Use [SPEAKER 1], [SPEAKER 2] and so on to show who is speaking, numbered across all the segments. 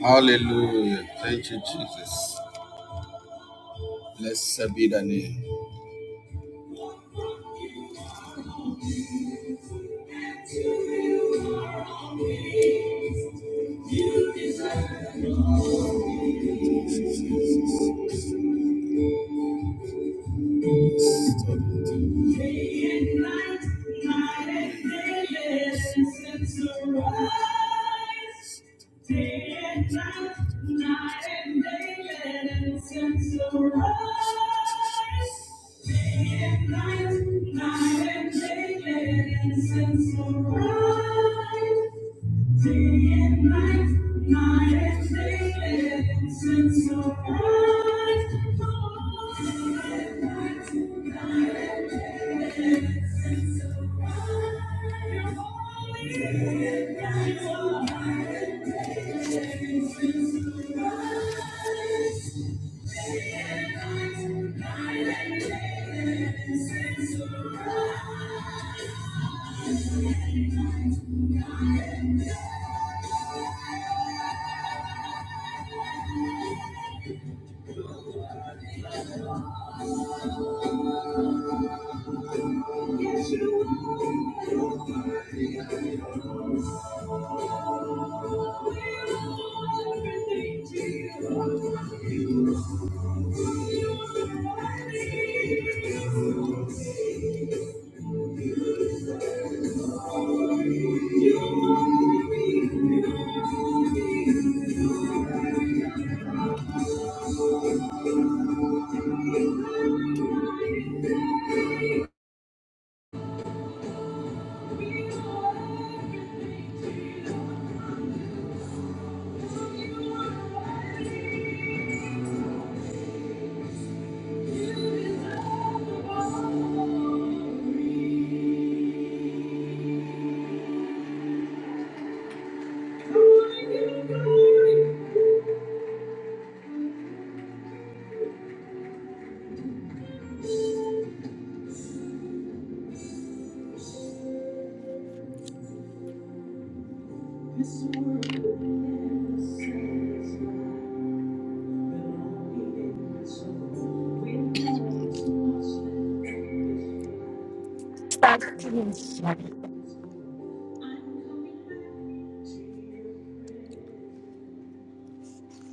[SPEAKER 1] Hallelujah. Thank you, Jesus. Blessed be the name. Night and day, let incense arise. Day and night, night and day, and since your eyes, oh, day and night, night and day, and since your eyes, your holy day and night, oh, night and day, and since your eyes, day and night, night and day, and since your eyes, Yes, you are everything to you.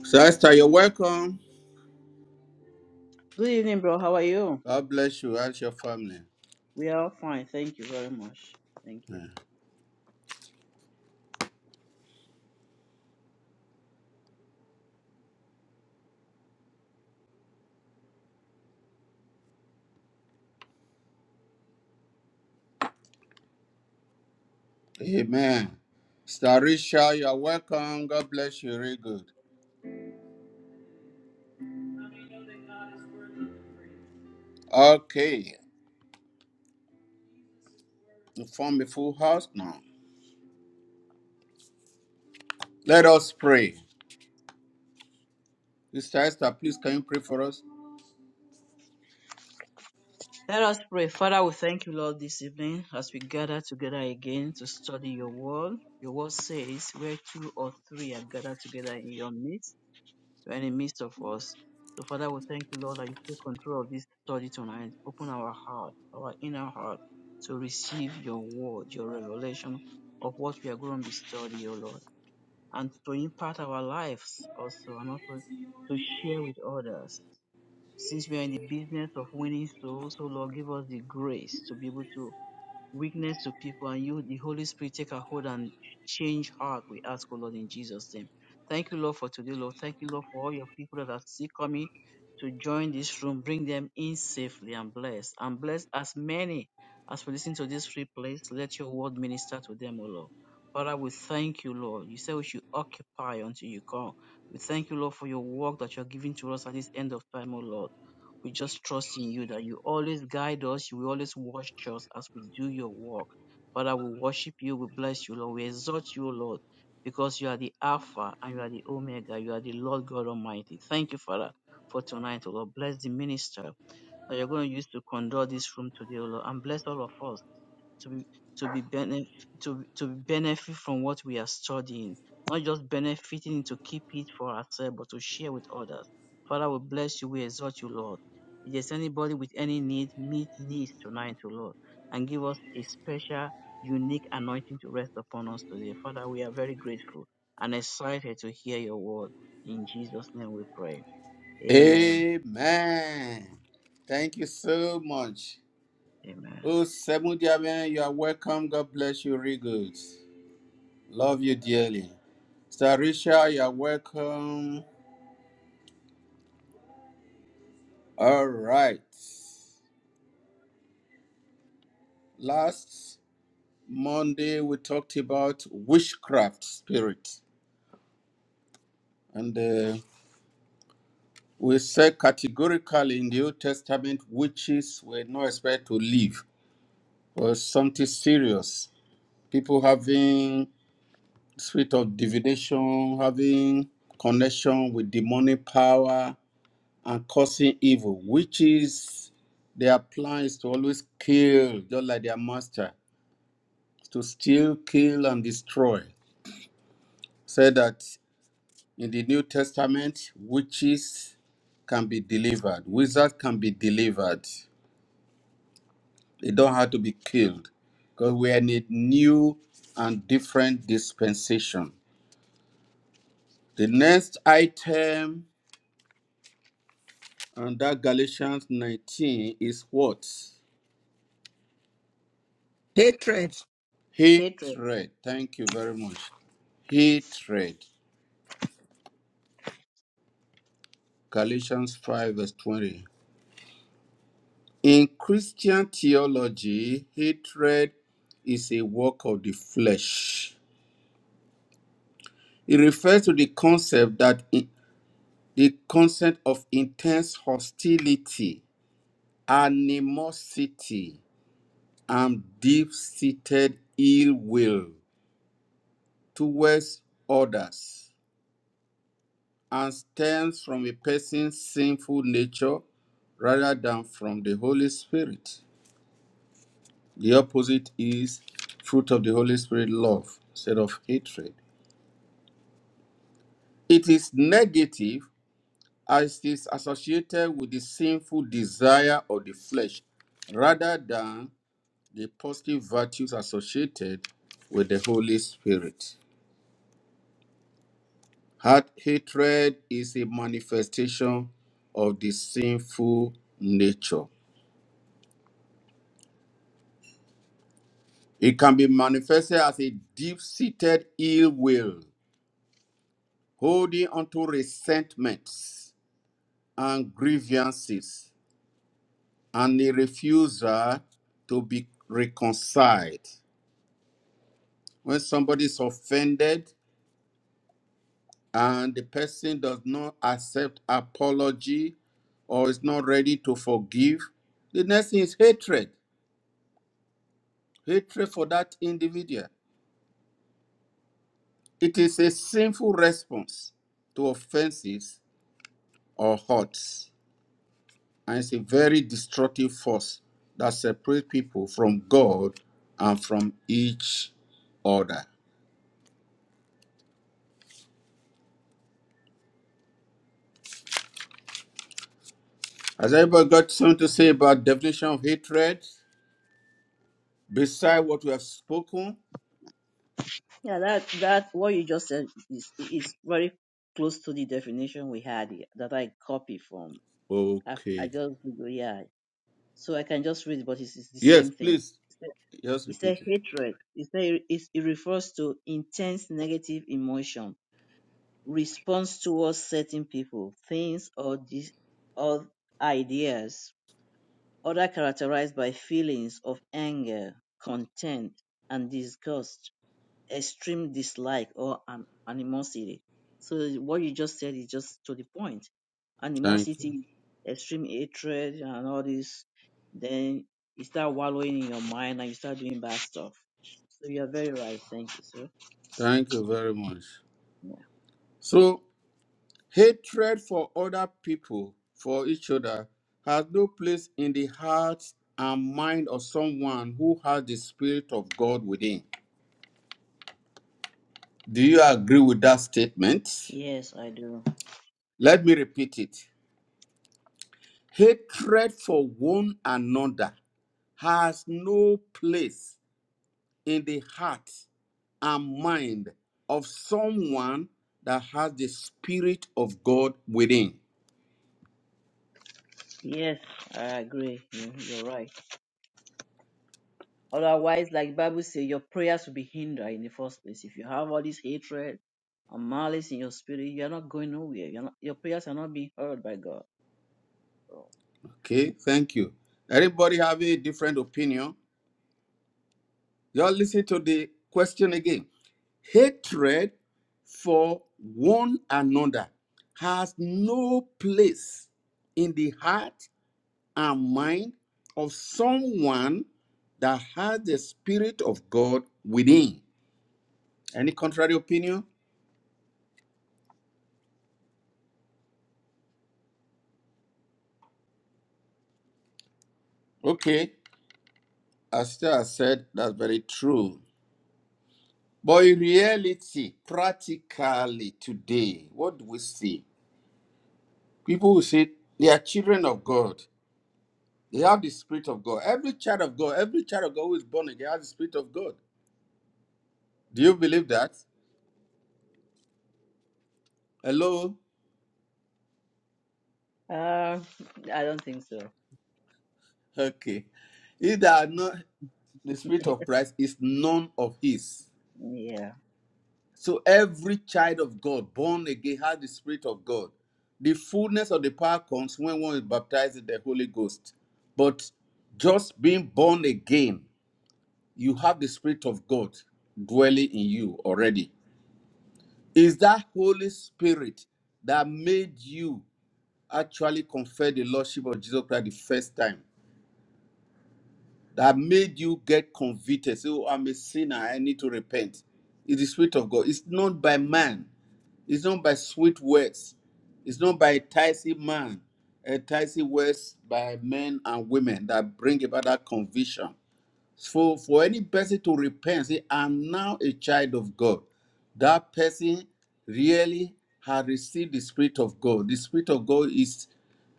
[SPEAKER 1] Sister, you're welcome.
[SPEAKER 2] Good evening, bro. How are you?
[SPEAKER 1] God bless you and your family.
[SPEAKER 2] We are all fine. Thank you very much. Thank you.
[SPEAKER 1] Amen. Starisha, you're welcome. God bless you. Very good. Okay, you form a full house now. Let us pray. Sister Esther, please can you pray for us?
[SPEAKER 2] Let us pray. Father, we thank you, Lord, this evening as we gather together again to study your word. Your word says, where two or three are gathered together in your midst, you are in the midst of us. So, Father, we thank you, Lord, that you take control of this study tonight. Open our heart, our inner heart, to receive your word, your revelation of what we are going to be studying, O Lord. and to impact our lives also and also to share with others. Since we are in the business of winning souls, so Lord, give us the grace to be able to weakness to people and you, the Holy Spirit, take a hold and change heart. We ask, O Lord, in Jesus' name. Thank you, Lord, for today, Lord. Thank you, Lord, for all your people that are still coming to join this room. Bring them in safely and bless. And bless as many as we listen to this free place. Let your word minister to them, O Lord. Father, we thank you, Lord. You say we should occupy until you come. We thank you, Lord, for your work that you're giving to us at this end of time, O Lord. We just trust in you that you always guide us. You will always watch us as we do your work. Father, we worship you. We bless you, Lord. We exalt you, Lord, because you are the Alpha and you are the Omega. You are the Lord God Almighty. Thank you, Father, for tonight, O Lord. Bless the minister that you're going to use to conduct this room today, O Lord, and bless all of us to be to be benefit to to benefit from what we are studying, not just benefiting to keep it for ourselves, but to share with others. Father, we bless you, we exalt you, Lord. If there's anybody with any need, meet needs tonight, O Lord, and give us a special, unique anointing to rest upon us today. Father, we are very grateful and excited to hear your word. In Jesus' name we pray. Amen.
[SPEAKER 1] Amen. Thank you so much.
[SPEAKER 2] Amen.
[SPEAKER 1] Oh, Seven Diamen, you are welcome. God bless you, real good. Love you dearly. Sarisha, you are welcome. All right. Last Monday, we talked about witchcraft spirit. And uh, we say categorically in the Old Testament, witches were not expected to live or something serious. People having spirit of divination, having connection with demonic power and causing evil. Witches, their plan is to always kill, just like their master, to steal, kill, and destroy. Said that in the New Testament, witches can be delivered, wizards can be delivered It don't have to be killed because we are in a new and different dispensation. The next item under Galatians 19 is what?
[SPEAKER 3] hatred,
[SPEAKER 2] Hatred.
[SPEAKER 1] Hatred. Thank you very much. Hatred. Galatians 5, verse 20. In Christian theology, hatred is a work of the flesh. It refers to the concept that i- the concept of intense hostility animosity and deep-seated ill will towards others and stems from a person's sinful nature rather than from the Holy Spirit. The opposite is fruit of the Holy Spirit love instead of hatred. It is negative as it is associated with the sinful desire of the flesh rather than the positive virtues associated with the Holy Spirit. Heart hatred is a manifestation of the sinful nature. It can be manifested as a deep seated ill will, holding onto resentments and grievances, and a refusal to be reconciled. When somebody is offended and the person does not accept apology or is not ready to forgive, the next thing is hatred. hatred for that individual. It is a sinful response to offenses or hurts, and it's a very destructive force that separates people from God and from each other. Has everybody got something to say about definition of hatred beside what we have spoken?
[SPEAKER 2] Yeah, that that what you just said is is very close to the definition we had here, that I copy from. I've, I
[SPEAKER 1] Okay.
[SPEAKER 2] just Google, yeah, so I can just read, but it's, it's the
[SPEAKER 1] Yes,
[SPEAKER 2] same thing.
[SPEAKER 1] please.
[SPEAKER 2] It's a
[SPEAKER 1] Just
[SPEAKER 2] it's a
[SPEAKER 1] repeat it.
[SPEAKER 2] hatred. It's a, it's, it refers to intense negative emotion, response towards certain people, things, or dis, or ideas. Other characterized by feelings of anger, contempt, and disgust extreme dislike or an animosity. So what you just said is just to the point.
[SPEAKER 1] Thank you.
[SPEAKER 2] Animosity, extreme hatred, and all this, then you start wallowing in your mind and you start doing bad stuff. So you're very right. Thank you, sir.
[SPEAKER 1] Thank you very much.
[SPEAKER 2] Yeah.
[SPEAKER 1] So. Hatred for other people, for each other, has no place in the heart and mind of someone who has the Spirit of God within. Do you agree with that statement?
[SPEAKER 2] Yes, I do.
[SPEAKER 1] Let me repeat it. Hatred for one another has no place in the heart and mind of someone that has the Spirit of God within.
[SPEAKER 2] Yes, I agree. You- You're right. Otherwise, like Bible says, your prayers will be hindered in the first place. If you have all this hatred and malice in your spirit, you're not going nowhere. You're not, your prayers are not being heard by God. So,
[SPEAKER 1] Okay, thank you. Everybody have a different opinion. Y'all listen to the question again. Hatred for one another has no place in the heart and mind of someone that has the Spirit of God within. Any contrary opinion? Okay, as I said that's very true. But in reality, practically today, what do we see? People who say they are children of God, They have the Spirit of God. Every child of God, every child of God who is born again has the Spirit of God. Do you believe that? Hello?
[SPEAKER 2] Uh, I don't think so.
[SPEAKER 1] Okay. He that had not the Spirit of Christ is none of his.
[SPEAKER 2] Yeah.
[SPEAKER 1] So every child of God born again has the Spirit of God. The fullness of the power comes when one is baptized in the Holy Ghost. But just being born again, you have the Spirit of God dwelling in you already. Is that Holy Spirit that made you actually confess the Lordship of Jesus Christ the first time that made you get convicted. Say, oh, I'm a sinner, I need to repent. It's the Spirit of God. It's not by man, it's not by sweet words, it's not by enticing man, enticing words by men and women that bring about that conviction. So, for any person to repent, say, I'm now a child of God, that person really has received the Spirit of God. The Spirit of God is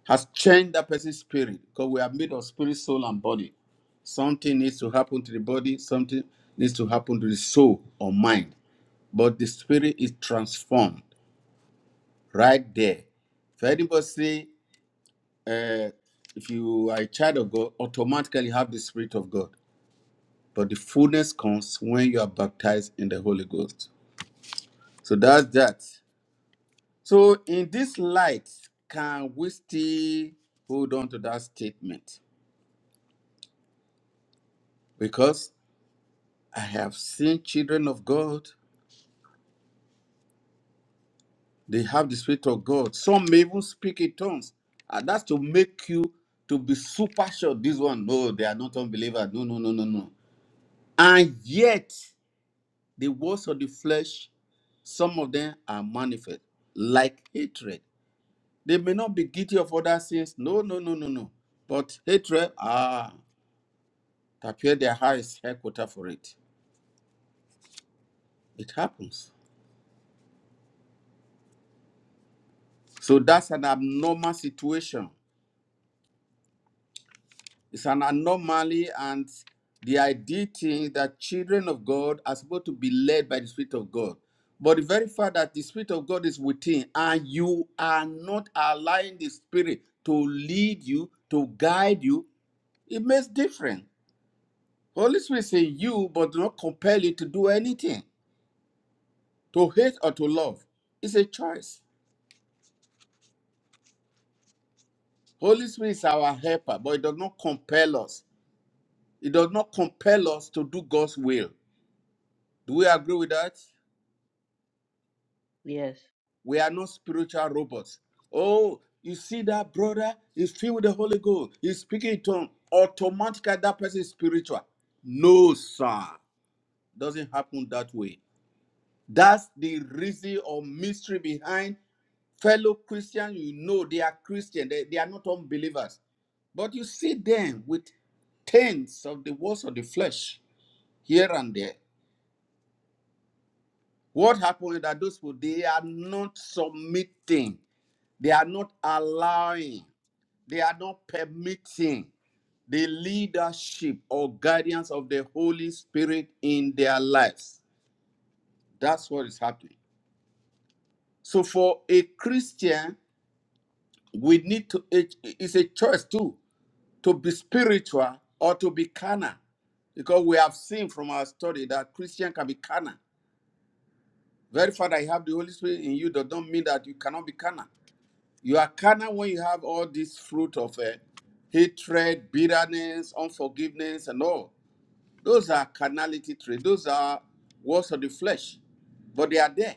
[SPEAKER 1] has changed that person's spirit because we are made of spirit, soul, and body. Something needs to happen to the body, something needs to happen to the soul or mind. But the spirit is transformed right there. If anybody say, uh, if you are a child of God, automatically have the spirit of God. But the fullness comes when you are baptized in the Holy Ghost. So that's that. So in this light, can we still hold on to that statement? Because I have seen children of God, they have the Spirit of God. Some may even speak in tongues. And that's to make you to be super sure this one, no, they are not unbelievers. No, no, no, no, no. And yet, the works of the flesh, some of them are manifest, like hatred. They may not be guilty of other sins. No, no, no, no, no. But hatred, ah, it appear their heart is headquarter for it. It happens. So that's an abnormal situation It's an anomaly, and the idea thing that children of God are supposed to be led by the Spirit of God. But the very fact that the Spirit of God is within, and you are not allowing the Spirit to lead you, to guide you, it makes difference. Holy Spirit say you, but do not compel you to do anything, to hate or to love. It's a choice. Holy Spirit is our helper, but it does not compel us. It does not compel us to do God's will. Do we agree with that?
[SPEAKER 2] Yes.
[SPEAKER 1] We are not spiritual robots. Oh, you see that brother is filled with the Holy Ghost. He's speaking in tongue. Automatically, that person is spiritual. No, sir. Doesn't happen that way. That's the reason or mystery behind fellow Christians. You know they are Christian. They, they are not unbelievers. But you see them with taints of the works of the flesh here and there. What happened is that those people they are not submitting, they are not allowing. They are not permitting the leadership or guidance of the Holy Spirit in their lives. That's what is happening. So for a Christian, we need to it- it's a choice too to be spiritual or to be carnal. Because we have seen from our study that Christian can be carnal. Very fact that you have the Holy Spirit in you that don't mean that you cannot be carnal. You are carnal when you have all this fruit of uh, hatred, bitterness, unforgiveness, and all. Those are carnality traits. Those are works of the flesh, but they are there.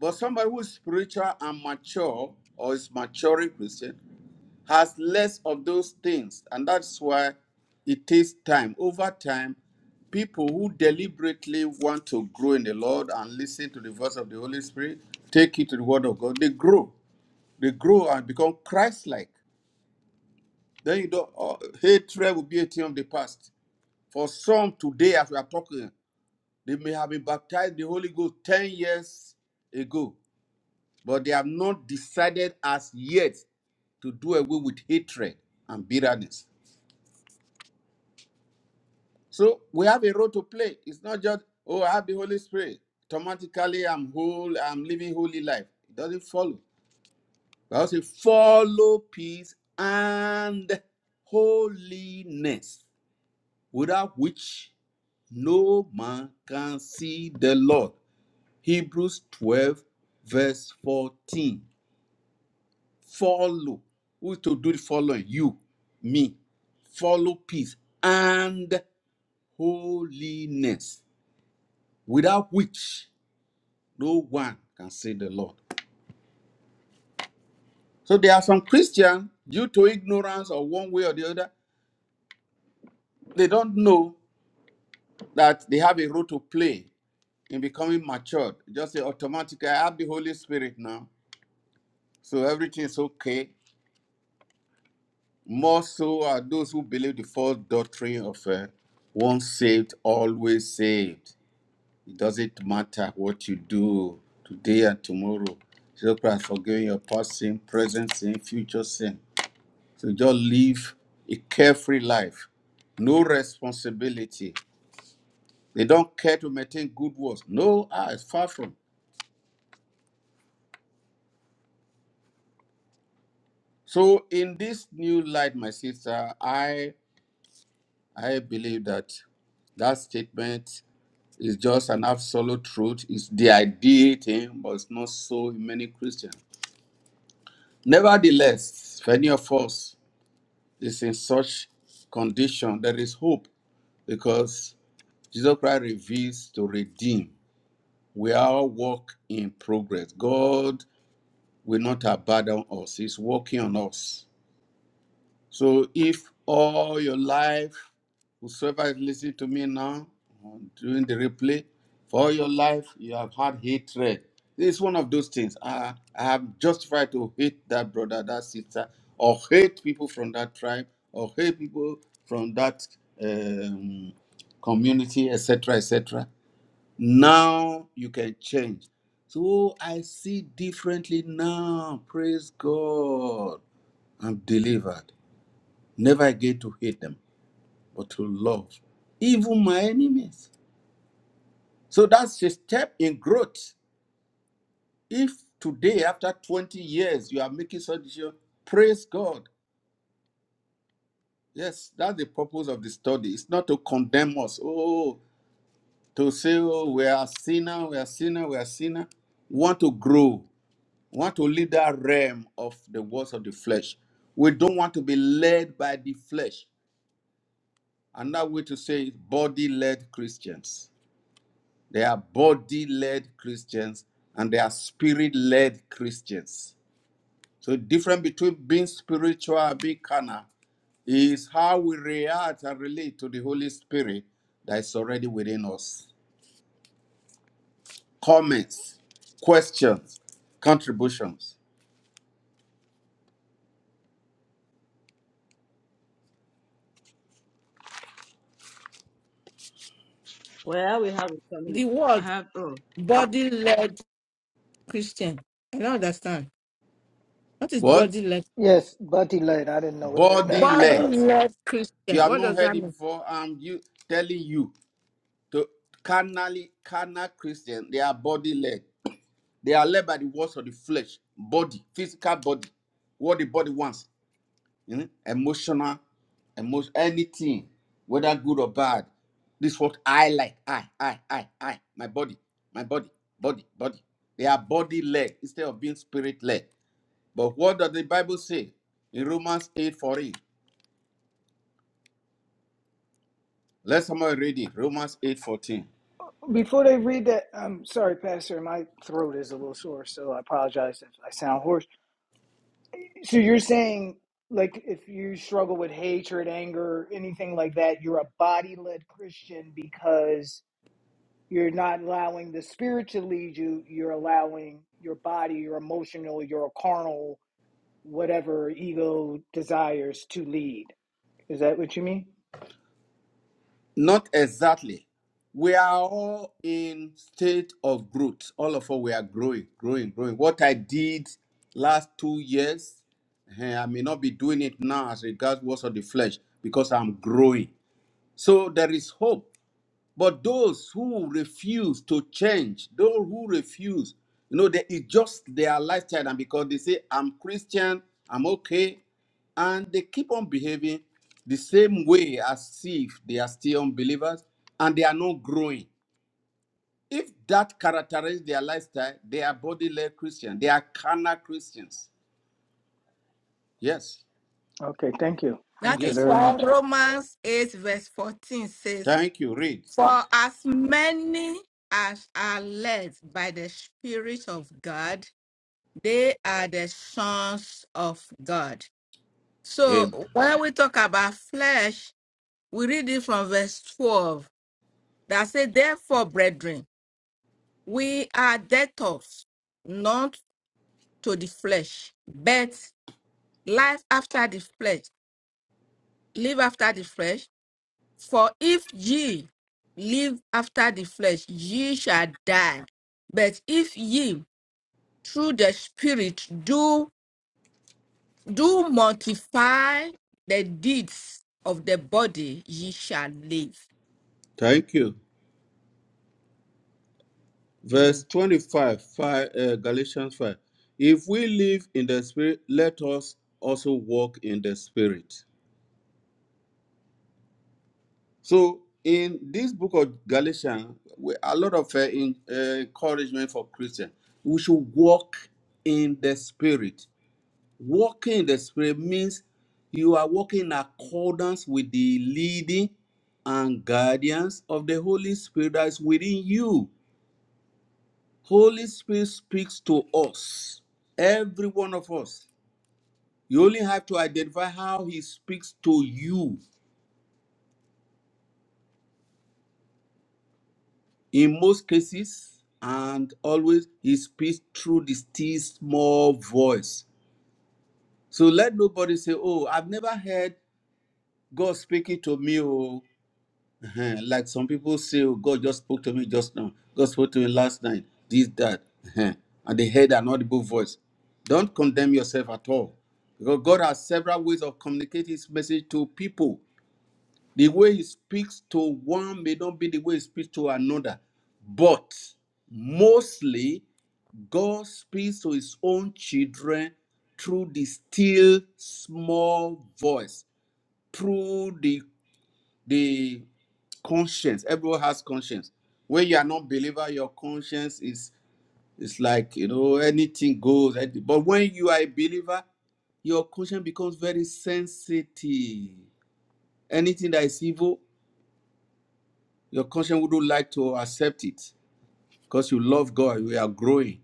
[SPEAKER 1] But somebody who is spiritual and mature or is maturing Christian has less of those things, and that's why it takes time. Over time, people who deliberately want to grow in the Lord and listen to the voice of the Holy Spirit, take it to the Word of God, they grow. They grow and become Christ-like. Then you don't. oh, hatred will be a thing of the past. For some today, as we are talking. They may have been baptized the Holy Ghost 10 years ago, but they have not decided as yet to do away with hatred and bitterness. So we have a role to play. It's not just, oh, I have the Holy Spirit. Automatically, I'm whole, I'm living holy life. It doesn't follow. But say, follow peace and holiness, without which no man can see the Lord. Hebrews 12, verse 14. Follow. Who is to do the following? You, me. Follow peace and holiness, without which no one can see the Lord. So there are some Christians, due to ignorance or one way or the other, they don't know that they have a role to play in becoming matured. Just say automatically, I have the Holy Spirit now, so everything is okay. More so are those who believe the false doctrine of uh, once saved, always saved. It doesn't matter what you do today and tomorrow. Jesus Christ forgiving your past sin, present sin, future sin. So just live a carefree life. No responsibility. They don't care to maintain good works. No, ah, it's far from. So in this new light, my sister, I I believe that that statement It's just an absolute truth. It's the ideal thing, but it's not so in many Christians. Nevertheless, if any of us is in such condition, there is hope because Jesus Christ reveals to redeem. We are work in progress. God will not abandon us. He's working on us. So if all your life, whosoever is listening to me now um, during the replay, for all your life you have had hatred. this is one of those things. I, I have justified to hate that brother, that sister, or hate people from that tribe, or hate people from that um, community, etc., etc. Now you can change. So I see differently now. Praise God. I'm delivered. Never again to hate them, but to love even my enemies. So that's a step in growth. If today, after 20 years, you are making such decision, praise God. Yes, that's the purpose of the study. It's not to condemn us. Oh, to say, oh, we are sinner, we are sinner, we are sinner. We want to grow. We want to leave that realm of the words of the flesh. We don't want to be led by the flesh. Another way to say it, body-led Christians. They are body led Christians and they are spirit led Christians. So, the difference between being spiritual and being carnal is how we react and relate to the Holy Spirit that is already within us. Comments, questions, contributions.
[SPEAKER 2] Well, we have a problem.
[SPEAKER 3] the
[SPEAKER 2] I
[SPEAKER 3] word
[SPEAKER 2] have, oh,
[SPEAKER 3] body led Christian. I don't understand. What is
[SPEAKER 1] What?
[SPEAKER 3] body led?
[SPEAKER 4] Yes, bloody light. I didn't know what that meant.
[SPEAKER 1] Body
[SPEAKER 3] Body
[SPEAKER 1] led.
[SPEAKER 3] led
[SPEAKER 1] If you
[SPEAKER 3] Christian.
[SPEAKER 1] have
[SPEAKER 3] What
[SPEAKER 1] not
[SPEAKER 3] does
[SPEAKER 1] heard
[SPEAKER 3] that
[SPEAKER 1] it
[SPEAKER 3] mean?
[SPEAKER 1] before, I'm you telling you to carnally carnal Christian. They are body led. They are led by the words of the flesh, body, physical body, what the body wants, you know, emotional, emotion, anything, whether good or bad. This is what I like. I, I, I, I, my body, my body, body, body. They are body led instead of being spirit led. But what does the Bible say in Romans eight fourteen? Let somebody read it. Romans 8:14.
[SPEAKER 4] Before they read that, I'm sorry, Pastor. My throat is a little sore, so I apologize if I sound hoarse. So you're saying, like, if you struggle with hatred, anger, anything like that, you're a body-led Christian because you're not allowing the spirit to lead you. You're allowing your body, your emotional, your carnal, whatever ego desires to lead. Is that what you mean?
[SPEAKER 1] Not exactly. We are all in state of growth. All of us, we are growing, growing, growing. What I did last two years, eh, I may not be doing it now as regards works of the flesh because I'm growing. So there is hope. But those who refuse to change, those who refuse, you know, they, it's just their lifestyle. And because they say, I'm Christian, I'm okay. And they keep on behaving the same way as if they are still unbelievers and they are not growing. If that characterizes their lifestyle, they are body led Christians. They are carnal Christians. Yes.
[SPEAKER 4] Okay, thank you.
[SPEAKER 3] That
[SPEAKER 4] Thank you
[SPEAKER 3] is
[SPEAKER 1] Yes.
[SPEAKER 4] very
[SPEAKER 3] why
[SPEAKER 4] much.
[SPEAKER 3] Well, Romans 8, verse 14 says,
[SPEAKER 1] Thank you. Read.
[SPEAKER 3] For as many as are led by the Spirit of God, they are the sons of God.
[SPEAKER 1] Amen.
[SPEAKER 3] So when we talk about flesh, we read it from verse 12 that says, Therefore, brethren, We are debtors, not to the flesh, but life after the flesh, live after the flesh. For if ye live after the flesh, ye shall die. But if ye through the Spirit do do mortify the deeds of the body, ye shall live.
[SPEAKER 1] Thank you. Verse
[SPEAKER 3] Amen.
[SPEAKER 1] 25, five, uh, Galatians 5. If we live in the Spirit, let us also walk in the Spirit. So, in this book of Galatians, we, a lot of uh, in, uh, encouragement for Christians. We should walk in the Spirit. Walking in the Spirit means you are walking in accordance with the leading and guidance of the Holy Spirit that is within you. Holy Spirit speaks to us, every one of us. You only have to identify how He speaks to you. In most cases, and always, He speaks through the still small voice. So let nobody say, Oh, I've never heard God speaking to me. oh." Eh, like some people say, oh, God just spoke to me just now. God spoke to me last night. This, that. Eh, and they heard an audible voice. Don't condemn yourself at all. Because God has several ways of communicating his message to people. The way he speaks to one may not be the way he speaks to another. But mostly, God speaks to his own children through the still small voice, through the the conscience everyone has conscience when you are not believer your conscience is is like you know anything goes but when you are a believer your conscience becomes very sensitive anything that is evil your conscience wouldn't like to accept it because you love god we are growing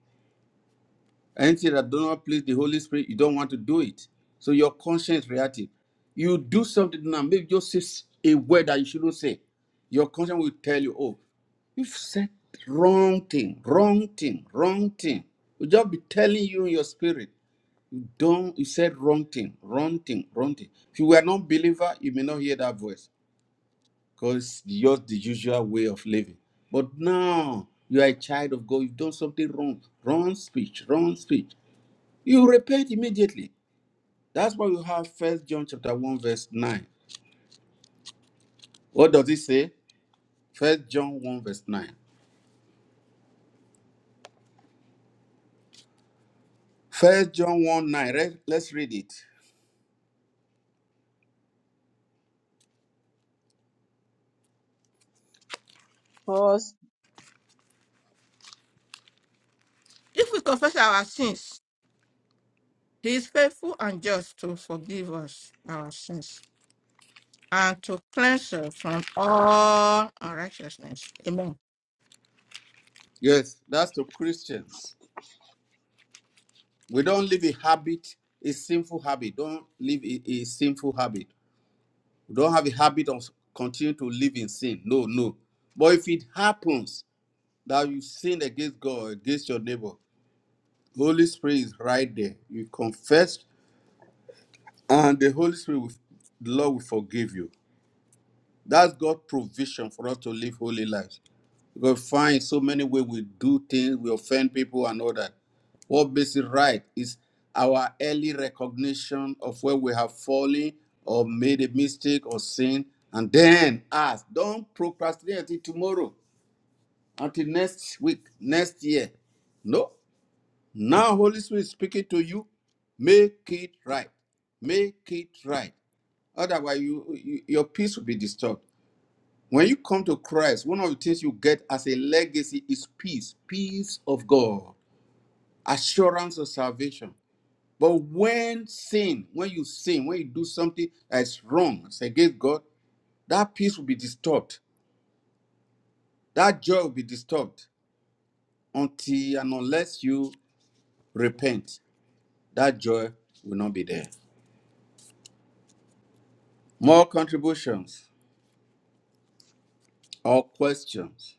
[SPEAKER 1] Anything that do not please the Holy Spirit, you don't want to do it. So your conscience reactive. You do something now, maybe just say s- a word that you shouldn't say. Your conscience will tell you, oh, you've said wrong thing, wrong thing, wrong thing. Will just be telling you in your spirit, you don't, you said wrong thing, wrong thing, wrong thing. If you were not believer, you may not hear that voice because just the usual way of living. But now you are a child of God. You've done something wrong, wrong speech, wrong speech. You repent immediately. That's why you have First John chapter 1, verse 9. What does it say? First John 1, verse 9. First John 1 9. Re- Let's read it.
[SPEAKER 2] course.
[SPEAKER 3] If we confess our sins, he is faithful and just to forgive us our sins and to cleanse us from all unrighteousness. Amen.
[SPEAKER 1] Yes, that's to Christians. We don't live a habit, a sinful habit. Don't live a, a sinful habit. We don't have a habit of continue to live in sin. No, no. But if it happens that you sin against God, against your neighbor, Holy Spirit is right there. You confess, and the Holy Spirit will the Lord will forgive you. That's God's provision for us to live holy lives. We find so many ways we do things, we offend people and all that. What makes it right is our early recognition of where we have fallen or made a mistake or sin, and then ask, don't procrastinate until tomorrow, until next week, next year. No. Now Holy Spirit is speaking to you. Make it right. Make it right. Otherwise, you, you your peace will be disturbed. When you come to Christ, one of the things you get as a legacy is peace, peace of God, assurance of salvation. But when sin, when you sin, when you do something that's wrong, it's against God, that peace will be disturbed. That joy will be disturbed until and unless you repent. That joy will not be there. More contributions or questions?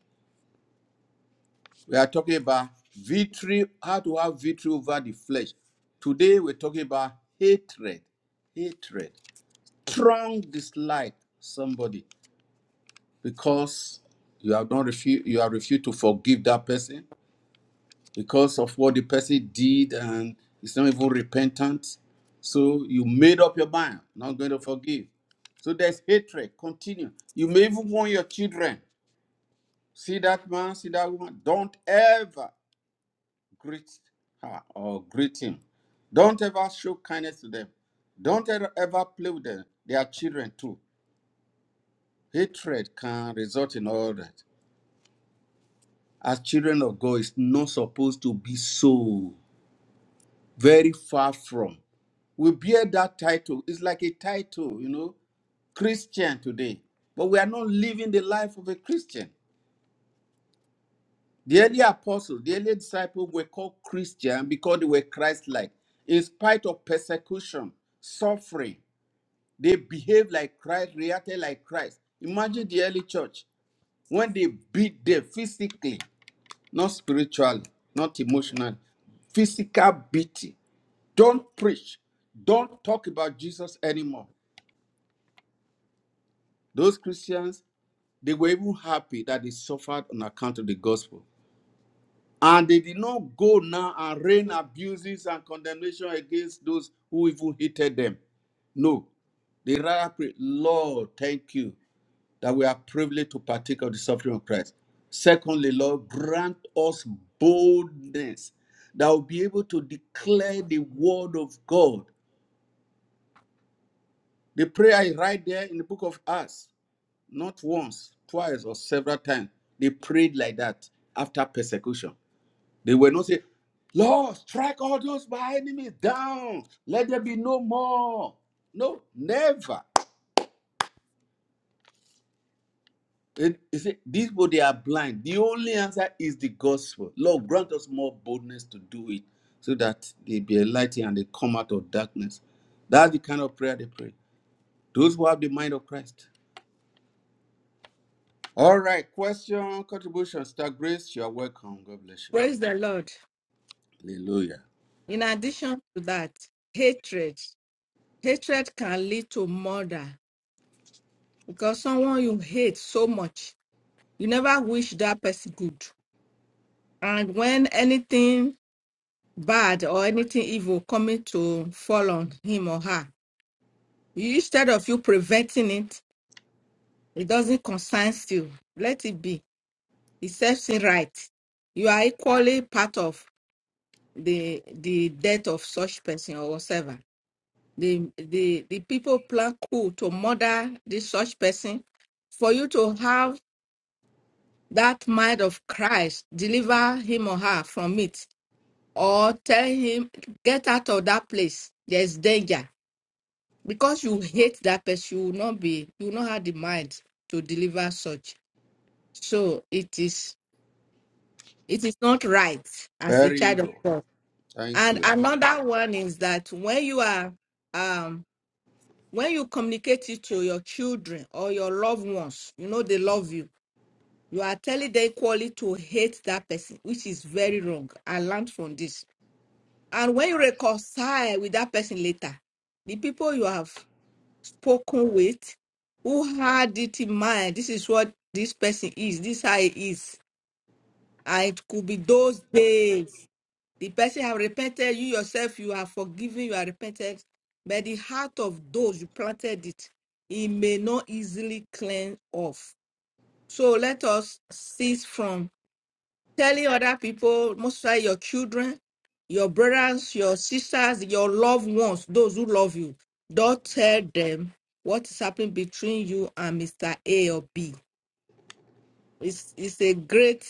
[SPEAKER 1] We are talking about victory, how to have victory over the flesh. Today we're talking about hatred, hatred, strong dislike somebody because you have not refused, you have refused to forgive that person because of what the person did and it's not even repentant. So you made up your mind, not going to forgive. So there's hatred. Continue. You may even want your children. See that man, see that woman. Don't ever greet her or greet him. Don't ever show kindness to them. Don't ever ever play with them. They are children too. Hatred can result in all that. As children of God, it's not supposed to be so very far from. We bear that title. It's like a title, you know, Christian today. But we are not living the life of a Christian. The early apostles, the early disciples were called Christian because they were Christ like, in spite of persecution, suffering, They behaved like Christ, reacted like Christ. Imagine the early church when they beat them physically, not spiritually, not emotionally, physical beating. Don't preach. Don't talk about Jesus anymore. Those Christians, they were even happy that they suffered on account of the gospel. And they did not go now and rain abuses and condemnation against those who even hated them. No, they rather pray, Lord, thank you that we are privileged to partake of the suffering of Christ. Secondly, Lord, grant us boldness that we'll be able to declare the word of God. The prayer is right there in the book of Acts, not once, twice, or several times. They prayed like that after persecution. They were not saying, Lord, strike all those my enemies down. Let there be no more. No, never. It- you see, these people they are blind. The only answer is the gospel. Lord, grant us more boldness to do it, so that they be enlightened and they come out of darkness. That's the kind of prayer they pray. Those who have the mind of Christ. All right, question, contribution, Star Grace, you are welcome. God bless you.
[SPEAKER 3] Praise the Lord.
[SPEAKER 1] Hallelujah.
[SPEAKER 3] In addition to that, hatred. Hatred can lead to murder because someone you hate so much you never wish that person good. And when anything bad or anything evil coming to fall on him or her, you, instead of you preventing it, it doesn't concern you. Let it be. It serves it right. You are equally part of the the death of such person or whatever. The the the people plan coup to murder this such person for you to have that mind of Christ deliver him or her from it or tell him get out of that place there's danger because you hate that person you will not be you will not have the mind to deliver such so it is it is not right as a
[SPEAKER 1] Very
[SPEAKER 3] child of
[SPEAKER 1] evil.
[SPEAKER 3] god
[SPEAKER 1] Thank
[SPEAKER 3] and
[SPEAKER 1] you.
[SPEAKER 3] another one is that when you are um when you communicate it to your children or your loved ones you know they love you you are telling them equally to hate that person which is very wrong i learned from this And when you reconcile with that person later, the people you have spoken with who had it in mind, this is what this person is, this how it is. And it could be those days. The person have repented, you yourself, you are forgiven, you are repented. But the heart of those you planted it, it may not easily cleanse off. So let us cease from telling other people, most likely your children, your brothers, your sisters, your loved ones, those who love you, don't tell them what is happening between you and Mr. A or B. It's it's a great,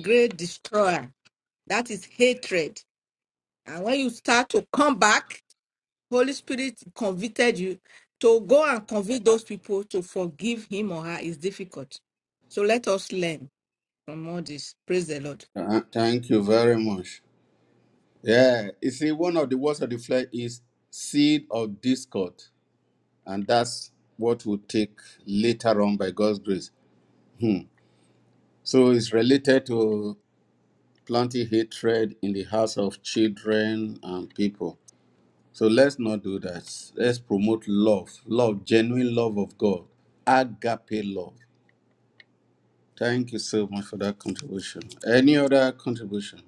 [SPEAKER 3] great destroyer. That is hatred. And when you start to come back, Holy Spirit convicted you to go and convict those people to forgive him or her is difficult. So let us learn from all this. Praise the Lord.
[SPEAKER 1] Uh, thank you very much. Yeah, you see, one of the words of the flesh is seed of discord, and that's what will take later on by God's grace. Hmm. So it's related to planting hatred in the hearts of children and people. So let's not do that. Let's promote love, love, genuine love of God, agape love. Thank you so much for that contribution. Any other contribution?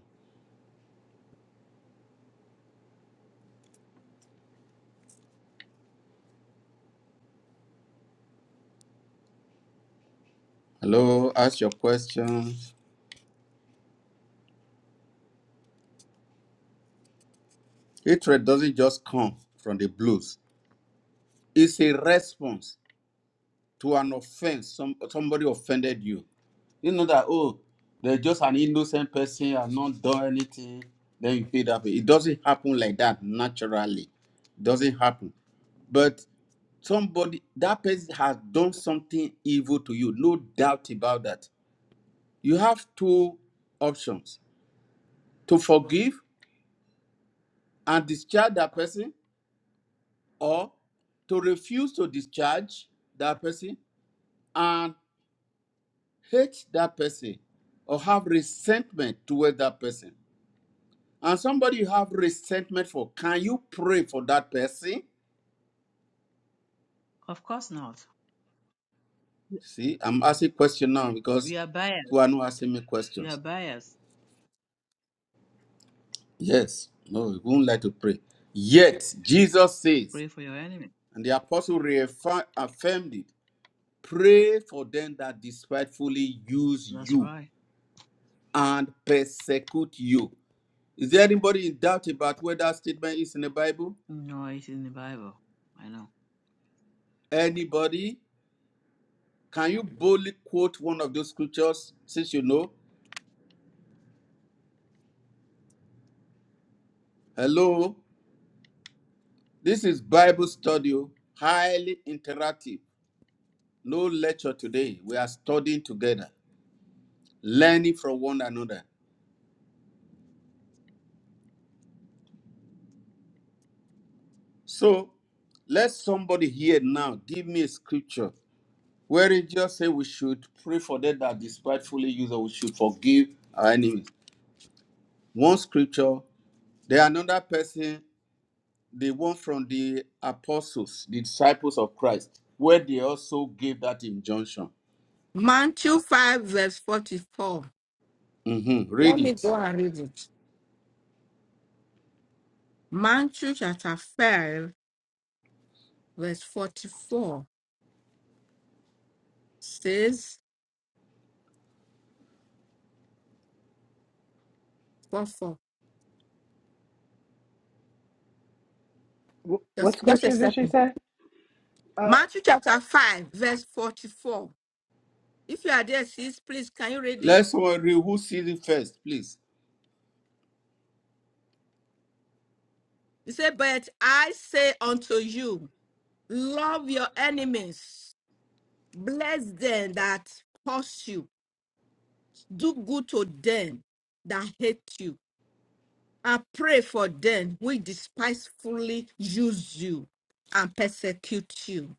[SPEAKER 1] Hello, ask your question. Hatred doesn't just come from the blues, it's a response to an offense, some somebody offended you. You know that oh, they're just an innocent person, and not done anything. Then you feel that way. It doesn't happen like that naturally. It doesn't happen. But somebody that person has done something evil to you, no doubt about that. You have two options: to forgive and discharge that person, or to refuse to discharge that person and. hate that person or have resentment toward that person. And somebody you have resentment for, can you pray for that person?
[SPEAKER 2] Of course not.
[SPEAKER 1] See, I'm asking question now because
[SPEAKER 2] You are biased.
[SPEAKER 1] who are not asking me
[SPEAKER 2] You are
[SPEAKER 1] questions.
[SPEAKER 2] biased.
[SPEAKER 1] Yes, no, we would not like to pray. Yet Jesus says,
[SPEAKER 2] Pray for your enemy.
[SPEAKER 1] and the apostle reaffirmed it: pray for them that despitefully use
[SPEAKER 2] That's
[SPEAKER 1] you
[SPEAKER 2] right.
[SPEAKER 1] and persecute you. Is there anybody in doubt about whether that statement is in the Bible?
[SPEAKER 2] No, it's in the Bible. I know.
[SPEAKER 1] Anybody? Can you boldly quote one of those scriptures since you know? Hello, this is Bible study, oh. highly interactive. No lecture today. We are studying together, learning from one another. So, let somebody here now give me a scripture where it just say we should pray for them that despitefully use or we should forgive our enemies. One scripture, then another person the one from the apostles, the disciples of Christ, where they also gave that injunction.
[SPEAKER 3] Matthew 5, verse 44.
[SPEAKER 1] Mhm.
[SPEAKER 3] Let
[SPEAKER 1] Read
[SPEAKER 3] me go
[SPEAKER 1] it.
[SPEAKER 3] and read it. Matthew chapter 5, verse 44 says, 44.
[SPEAKER 4] Wh- What
[SPEAKER 3] Just, Just a
[SPEAKER 4] scripture did she
[SPEAKER 3] second.
[SPEAKER 4] say? Uh,
[SPEAKER 3] Matthew chapter 5, verse 44. If you are there, sis, please, can you read it?
[SPEAKER 1] Let someone read who sees it first, please.
[SPEAKER 3] He said, But I say unto you, love your enemies, bless them that curse you, do good to them that hate you, I pray for them who despitefully use you and persecute you.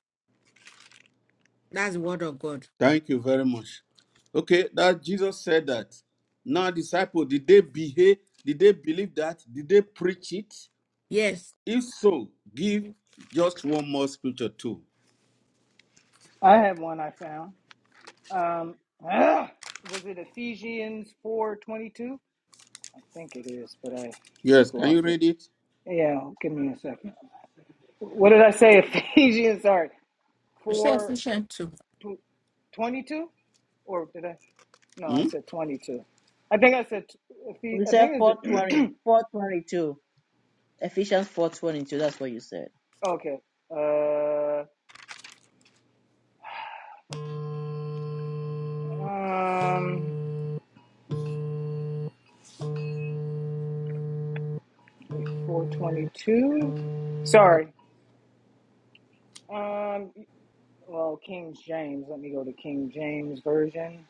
[SPEAKER 3] That's the word of God.
[SPEAKER 1] Thank you very much. Okay, that Jesus said that. Now, disciples, did they behave? Did they believe that? Did they preach it?
[SPEAKER 3] Yes.
[SPEAKER 1] If so, give just one more scripture too.
[SPEAKER 4] I have one I found. Um, ah, was it Ephesians four twenty two? I think it is, but I
[SPEAKER 1] Yes,
[SPEAKER 4] just
[SPEAKER 1] can you
[SPEAKER 4] lost it.
[SPEAKER 1] read it?
[SPEAKER 4] Yeah, give me a second. What did I say? Ephesians, sorry,
[SPEAKER 3] It's
[SPEAKER 4] four
[SPEAKER 3] sufficient too.
[SPEAKER 4] twenty two, or did I? No, I
[SPEAKER 1] Hmm?
[SPEAKER 4] said twenty two. I think I said. t- Ephe-
[SPEAKER 2] You
[SPEAKER 4] I
[SPEAKER 2] said four
[SPEAKER 4] think
[SPEAKER 2] twenty,
[SPEAKER 4] it's
[SPEAKER 2] four twenty-two. Ephesians 422. That's what you said.
[SPEAKER 4] okay. Uh, um, four twenty two. Sorry. Um, Well, King James. Let me go to King James version.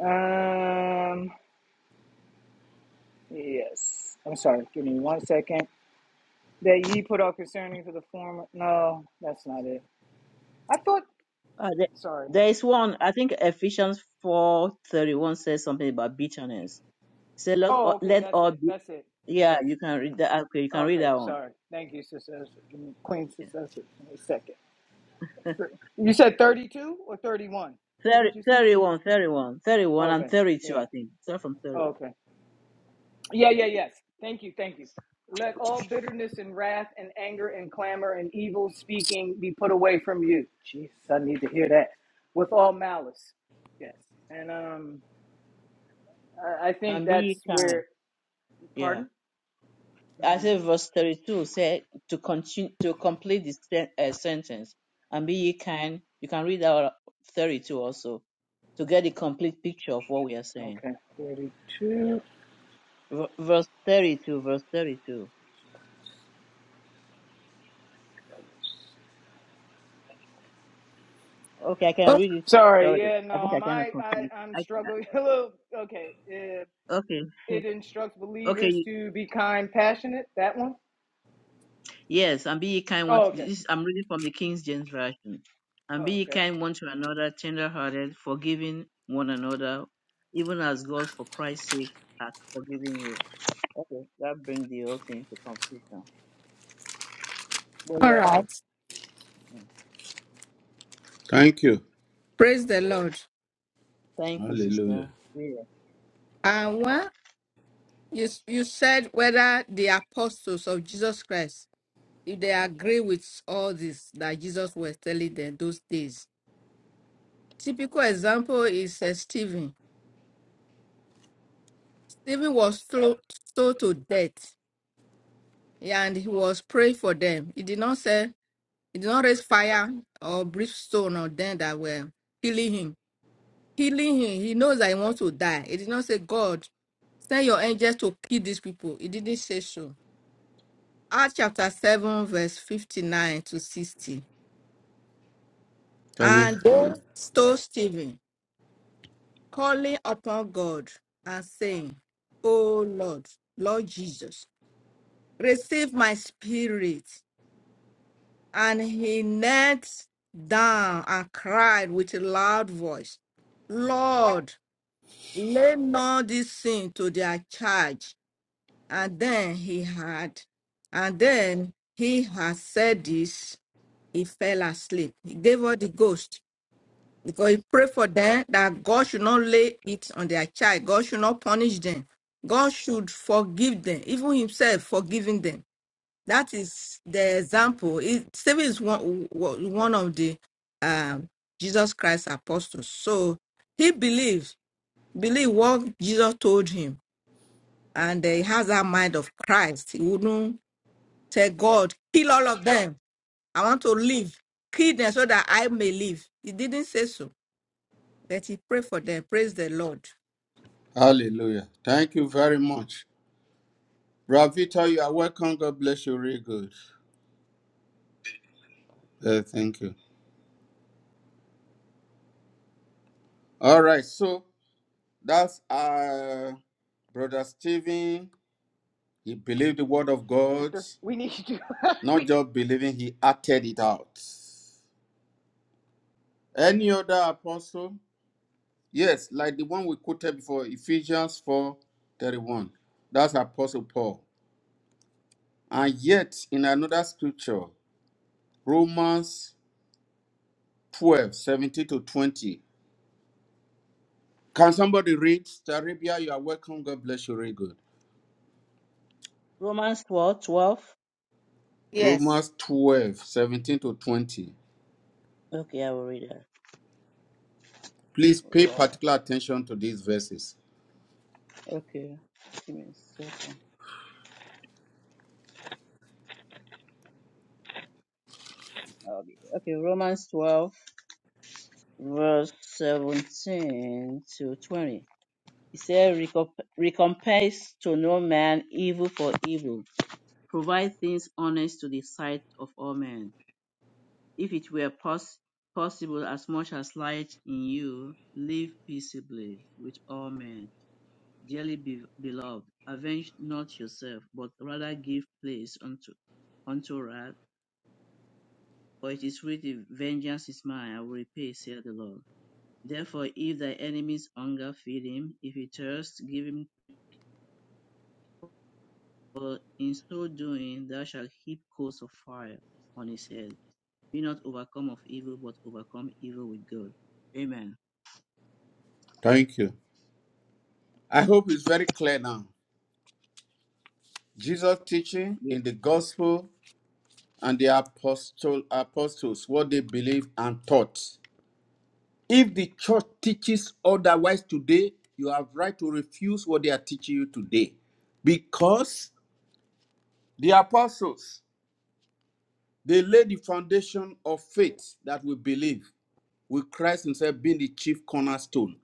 [SPEAKER 4] Um, yes. I'm sorry. Give me one second. That ye put off concerning to the former. No, that's not it. I thought.
[SPEAKER 2] Uh, there,
[SPEAKER 4] Sorry.
[SPEAKER 2] there is one. I think Ephesians 431 says something about bitterness. It said, let,
[SPEAKER 4] Oh,
[SPEAKER 2] all-
[SPEAKER 4] okay.
[SPEAKER 2] let
[SPEAKER 4] That's
[SPEAKER 2] all
[SPEAKER 4] it.
[SPEAKER 2] be.
[SPEAKER 4] That's it.
[SPEAKER 2] Yeah,
[SPEAKER 4] Yes.
[SPEAKER 2] you can read that. Okay, you can read
[SPEAKER 4] Okay.
[SPEAKER 2] that one.
[SPEAKER 4] Sorry. Thank you, Sister Esther. Give me, Queen Sister Esther. Give me a second. You said 32 or 31? What
[SPEAKER 2] 30,
[SPEAKER 4] did you say?
[SPEAKER 2] 31, 31, thirty one, and
[SPEAKER 4] Okay.
[SPEAKER 2] 32,
[SPEAKER 4] Yeah.
[SPEAKER 2] I think. Start from 31.
[SPEAKER 4] Okay. Yeah, yeah, yes. Thank you, thank you. Let all bitterness and wrath and anger and clamor and evil speaking be put away from you. Jesus, I need to hear that. With all malice. Yes. And um, I, I think
[SPEAKER 2] And be
[SPEAKER 4] that's
[SPEAKER 2] kind.
[SPEAKER 4] where,
[SPEAKER 2] Yeah.
[SPEAKER 4] pardon?
[SPEAKER 2] I
[SPEAKER 4] hmm
[SPEAKER 2] said verse 32 said to continue, to complete the sen- uh, sentence. And be ye kind. You can read out 32 also to get the complete picture of what we are saying.
[SPEAKER 4] Okay, 32.
[SPEAKER 2] V- verse 32, verse 32. Okay, I can
[SPEAKER 3] Oh,
[SPEAKER 2] read it.
[SPEAKER 4] Sorry,
[SPEAKER 2] Sorry.
[SPEAKER 4] yeah, no,
[SPEAKER 2] I think I
[SPEAKER 4] I'm,
[SPEAKER 2] cannot
[SPEAKER 4] I, I,
[SPEAKER 2] complete.
[SPEAKER 4] I'm
[SPEAKER 2] I can.
[SPEAKER 4] struggling. Hello. okay. Uh,
[SPEAKER 2] Okay.
[SPEAKER 4] it instructs believers
[SPEAKER 2] Okay.
[SPEAKER 4] to be kind, passionate. That one?
[SPEAKER 2] Yes, and be ye kind one.
[SPEAKER 4] Oh, okay.
[SPEAKER 2] This, I'm reading from the King James Version. And be
[SPEAKER 4] Oh,
[SPEAKER 2] ye
[SPEAKER 4] okay.
[SPEAKER 2] kind one to another, tender-hearted, forgiving one another, even as God, for Christ's sake, has forgiven you. Okay, that brings the whole thing to completion. But
[SPEAKER 3] all
[SPEAKER 2] you're right.
[SPEAKER 3] right.
[SPEAKER 2] Mm.
[SPEAKER 1] Thank you.
[SPEAKER 3] Praise the Lord.
[SPEAKER 2] Thank you, sister.
[SPEAKER 1] Hallelujah.
[SPEAKER 2] Read it.
[SPEAKER 3] And what you, you said whether the apostles of Jesus Christ, if they agree with all this that Jesus was telling them those days. Typical example is uh, Stephen. Stephen was slo- stoned to death yeah, and he was praying for them. He did not say It did not raise fire or brimstone or them that were killing him. Killing him, he knows that he wants to die. It did not say, God, send your angels to kill these people. It didn't say so. Acts chapter 7, verse 59 to 60.
[SPEAKER 1] Thank
[SPEAKER 3] And they
[SPEAKER 1] you.
[SPEAKER 3] stole Stephen, calling upon God and saying, O Lord, Lord Jesus, receive my spirit. And he knelt down and cried with a loud voice, Lord, lay not this sin to their charge. And then he had, and then he had said this, he fell asleep. He gave up the ghost because he prayed for them that God should not lay it on their child. God should not punish them. God should forgive them, even himself forgiving them. That is the example. It, Stephen is one, one of the um, Jesus Christ apostles. So he believed, believed what Jesus told him and uh, he has that mind of Christ. He wouldn't tell God, kill all of them. I want to live. Kill them so that I may live. He didn't say so, but he prayed for them. Praise the Lord.
[SPEAKER 1] Hallelujah. Thank you very much. Ravita, you are welcome. God bless you. Really good. Uh, thank you. All right. So that's uh brother Stephen. He believed the word of God.
[SPEAKER 4] Victor, we need you. we
[SPEAKER 1] Not
[SPEAKER 4] need.
[SPEAKER 1] just believing, he acted it out. Any other apostle? Yes, like the one we quoted before, Ephesians 4 31. That's Apostle Paul. And yet, in another scripture, Romans 12 seventeen to 20. Can somebody read? Staribia, you are welcome. God bless you. Very good.
[SPEAKER 2] Romans 12, twelve.
[SPEAKER 3] Yes,
[SPEAKER 1] Romans 12 17 to 20.
[SPEAKER 2] Okay, I will read that.
[SPEAKER 1] Please pay
[SPEAKER 2] Romans.
[SPEAKER 1] particular attention to these verses.
[SPEAKER 2] Okay, give me a second. I'll be there. Okay, Romans 12, verse 17 to 20. He said, "Recomp- Recompense to no man evil for evil. Provide things honest to the sight of all men. If it were pos- possible, as much as light in you, live peaceably with all men. Dearly be- beloved, avenge not yourself, but rather give place unto, unto wrath. For it is written, Vengeance is mine, I will repay, saith the Lord. Therefore, if thy enemy's hunger feed him, if he thirsts, give him For in so doing thou shalt heap coals of fire on his head. Be not overcome of evil, but overcome evil with good. Amen.
[SPEAKER 1] Thank you. I hope it's very clear now. Jesus' teaching
[SPEAKER 2] Yeah,
[SPEAKER 1] in the gospel and the apostle, apostles, what they believed and taught. If the church teaches otherwise today, you have right to refuse what they are teaching you today. Because the apostles, they laid the foundation of faith that we believe, with Christ himself being the chief cornerstone.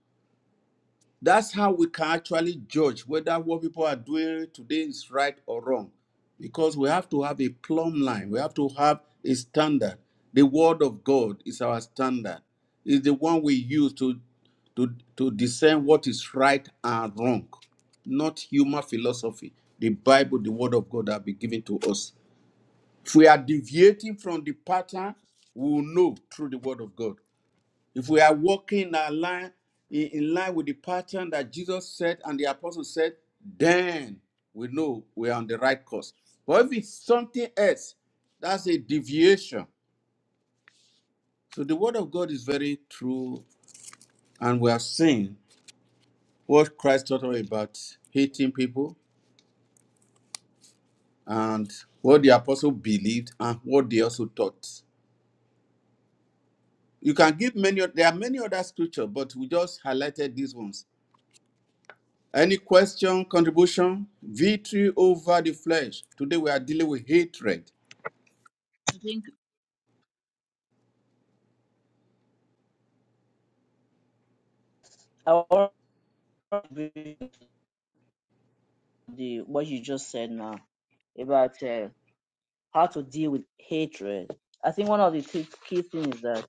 [SPEAKER 1] That's how we can actually judge whether what people are doing today is right or wrong. Because we have to have a plumb line, we have to have a standard. The word of God is our standard, it's the one we use to, to, to discern what is right and wrong, not human philosophy. The Bible, the word of God, have been given to us. If we are deviating from the pattern, we will know through the word of God. If we are walking in our line in, in line with the pattern that Jesus said and the apostle said, then we know we are on the right course. But if it's something else, that's a deviation. So the word of God is very true, and we have seen what Christ taught us about hating people and what the apostle believed and what they also taught. You can give many, there are many other scriptures, but we just highlighted these ones Any question, contribution, victory over the flesh. Today we are dealing with hatred.
[SPEAKER 2] I think I want to agree the what you just said now about uh, how to deal with hatred. I think one of the key, key things is that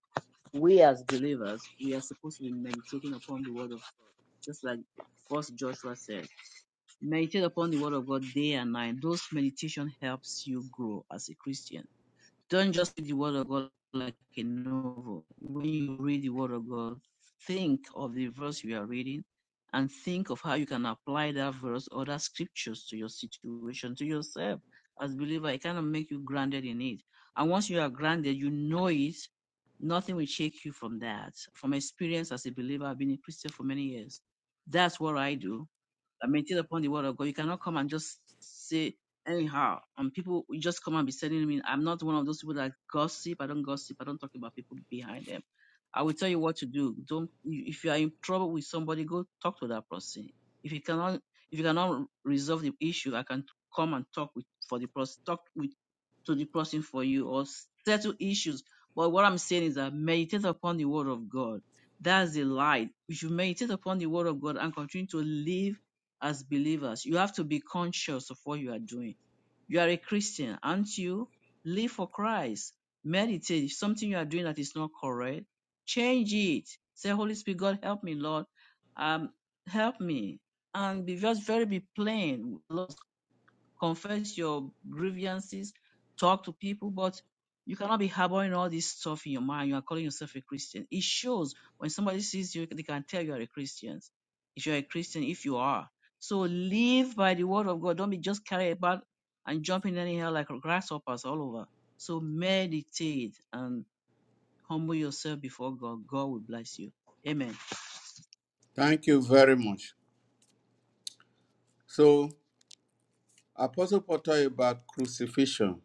[SPEAKER 2] we as believers we are supposed to be meditating upon the word of God, just like First Joshua said, meditate upon the word of God day and night. Those meditation helps you grow as a Christian Don't just read the word of God like a novel. When you read the word of God, think of the verse you are reading and think of how you can apply that verse or that scriptures to your situation, to yourself. As a believer, it kind of make you grounded in it. And once you are grounded, you know it, nothing will shake you from that. From experience as a believer, I've been a Christian for many years. That's what I do are maintained upon the word of God. You cannot come and just say anyhow, and people will just come and be telling me, I'm not one of those people that gossip. I don't gossip. I don't talk about people behind them. I will tell you what to do. Don't if you are in trouble with somebody, go talk to that person. If you cannot, if you cannot resolve the issue, I can come and talk with for the person, talk with to the person for you, or settle issues. But what I'm saying is that meditate upon the word of God. That's the light. You should meditate upon the word of God and continue to live as believers. You have to be conscious of what you are doing. You are a Christian, aren't you? Live for Christ. Meditate. If something you are doing that is not correct, change it. Say, Holy Spirit, God, help me, Lord. Um, help me. And be just very be plain. Lord, confess your grievances, talk to people, but you cannot be harboring all this stuff in your mind. You are calling yourself a Christian. It shows when somebody sees you, they can tell you are a Christian. If you're a Christian, if you are. So live by the word of God. Don't be just carried about and jumping anyhow like grasshoppers all over. So meditate and humble yourself before God. God will bless you. Amen.
[SPEAKER 1] Thank you very much. So, Apostle Paul taught about crucifixion.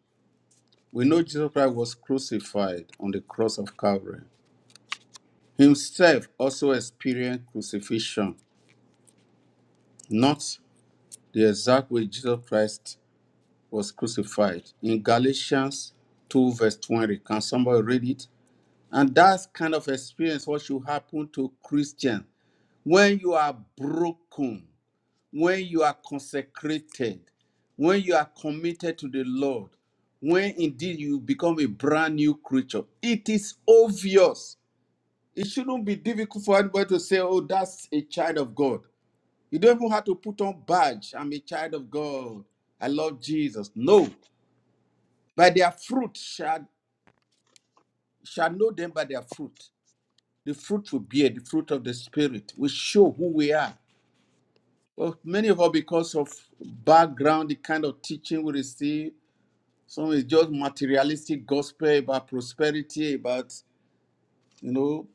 [SPEAKER 1] We know Jesus Christ was crucified on the cross of Calvary. Himself also experienced crucifixion, not the exact way Jesus Christ was crucified. In Galatians 2, verse 20, can somebody read it? And that's kind of experience what should happen to Christians when you are broken, when you are consecrated, when you are committed to the Lord, when indeed you become a brand new creature, it is obvious. It shouldn't be difficult for anybody to say, oh, that's a child of God. You don't even have to put on badge. I'm a child of God. I love Jesus. No. By their fruit shall, shall know them by their fruit. The fruit will bear the fruit of the Spirit. will show who we are. Well, many of us, because of background, the kind of teaching we receive, some is just materialistic gospel about prosperity, about you know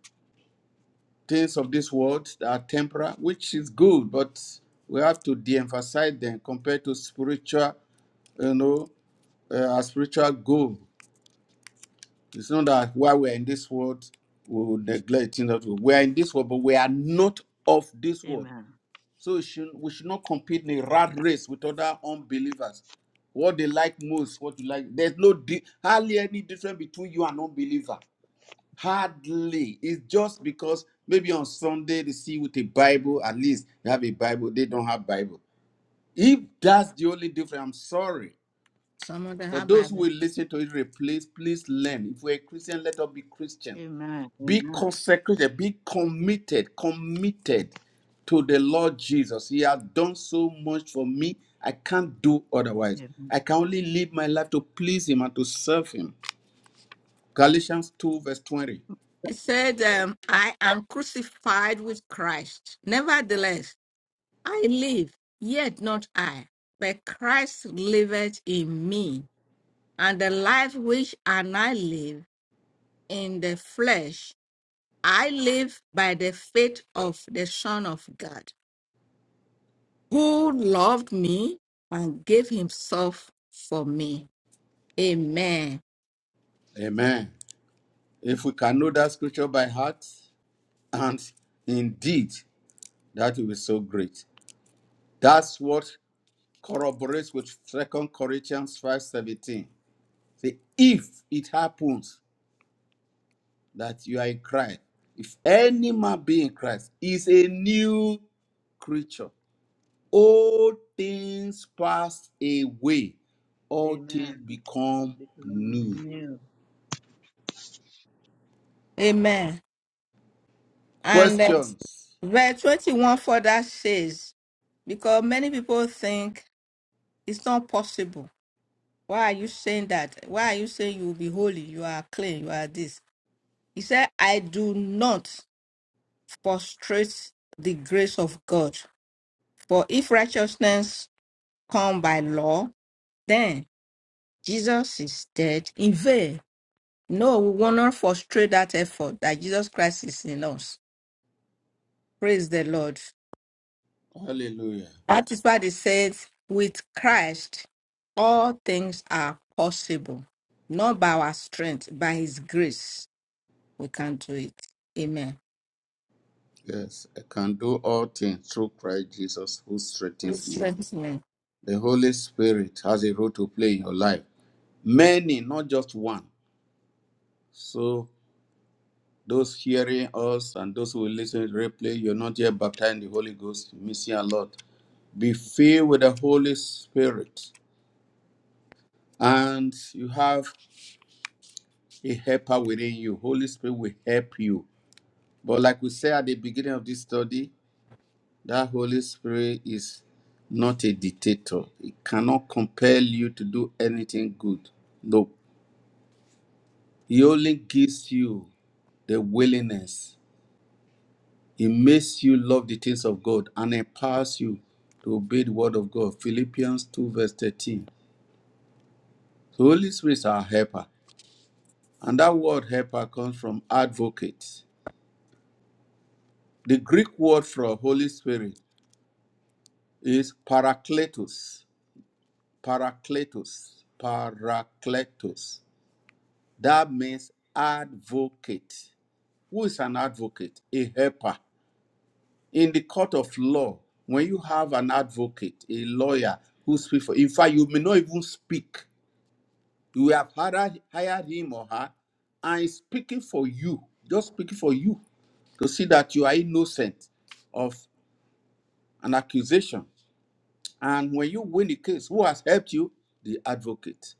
[SPEAKER 1] things of this world that are temporal, which is good, but we have to de-emphasize them compared to spiritual, you know, uh, our spiritual goal. It's not that while we're in this world, we will neglect things that we we are in this world, but we are not of this world.
[SPEAKER 2] Amen.
[SPEAKER 1] So we should, we should not compete in a rat race with other unbelievers. What they like most, what you like. There's no di- hardly any difference between you and unbeliever. Hardly. It's just because maybe on Sunday they see with a Bible, at least they have a Bible, they don't have Bible. If that's the only difference, I'm sorry.
[SPEAKER 3] some of them
[SPEAKER 1] For
[SPEAKER 3] have
[SPEAKER 1] those who
[SPEAKER 3] Bible.
[SPEAKER 1] will listen to it, replace, please learn. If we're a Christian, let us be Christian.
[SPEAKER 2] Amen.
[SPEAKER 1] Be
[SPEAKER 2] Amen.
[SPEAKER 1] consecrated, be committed, committed to the Lord Jesus. He has done so much for me. I can't do otherwise.
[SPEAKER 2] Amen.
[SPEAKER 1] I can only live my life to please Him and to serve Him. Galatians 2, verse 20.
[SPEAKER 3] He said, um, I am crucified with Christ. Nevertheless, I live, yet not I, but Christ liveth in me. And the life which I now live in the flesh I live by the faith of the Son of God, who loved me and gave himself for me. Amen.
[SPEAKER 1] Amen. If we can know that scripture by heart, and indeed, that will be so great. That's what corroborates with Second Corinthians 5:17. Say, if it happens that you are in Christ. If any man be in Christ, he is a new creature. All things pass away, all things
[SPEAKER 2] Amen.
[SPEAKER 1] become
[SPEAKER 2] Because
[SPEAKER 1] new.
[SPEAKER 2] I'm new.
[SPEAKER 3] Amen. And uh,
[SPEAKER 1] Questions?
[SPEAKER 3] verse 21 further says, because many people think it's not possible. Why are you saying that? Why are you saying you will be holy? You are clean. You are this. He said, I do not frustrate the grace of God. For if righteousness come by law, then Jesus is dead in vain. No, we will not frustrate that effort that Jesus Christ is in us. Praise the Lord.
[SPEAKER 1] Hallelujah.
[SPEAKER 3] That is why they says, with Christ, all things are possible. Not by our strength, by his grace, we can do it. Amen.
[SPEAKER 1] Yes, I can do all things through Christ Jesus who strengthens me.
[SPEAKER 3] Strength me.
[SPEAKER 1] The Holy Spirit has a role to play in your life. Many, not just one. So Those hearing us and those who will listen to replay, you're not yet baptized in the Holy Ghost, missing a lot. Be filled with the Holy Spirit, and you have a helper within you. Holy Spirit will help you. But like we said at the beginning of this study, that Holy Spirit is not a dictator. It cannot compel you to do anything good. No. He only gives you the willingness. It makes you love the things of God and empowers you to obey the word of God. Philippians 2, verse 13. The Holy Spirit is our helper. And that word helper comes from advocate. The Greek word for Holy Spirit is parakletos. Parakletos. Parakletos. That means advocate. Who is an advocate? A helper. in the court of law when you have an advocate a lawyer who speaks for in fact you may not even speak you have hired, hired him or her and he's speaking for you just speaking for you to see that you are innocent of an accusation and when you win the case who has helped you the advocate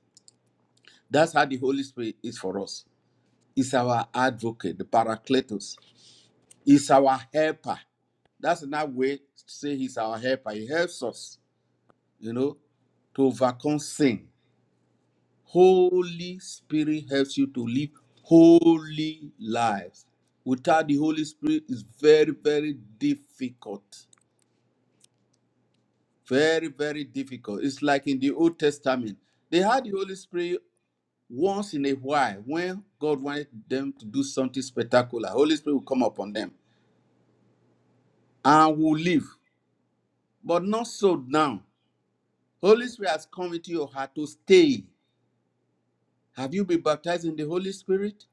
[SPEAKER 1] that's how the holy spirit is for us he's our advocate the paracletos he's our helper that's another way to say he's our helper he helps us you know, to overcome sin. Holy Spirit helps you to live holy lives. Without the Holy Spirit, it's very, very difficult. Very, very difficult. It's like in the Old Testament. They had the Holy Spirit once in a while when God wanted them to do something spectacular. Holy Spirit will come upon them and will live. But not so now. Holy Spirit has come into your heart to stay. Have you been baptized in the Holy Spirit?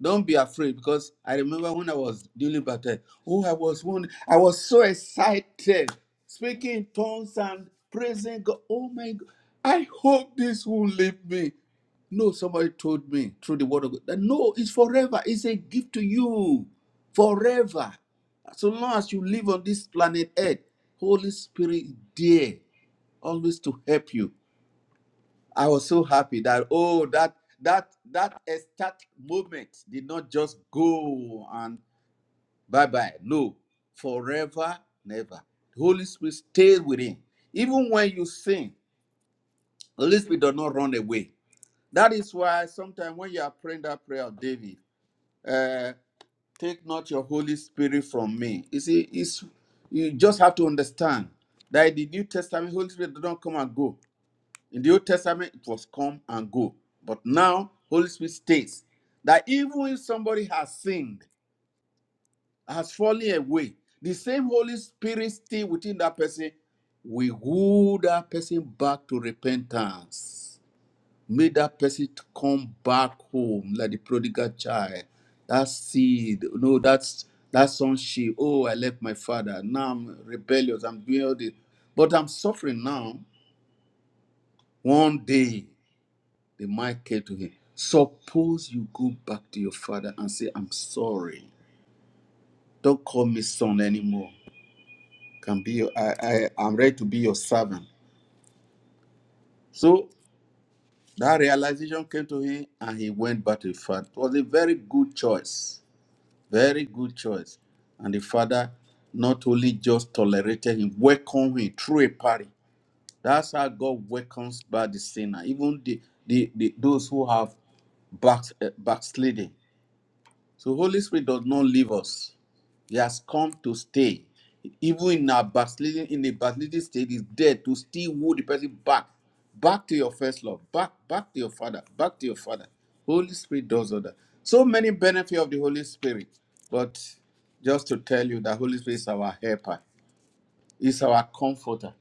[SPEAKER 1] Don't be afraid because I remember when I was dealing baptized. Oh, I was one, I was so excited, speaking in tongues and praising God. Oh my God, I hope this will leave me. No, somebody told me through the word of God that no, it's forever. It's a gift to you. Forever. So long as you live on this planet Earth, Holy Spirit is there, always to help you. I was so happy that oh that that that ecstatic moment did not just go and bye bye. No, forever, never. The Holy Spirit stays within. Even when you sing, the Holy Spirit does not run away. That is why sometimes when you are praying that prayer of David, uh, take not your Holy Spirit from me. You see, it's, you just have to understand that in the New Testament, Holy Spirit does not come and go. In the Old Testament, it was come and go. But now, Holy Spirit states that even if somebody has sinned, has fallen away, the same Holy Spirit still within that person will woo that person back to repentance. Make that person to come back home like the prodigal child. That seed, no, that's that sonship. Oh, I left my father. Now I'm rebellious. I'm doing all this. But I'm suffering now. One day The man came to him. Suppose you go back to your father and say, I'm sorry. Don't call me son anymore. Can be your, I, I, I'm ready to be your servant. So that realization came to him and he went back to the father. It was a very good choice. Very good choice. And the father not only just tolerated him, welcomed him through a party. That's how God welcomes back the sinner, even the, the, the those who have back, uh, backslidden So Holy Spirit does not leave us. He has come to stay. Even in our backsliding, in the backsliding state, is there to still woo the person back, back to your first love, back, back to your father, back to your father. Holy Spirit does all that. So many benefit of the Holy Spirit, but just to tell you that Holy Spirit is our helper, is our comforter.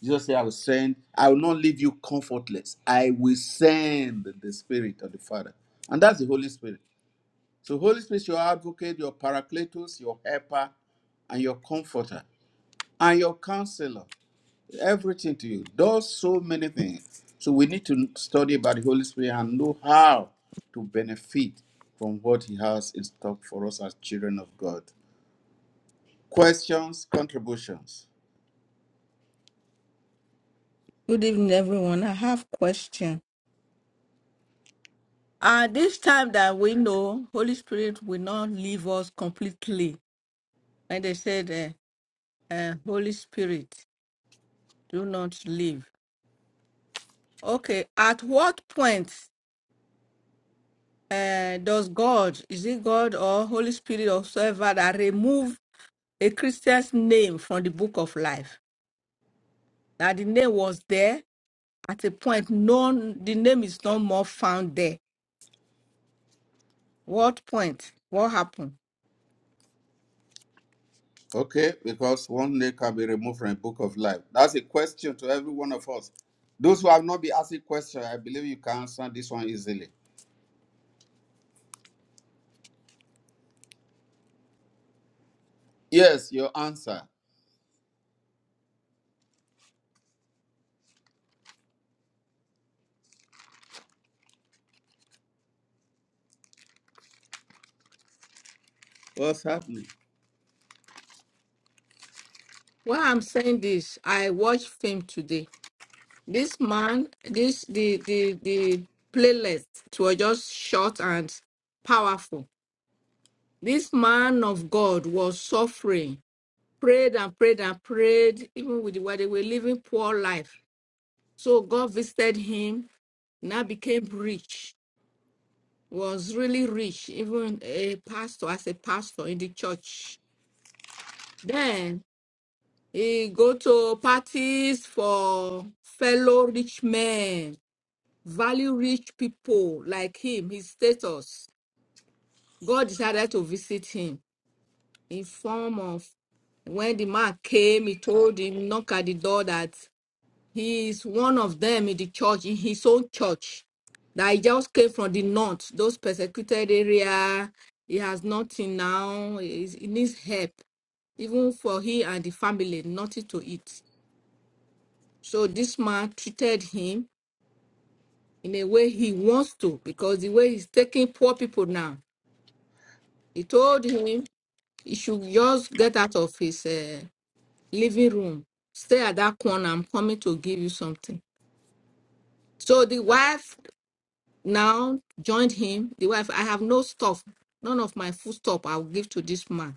[SPEAKER 1] Jesus said, "I will send. I will not leave you comfortless. I will send the Spirit of the Father, and that's the Holy Spirit. So Holy Spirit is your advocate, your paracletos, your helper, and your comforter, and your counselor. Everything to you. Does so many things. So we need to study about the Holy Spirit and know how to benefit from what He has in stock for us as children of God. Questions, contributions.
[SPEAKER 3] Good evening, everyone. I have question. Uh, this time that we know, Holy Spirit will not leave us completely. And they said, uh, uh, Holy Spirit, do not leave. Okay, at what point uh, does God, is it God or Holy Spirit or whoever that remove a Christian's name from the book of life? Now the name was there at a point. No, the name is no more found there. What point? What happened?
[SPEAKER 1] Okay, because one day can be removed from the book of life. That's a question to every one of us. Those who have not been asking questions, I believe you can answer this one easily. Yes, your answer. What's happening?
[SPEAKER 3] Well, I'm saying this. I watched film today. This man, this the the the playlist it was just short and powerful This man of God was suffering, prayed and prayed and prayed, even with the way they were living poor life. So God visited him, now became rich, was really rich, even a pastor as a pastor in the church. Then he go to parties for fellow rich men, value rich people like him, his status. God decided to visit him in form of when the man came, he told him, knock at the door that he is one of them in the church, in his own church. That he just came from the north, those persecuted area. He has nothing now. He is- he needs help, even for he and the family, nothing to eat. So this man treated him in a way he wants to, because the way he's taking poor people now. He told him he should just get out of his. uh, living room. Stay at that corner. I'm coming to give you something. So the wife now joined him. The wife, I have no stuff, none of my food stuff. I'll give to this man.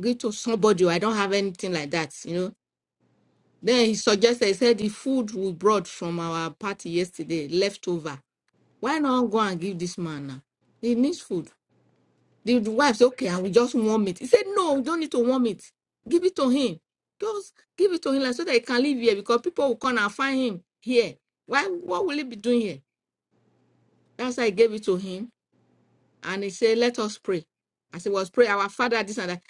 [SPEAKER 3] Give to somebody. I don't have anything like that, you know. Then he suggested, he said, the food we brought from our party yesterday, leftover. Why not go and give this man now? He needs food. The wife said, okay, and we just warm it. He said, no, we don't need to warm it. Give it to him. Just give it to him like, so that he can live here because people will come and find him here. Why? What will he be doing here? That's why I gave it to him. And he said, let us pray. I said, was pray our father, this and that.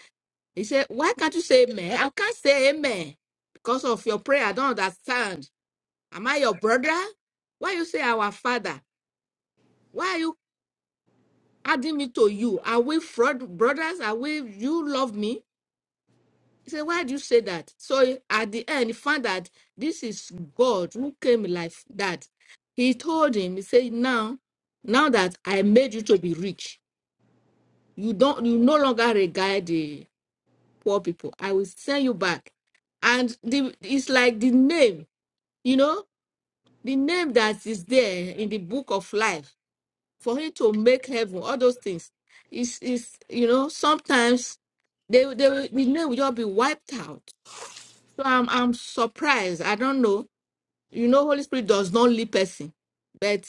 [SPEAKER 3] He said, why can't you say amen? I can't say amen because of your prayer. I don't understand. Am I your brother? Why you say our father? Why are you adding me to you? Are we fraud brothers? Are we, you love me? He said, Why do you say that? So at the end, he found that this is God who came like that. He told him, He said, Now, now that I made you to be rich, you don't you no longer regard the poor people. I will send you back. And the, it's like the name, you know, the name that is there in the book of life for him to make heaven, all those things. Is is you know, sometimes they they will- the name will just be wiped out So I'm I'm surprised. I don't know. You know, Holy Spirit does not leave person. But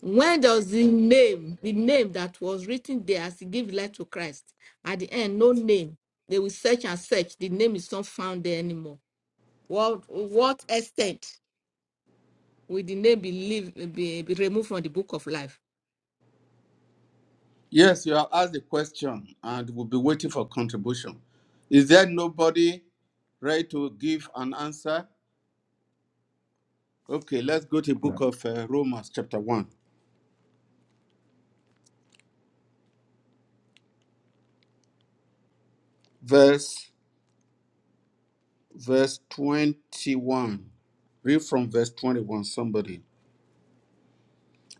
[SPEAKER 3] when does the name, the name that was written there as he gave life to Christ, at the end, no name. They will search and search. The name is not found there anymore. What what extent will the name be leave, be, be removed from the book of life?
[SPEAKER 1] Yes, you have asked the question and we'll be waiting for contribution. Is there nobody ready to give an answer? Okay, let's go to the book of uh, Romans chapter 1, verse verse 21. Read from verse 21 somebody.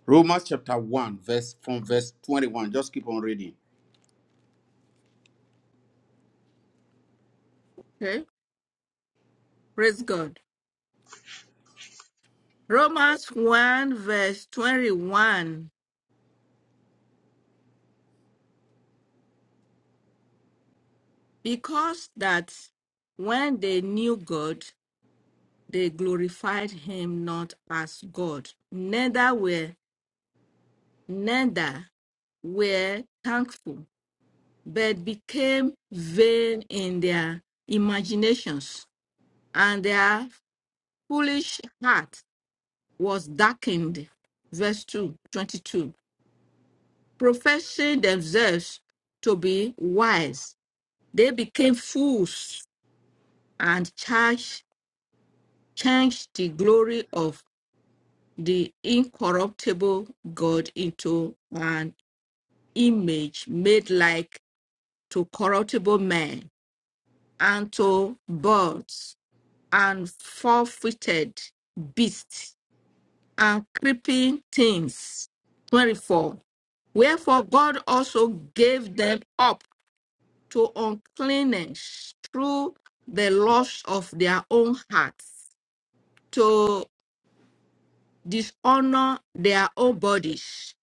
[SPEAKER 1] Romans chapter 1, verse from verse 21. Just keep on reading.
[SPEAKER 3] Okay. Praise God. Romans 1 verse 21. Because that when they knew God, they glorified him not as God, neither were neither were thankful, but became vain in their imaginations, and their foolish heart was darkened. Verse 2, 22. Professing themselves to be wise, they became fools and charged, changed the glory of the incorruptible God into an image made like to corruptible men and to birds and four-footed beasts and creeping things. 24. Wherefore God also gave them up to uncleanness through the lust of their own hearts, to dishonor their own bodies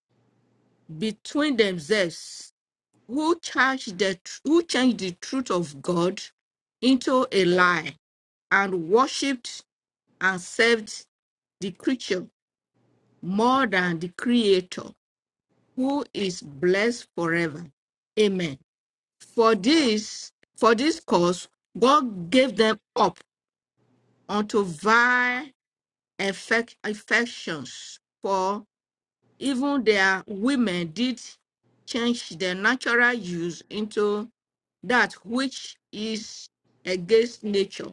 [SPEAKER 3] between themselves who changed the who changed the truth of God into a lie and worshipped and served the creature more than the creator who is blessed forever amen for this for this cause god gave them up unto vile affec- affections for even their women did change their natural use into that which is against nature,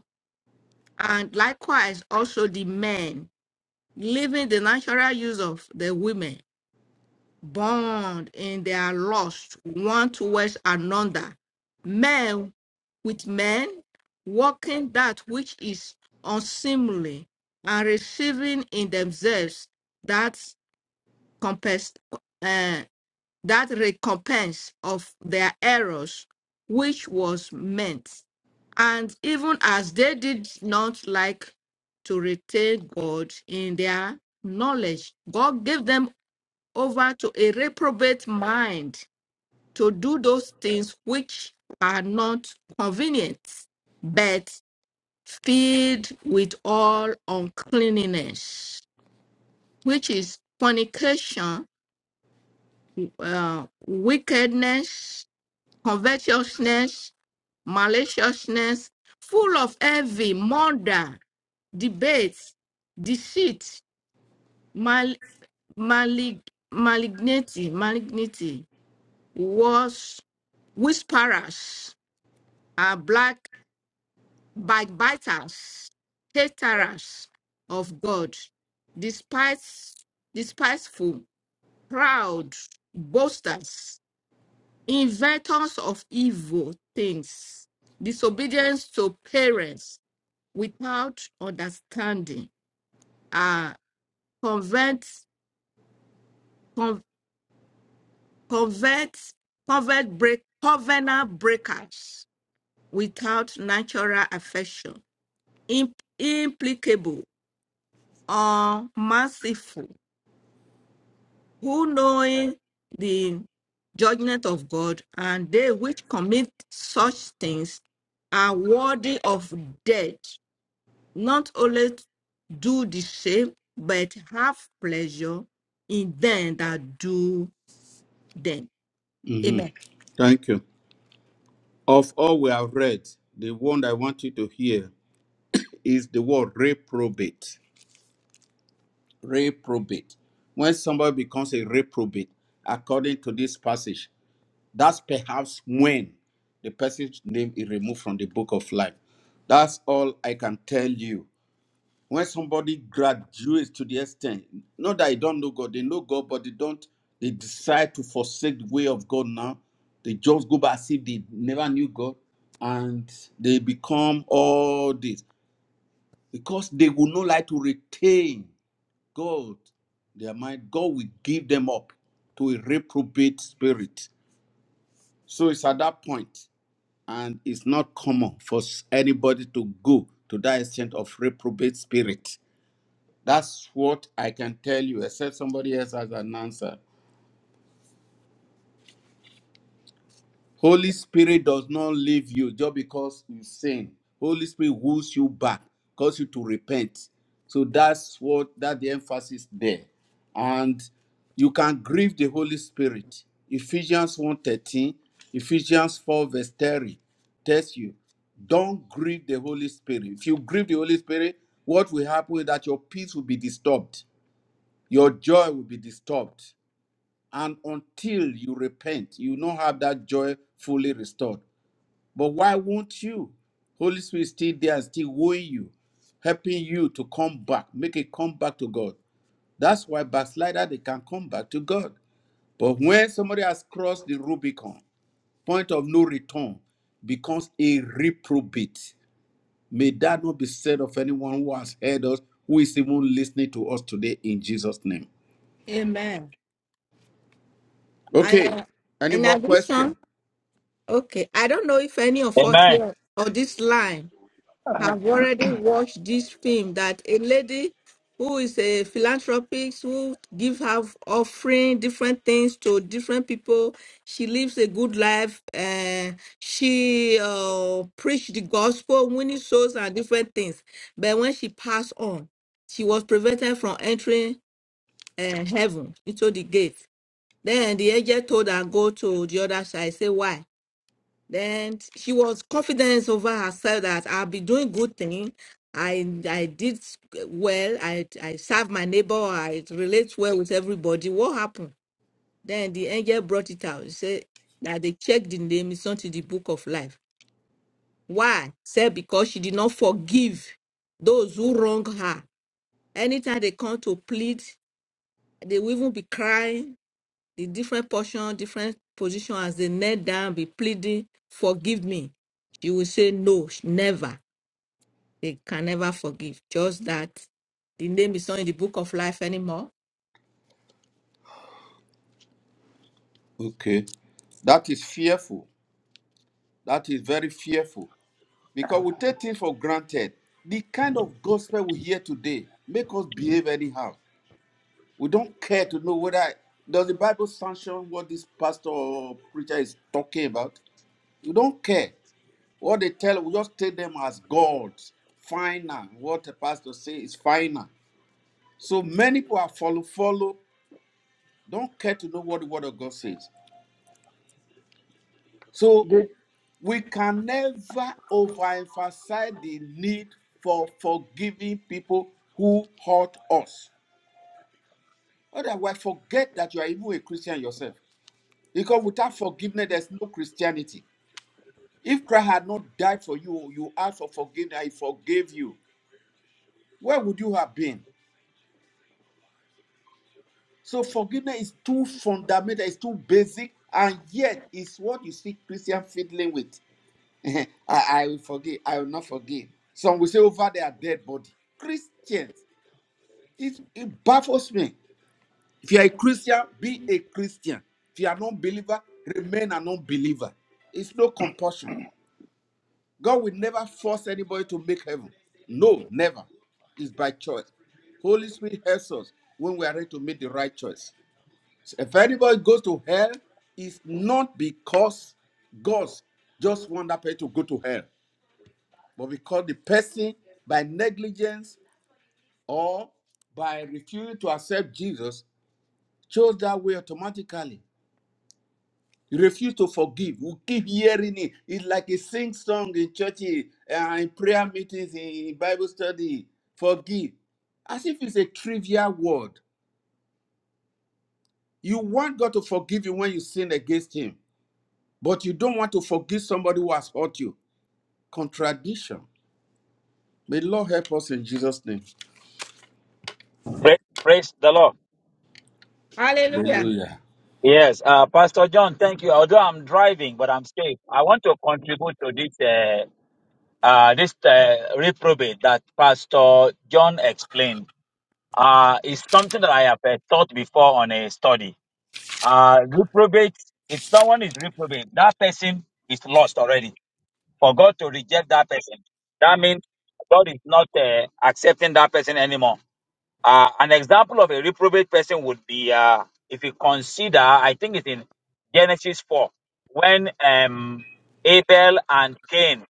[SPEAKER 3] and likewise also the men, leaving the natural use of the women, bound in their lust one towards another, men with men, working that which is unseemly, and receiving in themselves that compass, that recompense of their errors which was meant. And even as they did not like to retain God in their knowledge, God gave them over to a reprobate mind to do those things which are not convenient, but filled with all uncleanness, which is fornication, uh, wickedness, covetousness, maliciousness, full of envy, murder, debates, deceit, mal- malig- malignity, malignity, wars, whisperers, uh, black backbiters, haters of God, despise, despiteful, proud, boasters, inventors of evil things, disobedience to parents, without understanding are convert, con, convert, convert break, covenant breakers without natural affection, imp, implicable or merciful, who knowing the judgment of God, and they which commit such things are worthy of death. not only do the same, but have pleasure in them that do them.
[SPEAKER 1] hmm
[SPEAKER 3] Amen.
[SPEAKER 1] Thank you. Of all we have read, the one I want you to hear is the word reprobate. reprobate. When somebody becomes a reprobate, according to this passage, that's perhaps when the person's name is removed from the book of life. That's all I can tell you. When somebody graduates to the extent, not that they don't know God, they know God, but they don't, they decide to forsake the way of God now. They just go back as if they never knew God and they become all this because they would not like to retain God, their mind, God will give them up to a reprobate spirit. So it's at that point, and it's not common for anybody to go to that extent of reprobate spirit. That's what I can tell you, except somebody else has an answer. Holy Spirit does not leave you just because you sin. Holy Spirit woos you back, cause you to repent. So that's what that the emphasis there. And you can grieve the Holy Spirit. Ephesians one thirteen, Ephesians 4 verse 30 tells you, don't grieve the Holy Spirit. If you grieve the Holy Spirit, what will happen is that your peace will be disturbed, your joy will be disturbed. And until you repent, you not have that joy fully restored. But why won't you? Holy Spirit is still there and still wooing you, helping you to come back, make it come back to God. That's why backslider they can come back to God. But when somebody has crossed the Rubicon, point of no return, becomes a reprobate. May that not be said of anyone who has heard us, who is even listening to us today in Jesus' name.
[SPEAKER 3] Amen. And
[SPEAKER 1] Okay.
[SPEAKER 3] uh,
[SPEAKER 1] Any
[SPEAKER 3] in
[SPEAKER 1] more
[SPEAKER 3] addition,
[SPEAKER 1] questions?
[SPEAKER 3] okay, I don't know if any of us
[SPEAKER 5] Amen.
[SPEAKER 3] here on this line
[SPEAKER 4] Uh,
[SPEAKER 3] have already watched this film that a lady who is a philanthropist who give her offering different things to different people she lives a good life and she uh, preached the gospel winning souls and different things but when she passed on she was prevented from entering uh, heaven into the gate then the angel told her go to the other side say why then she was confident over herself that I'll be doing good thing. I I did well. I I serve my neighbor. I relate well with everybody. What happened? Then the angel brought it out. He said that they checked the name. It's not in the book of life. Why? Said because she did not forgive those who wronged her. Anytime they come to plead, they will even be crying the different portion, different position as they kneel down, be pleading, forgive me. She will say, no, sh- never. They can never forgive. Just that the name is not in the book of life anymore.
[SPEAKER 1] Okay. That is fearful. That is very fearful because we take things for granted. The kind of gospel we hear today make us behave anyhow. We don't care to know whether does the Bible sanction what this pastor or preacher is talking about. We don't care what they tell. We just take them as gods. Final. What the pastor say is final. So many people are follow follow. Don't care to know what the word of God says. So
[SPEAKER 4] Did.
[SPEAKER 1] We can never overemphasize the need for forgiving people who hurt us. Otherwise, forget that you are even a Christian yourself. Because without forgiveness, there's no Christianity. If Christ had not died for you, you asked for forgiveness, he forgave you. Where would you have been? So forgiveness is too fundamental, it's too basic, and yet it's what you see Christian fiddling with. I, I will forgive, I will not forgive. Some will say over their dead body. Christians It, it baffles me. If you are a Christian, be a Christian. If you are a non-believer, remain a non-believer. It's no compulsion. God will never force anybody to make heaven. No, never. It's by choice. Holy Spirit helps us when we are ready to make the right choice. So if anybody goes to hell, it's not because God just want that person to go to hell, but because the person by negligence or by refusing to accept Jesus chose that way automatically. You refuse to forgive. You keep hearing it. It's like a sing song in churches and in prayer meetings, in Bible study. Forgive. As if it's a trivial word. You want God to forgive you when you sin against Him, but you don't want to forgive somebody who has hurt you. Contradiction. May the Lord help us in Jesus' name.
[SPEAKER 5] Praise, praise the Lord.
[SPEAKER 3] Hallelujah.
[SPEAKER 1] Hallelujah.
[SPEAKER 5] Yes, uh, Pastor John, thank you. Although I'm driving, but I'm safe. I want to contribute to this uh, uh, this uh, reprobate that Pastor John explained. Uh, it's something that I have uh, taught before on a study. Uh, reprobate. If someone is reprobate, that person is lost already. For God to reject that person, that means God is not uh, accepting that person anymore. Uh, an example of a reprobate person would be uh, if you consider, I think it's in Genesis 4, when um, Abel and Cain,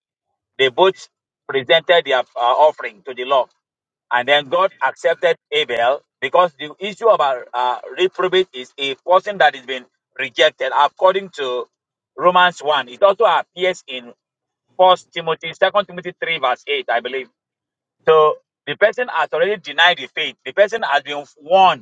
[SPEAKER 5] they both presented their uh, offering to the Lord. And then God accepted Abel because the issue about uh, uh, reprobate is a person that has been rejected. According to Romans 1, it also appears in First Timothy, Second Timothy 3, verse 8, I believe. So the person has already denied the faith. The person has been warned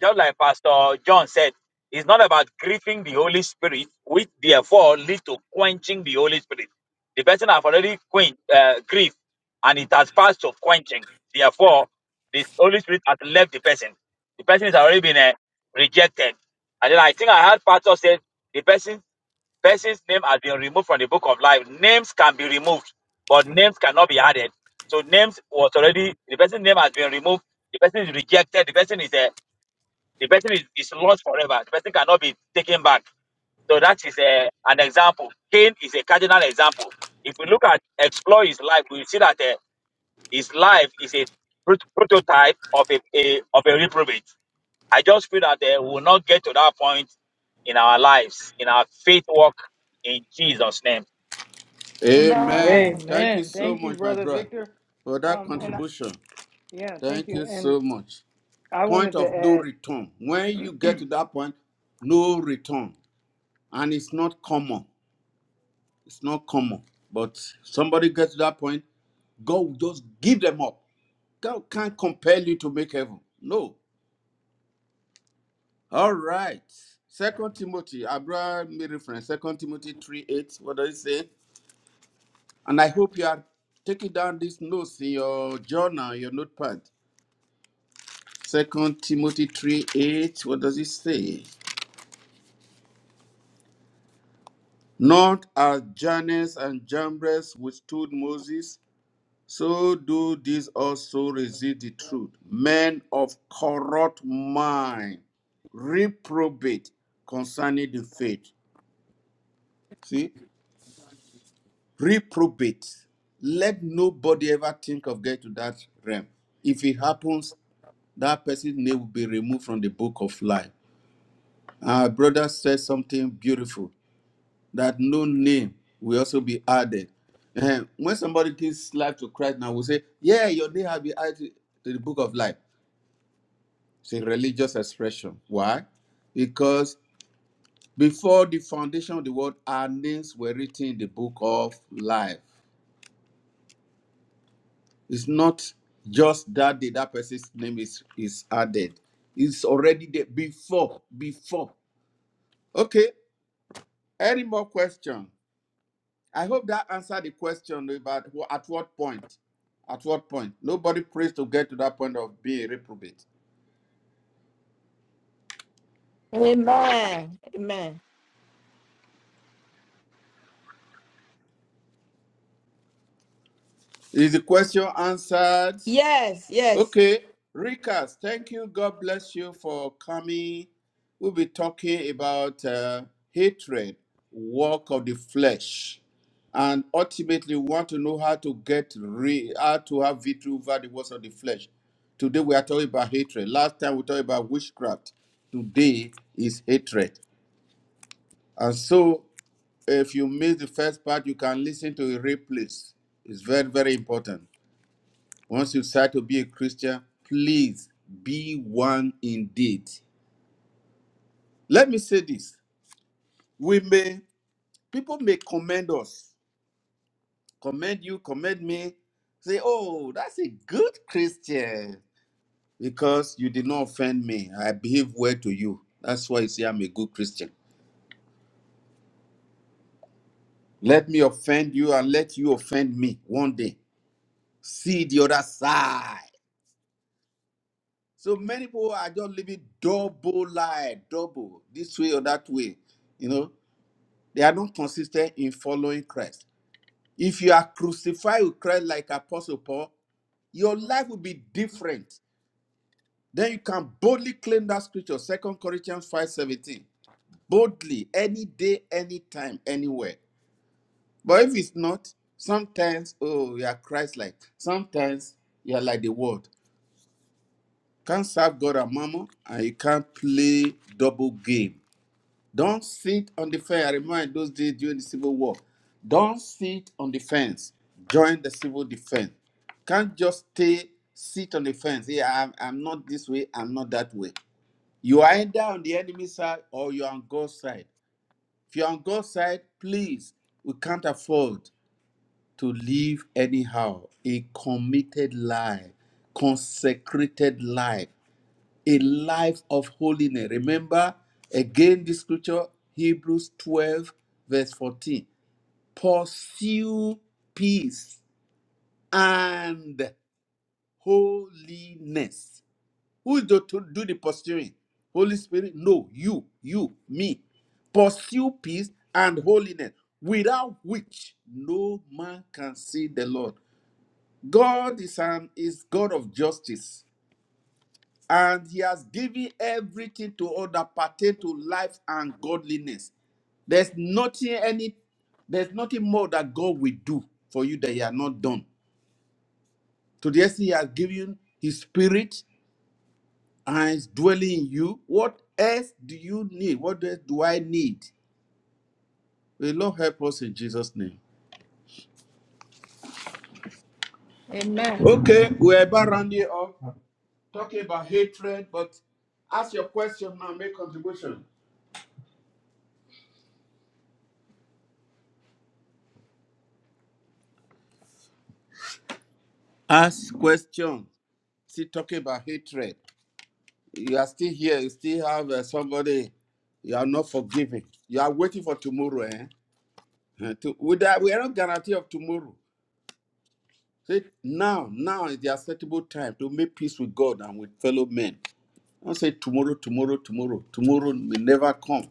[SPEAKER 5] just like Pastor John said, it's not about grieving the Holy Spirit, which therefore leads to quenching the Holy Spirit. The person have already quenched, uh, grieved, and it has passed to quenching. Therefore, the Holy Spirit has left the person. The person has already been uh, rejected. And then I think I heard Pastor said the person person's name has been removed from the book of life. Names can be removed, but names cannot be added. So names was already the person's name has been removed. The person is rejected. The person is uh, the person is, is lost forever. The person cannot be taken back. So that is a, an example. Cain is a cardinal example. If we look at explore his life, we see that uh, his life is a prot- prototype of a, a of a reprobate. I just feel that uh, we will not get to that point in our lives, in our faith walk in Jesus' name.
[SPEAKER 1] Amen. Thank you
[SPEAKER 4] Amen.
[SPEAKER 1] so
[SPEAKER 4] Thank you,
[SPEAKER 1] much, my
[SPEAKER 4] brother
[SPEAKER 1] brother,
[SPEAKER 4] Victor.
[SPEAKER 1] for that
[SPEAKER 4] Um, and I,
[SPEAKER 1] contribution.
[SPEAKER 4] yeah, thank
[SPEAKER 1] Thank
[SPEAKER 4] you.
[SPEAKER 1] you
[SPEAKER 4] And
[SPEAKER 1] so much.
[SPEAKER 4] I
[SPEAKER 1] point
[SPEAKER 4] wanted
[SPEAKER 1] of
[SPEAKER 4] to
[SPEAKER 1] no
[SPEAKER 4] add
[SPEAKER 1] return. When you get to that point, no return. And it's not common. It's not common. But somebody gets to that point, God will just give them up. God can't compel you to make heaven. No. All right. Second Timothy, I brought me reference. Second Timothy 3 8. What does it say? And I hope you are taking down these notes in your journal, your notepad. Second Timothy 3 8. What does it say? Not as Jannes and Jambres withstood Moses, so do these also resist the truth. Men of corrupt mind, reprobate concerning the faith. See, reprobate. Let nobody ever think of getting to that realm. If it happens, that person's name will be removed from the book of life. Our brother said something beautiful. that no name will also be added. Ehem, When somebody gives life to Christ now, we say, Yeah, your name has been added to to the book of life. It's a religious expression. Why? Because before the foundation of the world, our names were written in the book of life. It's not just that day that person's name is, is added. It's already there before, before. Okay. Any more question? I hope that answered the question about who, at what point. At what point? Nobody prays to get to that point of being a reprobate.
[SPEAKER 3] Amen. Amen.
[SPEAKER 1] Is the question answered?
[SPEAKER 3] Yes, yes.
[SPEAKER 1] Okay. Rikas, thank you. God bless you for coming. We'll be talking about uh, hatred, work of the flesh. And ultimately, we want to know how to get re- how to have victory over the works of the flesh. Today we are talking about hatred. Last time we talked about witchcraft. Today is hatred. And so, if you miss the first part, you can listen to a replays. It's very, very important. Once you decide to be a Christian, please be one indeed. Let me say this: We may people may commend us, commend you, commend me, say, "Oh, that's a good Christian," because you did not offend me. I behave well to you. That's why you say I'm a good Christian. Let me offend you and let you offend me one day. See the other side So many people are just living double life, double this way or that way. You know, they are not consistent in following Christ. If you are crucified with Christ like Apostle Paul, your life will be different. Then you can boldly claim that scripture, Second Corinthians 5 17. Boldly, any day, anytime, anywhere. But if it's not, sometimes, oh, you are Christ like. Sometimes you are like the world. Can't serve God and mammon, and you can't play double game Don't sit on the fence. I remind those days during the Civil War. Don't sit on the fence. Join the civil defense. Can't just stay, sit on the fence. Yeah, I'm, I'm not this way, I'm not that way. You are either on the enemy side or you're on God's side. If you're on God's side, please, we can't afford to live anyhow. A committed life, consecrated life a life of holiness. Remember again this scripture, Hebrews 12, verse 14. Pursue peace and holiness. Who is the, to do the pursuing? Holy Spirit? No, you, you, me. Pursue peace and holiness, without which no man can see the Lord. God is an is God of justice. and he has given everything to all that pertain to life and godliness. There's nothing any there's nothing more that God will do for you that he has not done. Today he has given his spirit and is dwelling in you. What else do you need? What else do I need? May the Lord help us in Jesus' name.
[SPEAKER 3] Amen.
[SPEAKER 1] Okay, we're about rounding up, talking about hatred, but ask your question now, make contribution. Ask question. See, talking about hatred. You are still here. You still have uh, somebody. You are not forgiving. You are waiting for tomorrow. Eh? Uh, to- we, that, we are not guarantee of tomorrow. Say now, now is the acceptable time to make peace with God and with fellow men. Don't say tomorrow, tomorrow, tomorrow. Tomorrow may never come.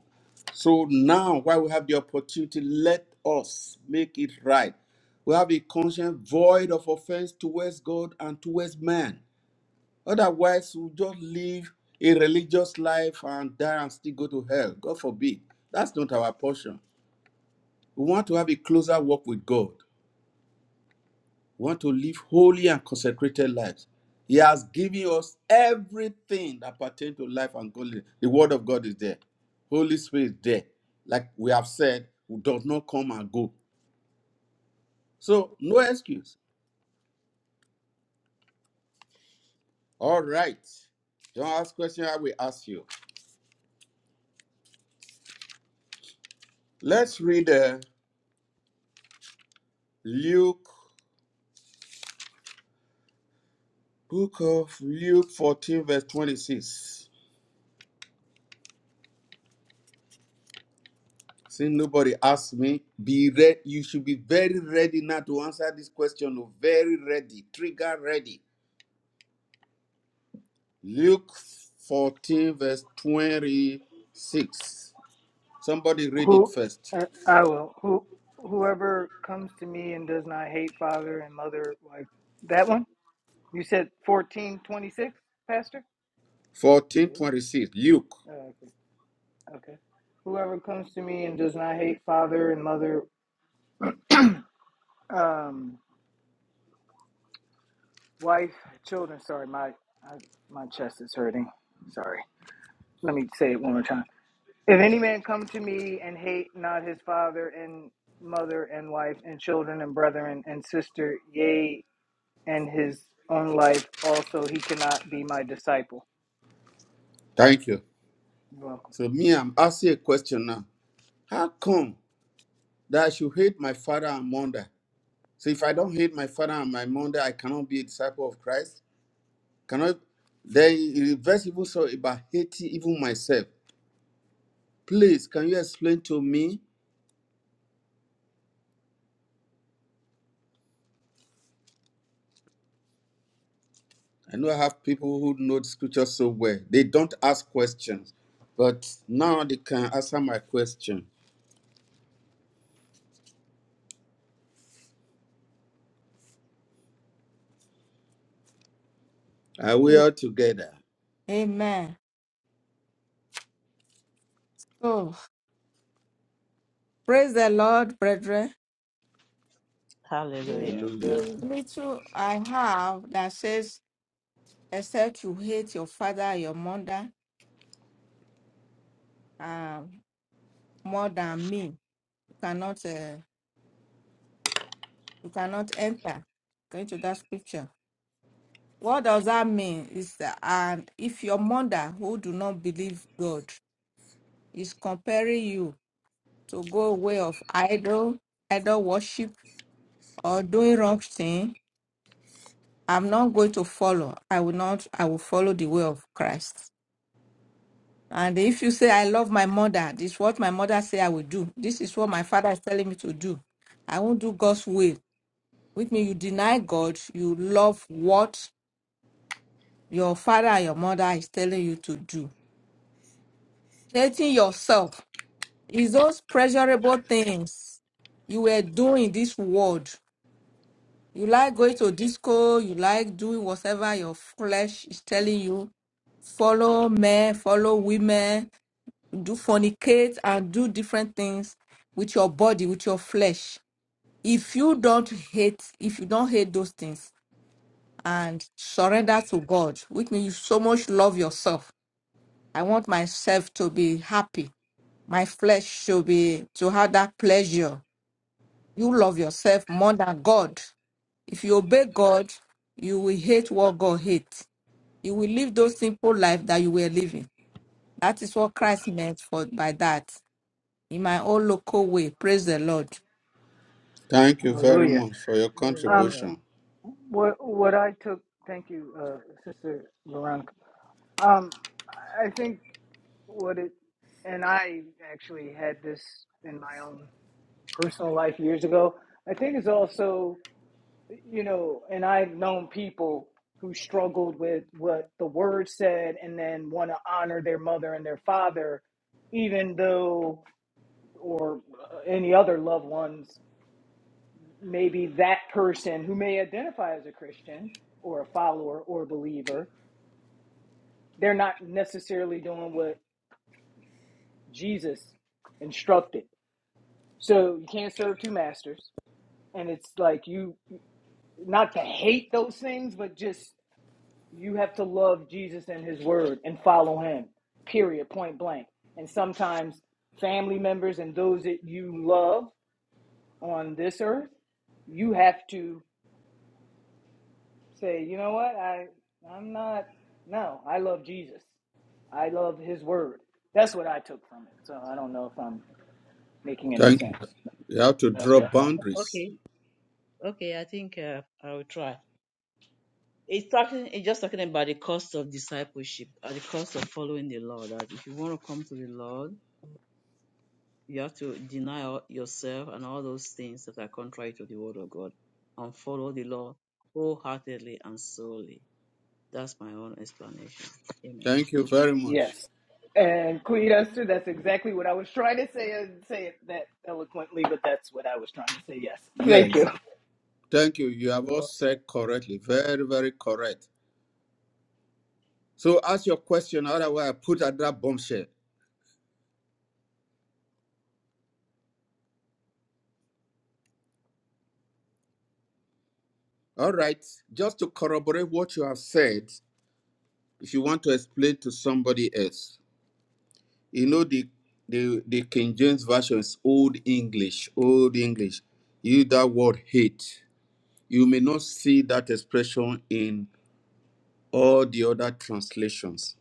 [SPEAKER 1] So now, while we have the opportunity, let us make it right. We have a conscience void of offense towards God and towards man. Otherwise, we'll just live a religious life and die and still go to hell. God forbid. That's not our portion. We want to have a closer walk with God. We want to live holy and consecrated lives. He has given us everything that pertains to life and godliness. The Word of God is there. Holy Spirit is there. Like we have said, who does not come and go. So, no excuse. All right. Don't ask question, I will ask you. Let's read uh, Luke Book of Luke 14, verse 26. Since nobody asked me, be ready. You should be very ready now to answer this question. oh, Very ready, trigger ready. Luke 14, verse 26. Somebody read it
[SPEAKER 4] who
[SPEAKER 1] first.
[SPEAKER 4] uh, I will who whoever comes to me and does not hate father and mother like that one. You said fourteen twenty six, Pastor.
[SPEAKER 1] twenty six.
[SPEAKER 4] Hallelujah.
[SPEAKER 1] Luke.
[SPEAKER 4] Oh, okay. Okay. Whoever comes to me and does not hate father and mother, um, wife, children. Sorry, my I, my chest is hurting. Sorry. Let me say it one more time If any man come to me and hate not his father and mother and wife and children and brethren and sister, yea, and his own life also, he cannot be my disciple.
[SPEAKER 1] Thank you.
[SPEAKER 4] You're welcome.
[SPEAKER 1] So, me, I'm asking a question now. How come that I should hate my father and mother? So, if I don't hate my father and my mother, I cannot be a disciple of Christ? Cannot they the verse even saw about Haiti, even myself. Please, can you explain to me? I know I have people who know the scripture so well. They don't ask questions, but now they can answer my question. Are we all together?
[SPEAKER 3] Amen. So praise the Lord, brethren. The,
[SPEAKER 2] Hallelujah.
[SPEAKER 1] Hallelujah.
[SPEAKER 3] the little I have that says, except you hate your father, your mother, um, more than me, you cannot. Uh, you cannot enter going to that scripture what does that mean is that and if your mother who do not believe god is comparing you to go way of idol idol worship or doing wrong thing i'm not going to follow i will not i will follow the way of christ and if you say i love my mother this is what my mother say i will do this is what my father is telling me to do i won't do god's will With me, you deny god you love what your father and your mother is telling you to do. Hating yourself is those pleasurable things you were doing in this world. You like going to disco, you like doing whatever your flesh is telling you. Follow men, follow women, do fornicate and do different things with your body, with your flesh. If you don't hate, if you don't hate those things and surrender to God, which means you so much love yourself. I want myself to be happy. My flesh should be to have that pleasure. You love yourself more than God. If you obey God, you will hate what God hates. You will live those simple life that you were living. That is what Christ meant for by that. In my own local way, praise the Lord.
[SPEAKER 1] Thank you very
[SPEAKER 4] Hallelujah.
[SPEAKER 1] much for your
[SPEAKER 4] Um,
[SPEAKER 2] Hallelujah.
[SPEAKER 1] contribution.
[SPEAKER 4] what what I took, thank you, uh, Sister Veronica. Um, I think what it, and I actually had this in my own personal life years ago. I think it's also you know, and I've known people who struggled with what the word said and then want to honor their mother and their father, even though, or uh, any other loved ones, maybe that person who may identify as a Christian or a follower or a believer, they're not necessarily doing what Jesus instructed. So you can't serve two masters. And it's like you, not to hate those things, but just You have to love Jesus and his word and follow him, period, point blank. And sometimes family members and those that you love on this earth, you have to say, you know what? I I'm not no, I love Jesus. I love his word. That's what I took from it. So I don't know if I'm making any
[SPEAKER 1] Thank you.
[SPEAKER 4] sense.
[SPEAKER 1] You have to
[SPEAKER 4] That's
[SPEAKER 1] draw
[SPEAKER 4] what I got.
[SPEAKER 1] boundaries.
[SPEAKER 2] Okay, okay, I think uh, I will try. It's talking, it's just talking about the cost of discipleship, or the cost of following the Lord. That if you want to come to the Lord, you have to deny all- yourself and all those things that are contrary to the Word of God, and follow the Lord wholeheartedly and solely. That's my own explanation. Amen.
[SPEAKER 1] Thank you very
[SPEAKER 4] Yes.
[SPEAKER 1] much.
[SPEAKER 4] And Queen Esther, that's exactly what I was trying to say and say it that eloquently, but that's what I was trying to say. Yes. Thank you.
[SPEAKER 1] Yes. Thank you. You have all
[SPEAKER 2] You're welcome.
[SPEAKER 1] said correctly. Very, very correct. So ask your question, otherwise I put at that bombshell. All right. Just to corroborate what you have said, if you want to explain to somebody else, you know the the, the King James Version is old English, old English. You that word hate. You may not see that expression in all the other translations.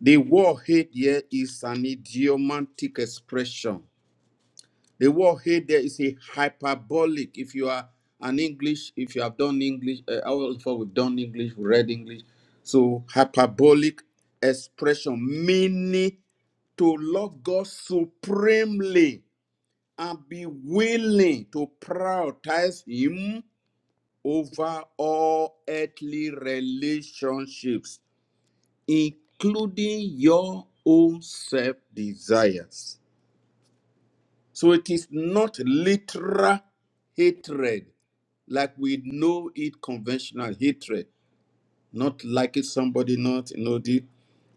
[SPEAKER 1] The word hate here is an idiomatic expression The word hey there is a hyperbolic. If you are an English, if you have done English, uh, all of us we've done English, we read English. So hyperbolic expression meaning to love God supremely and be willing to prioritize Him over all earthly relationships, including your own self desires. So it is not literal hatred like we know it conventional hatred, not liking somebody, not you know the,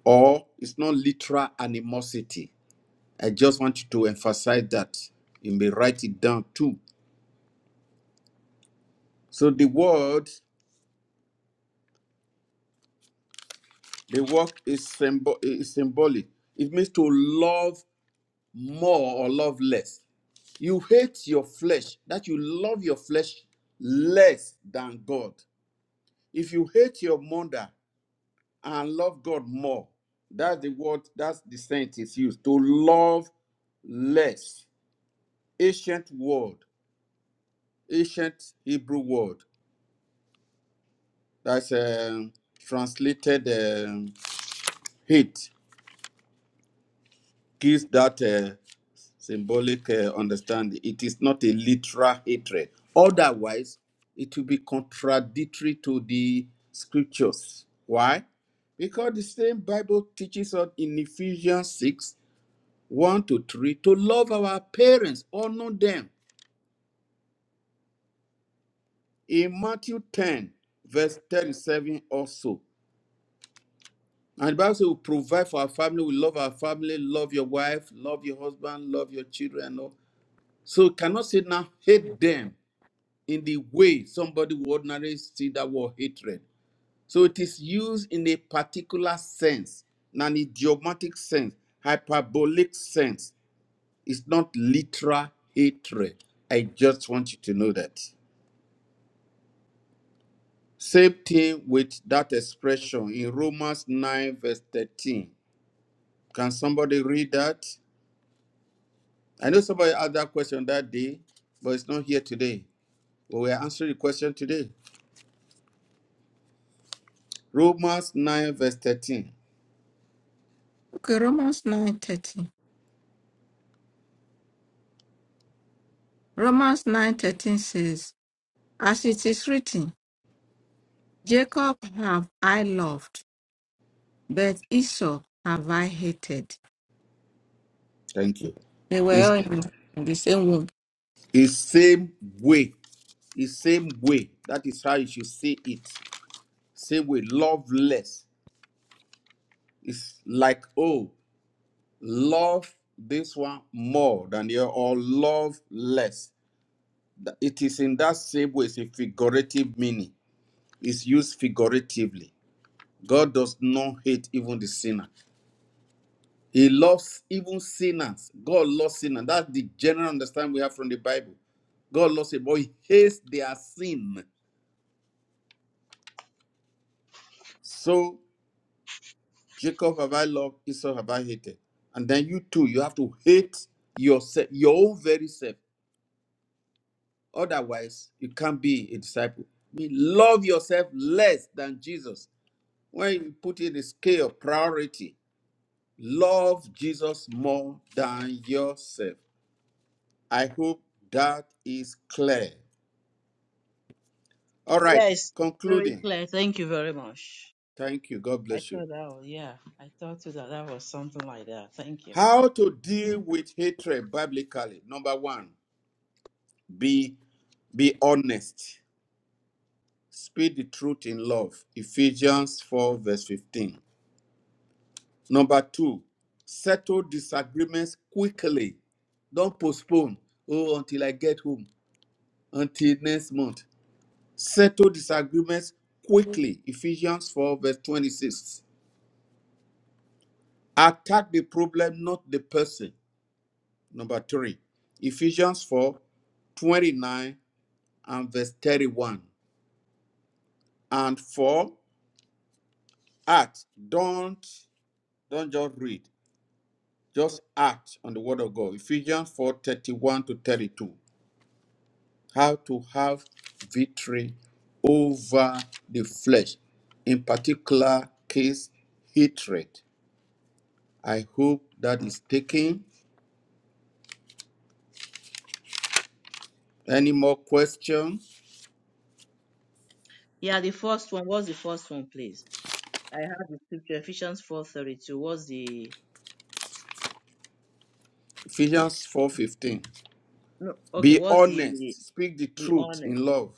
[SPEAKER 1] or it's not literal animosity. I just want you to emphasize that. You may write it down too. So the word, the word is, symbol, is symbolic. It means to love more or love less. You hate your flesh, that you love your flesh less than God. If you hate your mother and love God more, that's the word, that's the sentence is used to love less. Ancient word, ancient Hebrew word that's um, translated um, hate gives that uh, symbolic uh, understanding. It is not a literal hatred. Otherwise, it will be contradictory to the scriptures. Why? Because the same Bible teaches us in Ephesians 6 1 to 3 to love our parents, honor them. In Matthew 10, verse 37 also. And the Bible says we provide for our family, we love our family, love your wife, love your husband, love your children. and all. So you cannot say now hate them in the way somebody would ordinarily see that word hatred. So it is used in a particular sense, in an idiomatic sense, hyperbolic sense. It's not literal hatred. I just want you to know that. Same thing with that expression in Romans 9, verse 13. Can somebody read that? I know somebody asked that question that day, but it's not here today. But we are answering the question today. Romans 9, verse 13.
[SPEAKER 3] Okay, Romans nine thirteen. Romans nine thirteen says, As it is written, Jacob have I loved, but Esau have I hated.
[SPEAKER 1] Thank you.
[SPEAKER 3] They were
[SPEAKER 1] It's
[SPEAKER 3] all in the same
[SPEAKER 1] it's same way. It's same way. That is how you should see it. Same way. Love less. It's like, oh, love this one more than the other, or love less. Th- It is in that same way, it's a figurative meaning. It's used figuratively. God does not hate even the sinner. He loves even sinners. God loves sinners. That's the general understanding we have from the Bible. God loves it, but he hates their sin. So Jacob have I loved, Esau have I hated. And then you too, you have to hate yourself, your own very self. Otherwise, you can't be a disciple. I mean, love yourself less than Jesus. when you put in the scale priority love jesus more than yourself i hope that is clear all right
[SPEAKER 2] Yes, very
[SPEAKER 1] concluding
[SPEAKER 2] clear. Thank you very much.
[SPEAKER 1] thank you god
[SPEAKER 2] I
[SPEAKER 1] bless you
[SPEAKER 2] thought that was yeah. I thought too that that was something like that. Thank you.
[SPEAKER 1] how to deal with hatred biblically number one be be honest speak the truth in love ephesians 4 verse 15 number two settle disagreements quickly don't postpone oh until i get home until next month. Settle disagreements quickly. Ephesians 4, verse 26. Attack the problem, not the person. Number three. Ephesians 4 29 and verse 31. And four, act. Don't don't just read. Just act on the word of God. Ephesians 4 31 to 32. How to have victory over the flesh. In particular case, hatred. I hope that is taken. Any more questions.
[SPEAKER 2] Yeah, the first one. What's the first one, please? I have the scripture, Ephesians four thirty two. What's the
[SPEAKER 1] Ephesians 4:15.
[SPEAKER 2] no? Okay,
[SPEAKER 1] Be
[SPEAKER 2] what's the
[SPEAKER 1] honest, speak the
[SPEAKER 2] the
[SPEAKER 1] truth
[SPEAKER 2] honest?
[SPEAKER 1] in
[SPEAKER 2] Okay.
[SPEAKER 1] love.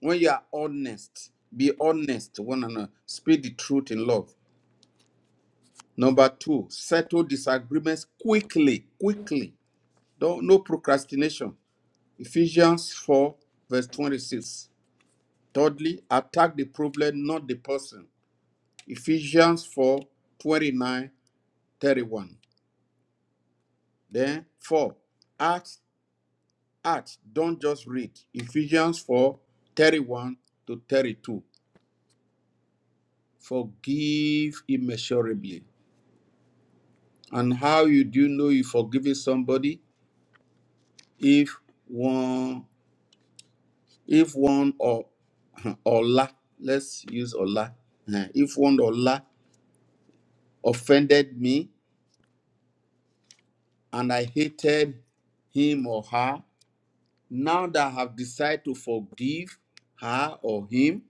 [SPEAKER 1] When you are honest, be honest to one another. Speak the truth in love. Number two, settle disagreements quickly, quickly. Don't, no procrastination. Ephesians 4, verse 26. Thirdly, attack the problem, not the person. Ephesians 4 29 31. Then, four, act Acts, don't just read. Ephesians 4 31 to 32. Forgive immeasurably. And how you do know you forgiving somebody if one, if one or Allah, let's use Allah. If one Allah offended me and I hated him or her, now that I have decided to forgive her or him,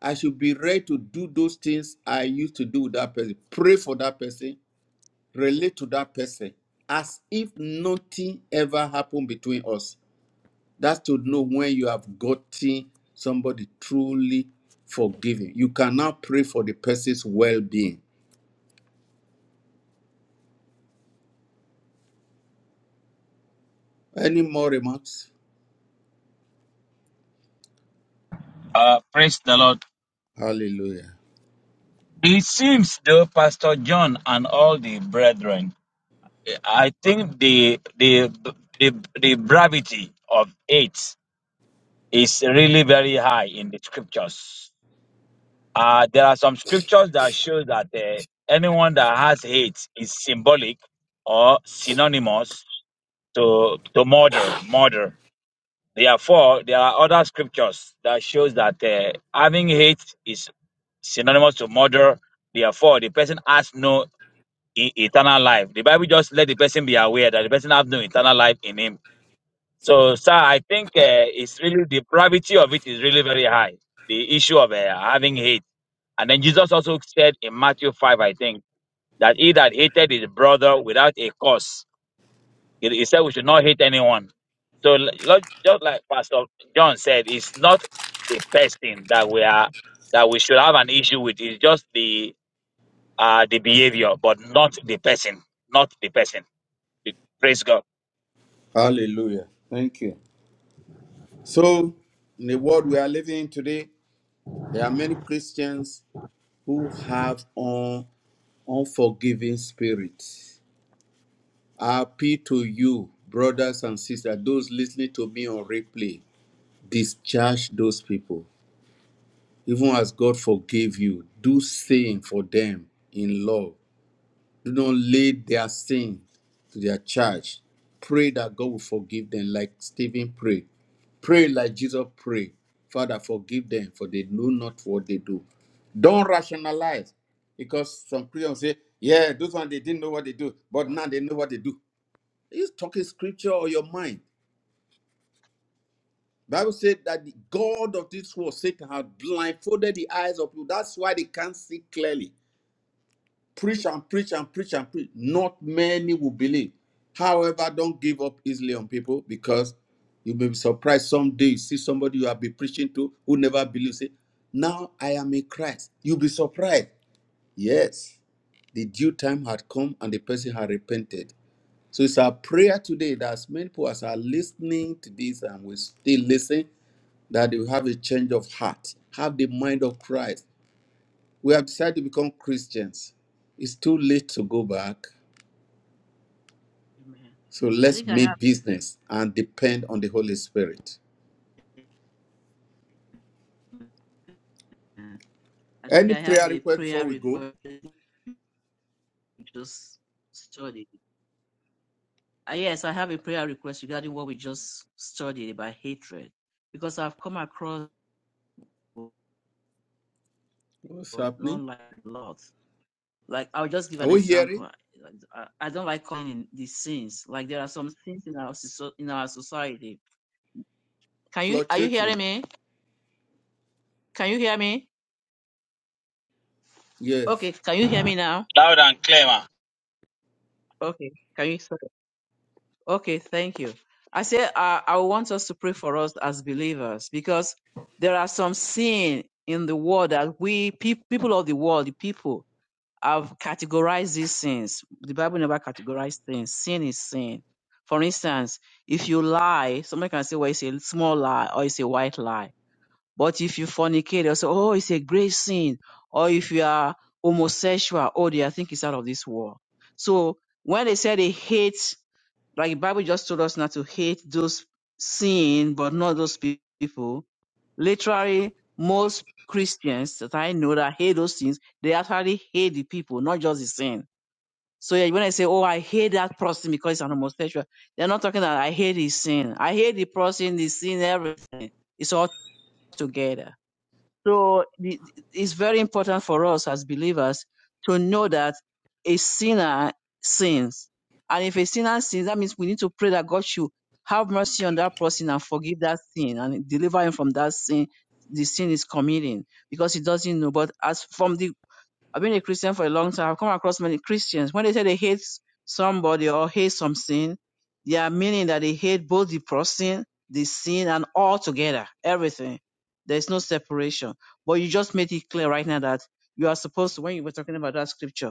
[SPEAKER 1] I should be ready to do those things I used to do with that person. Pray for that person, relate to that person as if nothing ever happened between us. That's to know when you have gotten somebody truly forgiven. You can now pray for the person's well being. Any more remarks?
[SPEAKER 5] Uh, praise the Lord.
[SPEAKER 1] Hallelujah.
[SPEAKER 5] It seems though, Pastor John and all the brethren I think the the the the gravity of it is really very high in the scriptures. Uh, there are some scriptures that show that uh, anyone that has hate is symbolic or synonymous to to murder. Murder. Therefore, there are other scriptures that shows that uh, having hate is synonymous to murder. Therefore, the person has no e- eternal life. The Bible just let the person be aware that the person has no eternal life in him So, sir, I think uh, it's really the gravity of it is really very high. The issue of uh, having hate, and then Jesus also said in Matthew five, I think, that he that hated his brother without a cause, he, he said we should not hate anyone. So, l- lo- just like Pastor John said, it's not the person that we are that we should have an issue with. It's just the uh the behavior, but not the person, not the person. Praise God.
[SPEAKER 1] Hallelujah. Thank you. So, in the world we are living in today, there are many Christians who have an unforgiving spirit. Happy to you, brothers and sisters, those listening to me on replay, discharge those people. Even as God forgave you, do same for them in love do not lay their sin to their charge. Pray that God will forgive them, like Stephen prayed. Pray like Jesus prayed. Father, forgive them, for they know not what they do. Don't rationalize, because some Christians say, "Yeah, those ones they didn't know what they do, but now they know what they do." He's talking scripture or your mind. Bible said that the God of this world, Satan, has blindfolded the eyes of you. That's why they can't see clearly. preach and preach and preach and preach. Not many will believe. However, don't give up easily on people because you may be surprised someday you see somebody you have been preaching to who never believes it. Now I am in Christ. You'll be surprised. Yes, the due time had come and the person had repented. So it's our prayer today that as many people as are listening to this and will still listen, that they will have a change of heart, have the mind of Christ. We have decided to become Christians. It's too late to go back.
[SPEAKER 2] Amen.
[SPEAKER 1] So
[SPEAKER 2] I
[SPEAKER 1] let's
[SPEAKER 2] think I have.
[SPEAKER 1] make business and depend on the Holy Spirit.
[SPEAKER 2] I think
[SPEAKER 1] Any
[SPEAKER 2] I have
[SPEAKER 1] prayer
[SPEAKER 2] a
[SPEAKER 1] request
[SPEAKER 2] prayer
[SPEAKER 1] before we go?
[SPEAKER 2] request. Just studied. Ah, yes, I have a prayer request regarding what we just studied about hatred, because I've come across
[SPEAKER 1] What's
[SPEAKER 2] but not
[SPEAKER 1] happening?
[SPEAKER 2] like a lot. Like I'll just give
[SPEAKER 1] Are
[SPEAKER 2] an
[SPEAKER 1] we
[SPEAKER 2] example.
[SPEAKER 1] hearing?
[SPEAKER 2] I, like, I don't like calling in these sins. Like there are some sins in our in our society. Can you are you hearing
[SPEAKER 1] Fluctuating.
[SPEAKER 2] me? Can you hear me? Okay,
[SPEAKER 1] Yes.
[SPEAKER 2] can you hear me now?
[SPEAKER 5] Loud and clear. ma.
[SPEAKER 2] Okay, can you? Okay, thank you. I say uh, I want us to pray for us as believers because there are some sin in the world that we peop people of the world, the people I've categorized these sins. The Bible never categorized things. Sin is sin. For instance, if you lie, somebody can say, well, it's a small lie or it's a white lie. But if you fornicate, they'll say, oh, it's a great sin. Or if you are homosexual, oh, they I think it's out of this world. So when they say they hate, like the Bible just told us not to hate those sin, but not those pe- people Literally, most Christians that I know that hate those things, they actually hate the people, not just the sin. So yeah, when I say, "Oh, I hate that person because it's an homosexual," they're not talking that I hate his sin. I hate the person, the sin, everything. It's all together. So it's very important for us as believers to know that a sinner sins. And if a sinner sins, that means we need to pray that God should have mercy on that person and forgive that sin and deliver him from that sin, the sin is committing because he doesn't know. But as from the I've been a Christian for a long time. I've come across many Christians. When they say they hate somebody or hate some sin, they are meaning that they hate both the person, the sin, and all together, everything. There's no separation. But you just made it clear right now that you are supposed to, when you were talking about that scripture,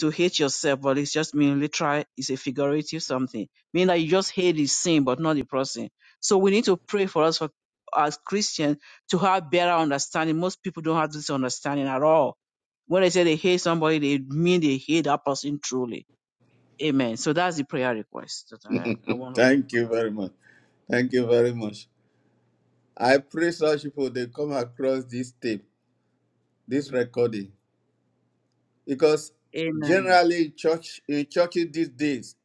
[SPEAKER 2] to hate yourself, but it's just mean literal, it's a figurative something. Meaning that you just hate the sin, but not the person. So we need to pray for us for, as Christians to have better understanding. Most people don't have this understanding at all. When they say they hate somebody, they mean they hate that person truly. Amen. So that's the prayer request that I, I want us to
[SPEAKER 1] Thank
[SPEAKER 2] pray.
[SPEAKER 1] you
[SPEAKER 2] about.
[SPEAKER 1] very much. Thank you very much. I pray such people they come across this tape, this recording, because
[SPEAKER 2] Amen.
[SPEAKER 1] generally in church in churches these days,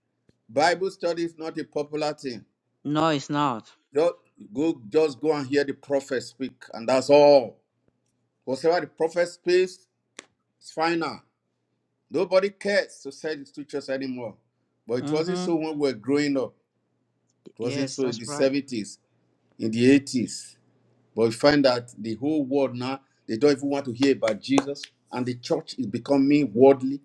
[SPEAKER 1] Bible study is not a popular thing.
[SPEAKER 2] No, it's not.
[SPEAKER 1] Just go, just go and hear the prophet speak, and that's all. Whatever the prophet speaks, it's final. Nobody cares to study the scriptures anymore. But it wasn't
[SPEAKER 2] Mm-hmm.
[SPEAKER 1] so when we were growing up. It wasn't
[SPEAKER 2] Yes,
[SPEAKER 1] so in the
[SPEAKER 2] that's right.
[SPEAKER 1] 70s, in the 80s. But we find that the whole world now, they don't even want to hear about Jesus. And the church is becoming worldly.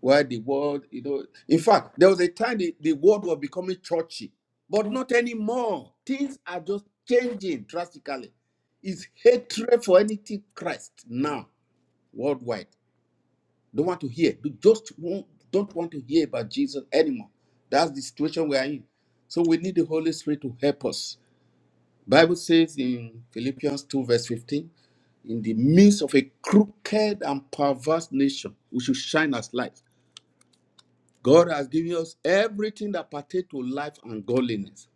[SPEAKER 1] Why the world, you know. In fact, there was a time the, the world was becoming churchy, but not anymore. Things are just changing drastically. It's hatred for anything Christ now worldwide. Don't want to hear. They just won't, don't want to hear about Jesus anymore. That's the situation we are in. So we need the Holy Spirit to help us. Bible says in Philippians 2, verse 15, in the midst of a crooked and perverse nation, we should shine as light. God has given us everything that pertains to life and godliness.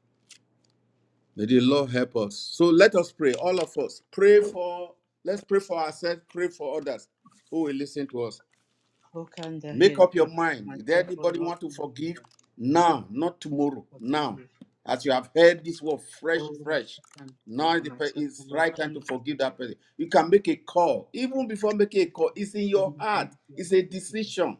[SPEAKER 1] May the Lord help us. So let us pray, all of us. Pray for, let's pray for ourselves, pray for others who will listen to us.
[SPEAKER 2] Who can the
[SPEAKER 1] Make
[SPEAKER 2] hear it?
[SPEAKER 1] up
[SPEAKER 2] I pray
[SPEAKER 1] your
[SPEAKER 2] for
[SPEAKER 1] mind. Is there
[SPEAKER 2] myself, O
[SPEAKER 1] anybody
[SPEAKER 2] Lord?
[SPEAKER 1] want to
[SPEAKER 2] please,
[SPEAKER 1] forgive?
[SPEAKER 2] God,
[SPEAKER 1] Now, not tomorrow.
[SPEAKER 2] forgive
[SPEAKER 1] Now,
[SPEAKER 2] me.
[SPEAKER 1] as you have heard this word fresh,
[SPEAKER 2] Oh, Lord,
[SPEAKER 1] fresh.
[SPEAKER 2] I can pray
[SPEAKER 1] Now is
[SPEAKER 2] for
[SPEAKER 1] the pe-
[SPEAKER 2] myself, oh
[SPEAKER 1] is
[SPEAKER 2] Lord
[SPEAKER 1] right time to
[SPEAKER 2] Jesus.
[SPEAKER 1] forgive that person. You can make a call. Even before making a call, it's in
[SPEAKER 2] and
[SPEAKER 1] your
[SPEAKER 2] the Lord
[SPEAKER 1] heart.
[SPEAKER 2] Jesus
[SPEAKER 1] It's a
[SPEAKER 2] with me.
[SPEAKER 1] decision.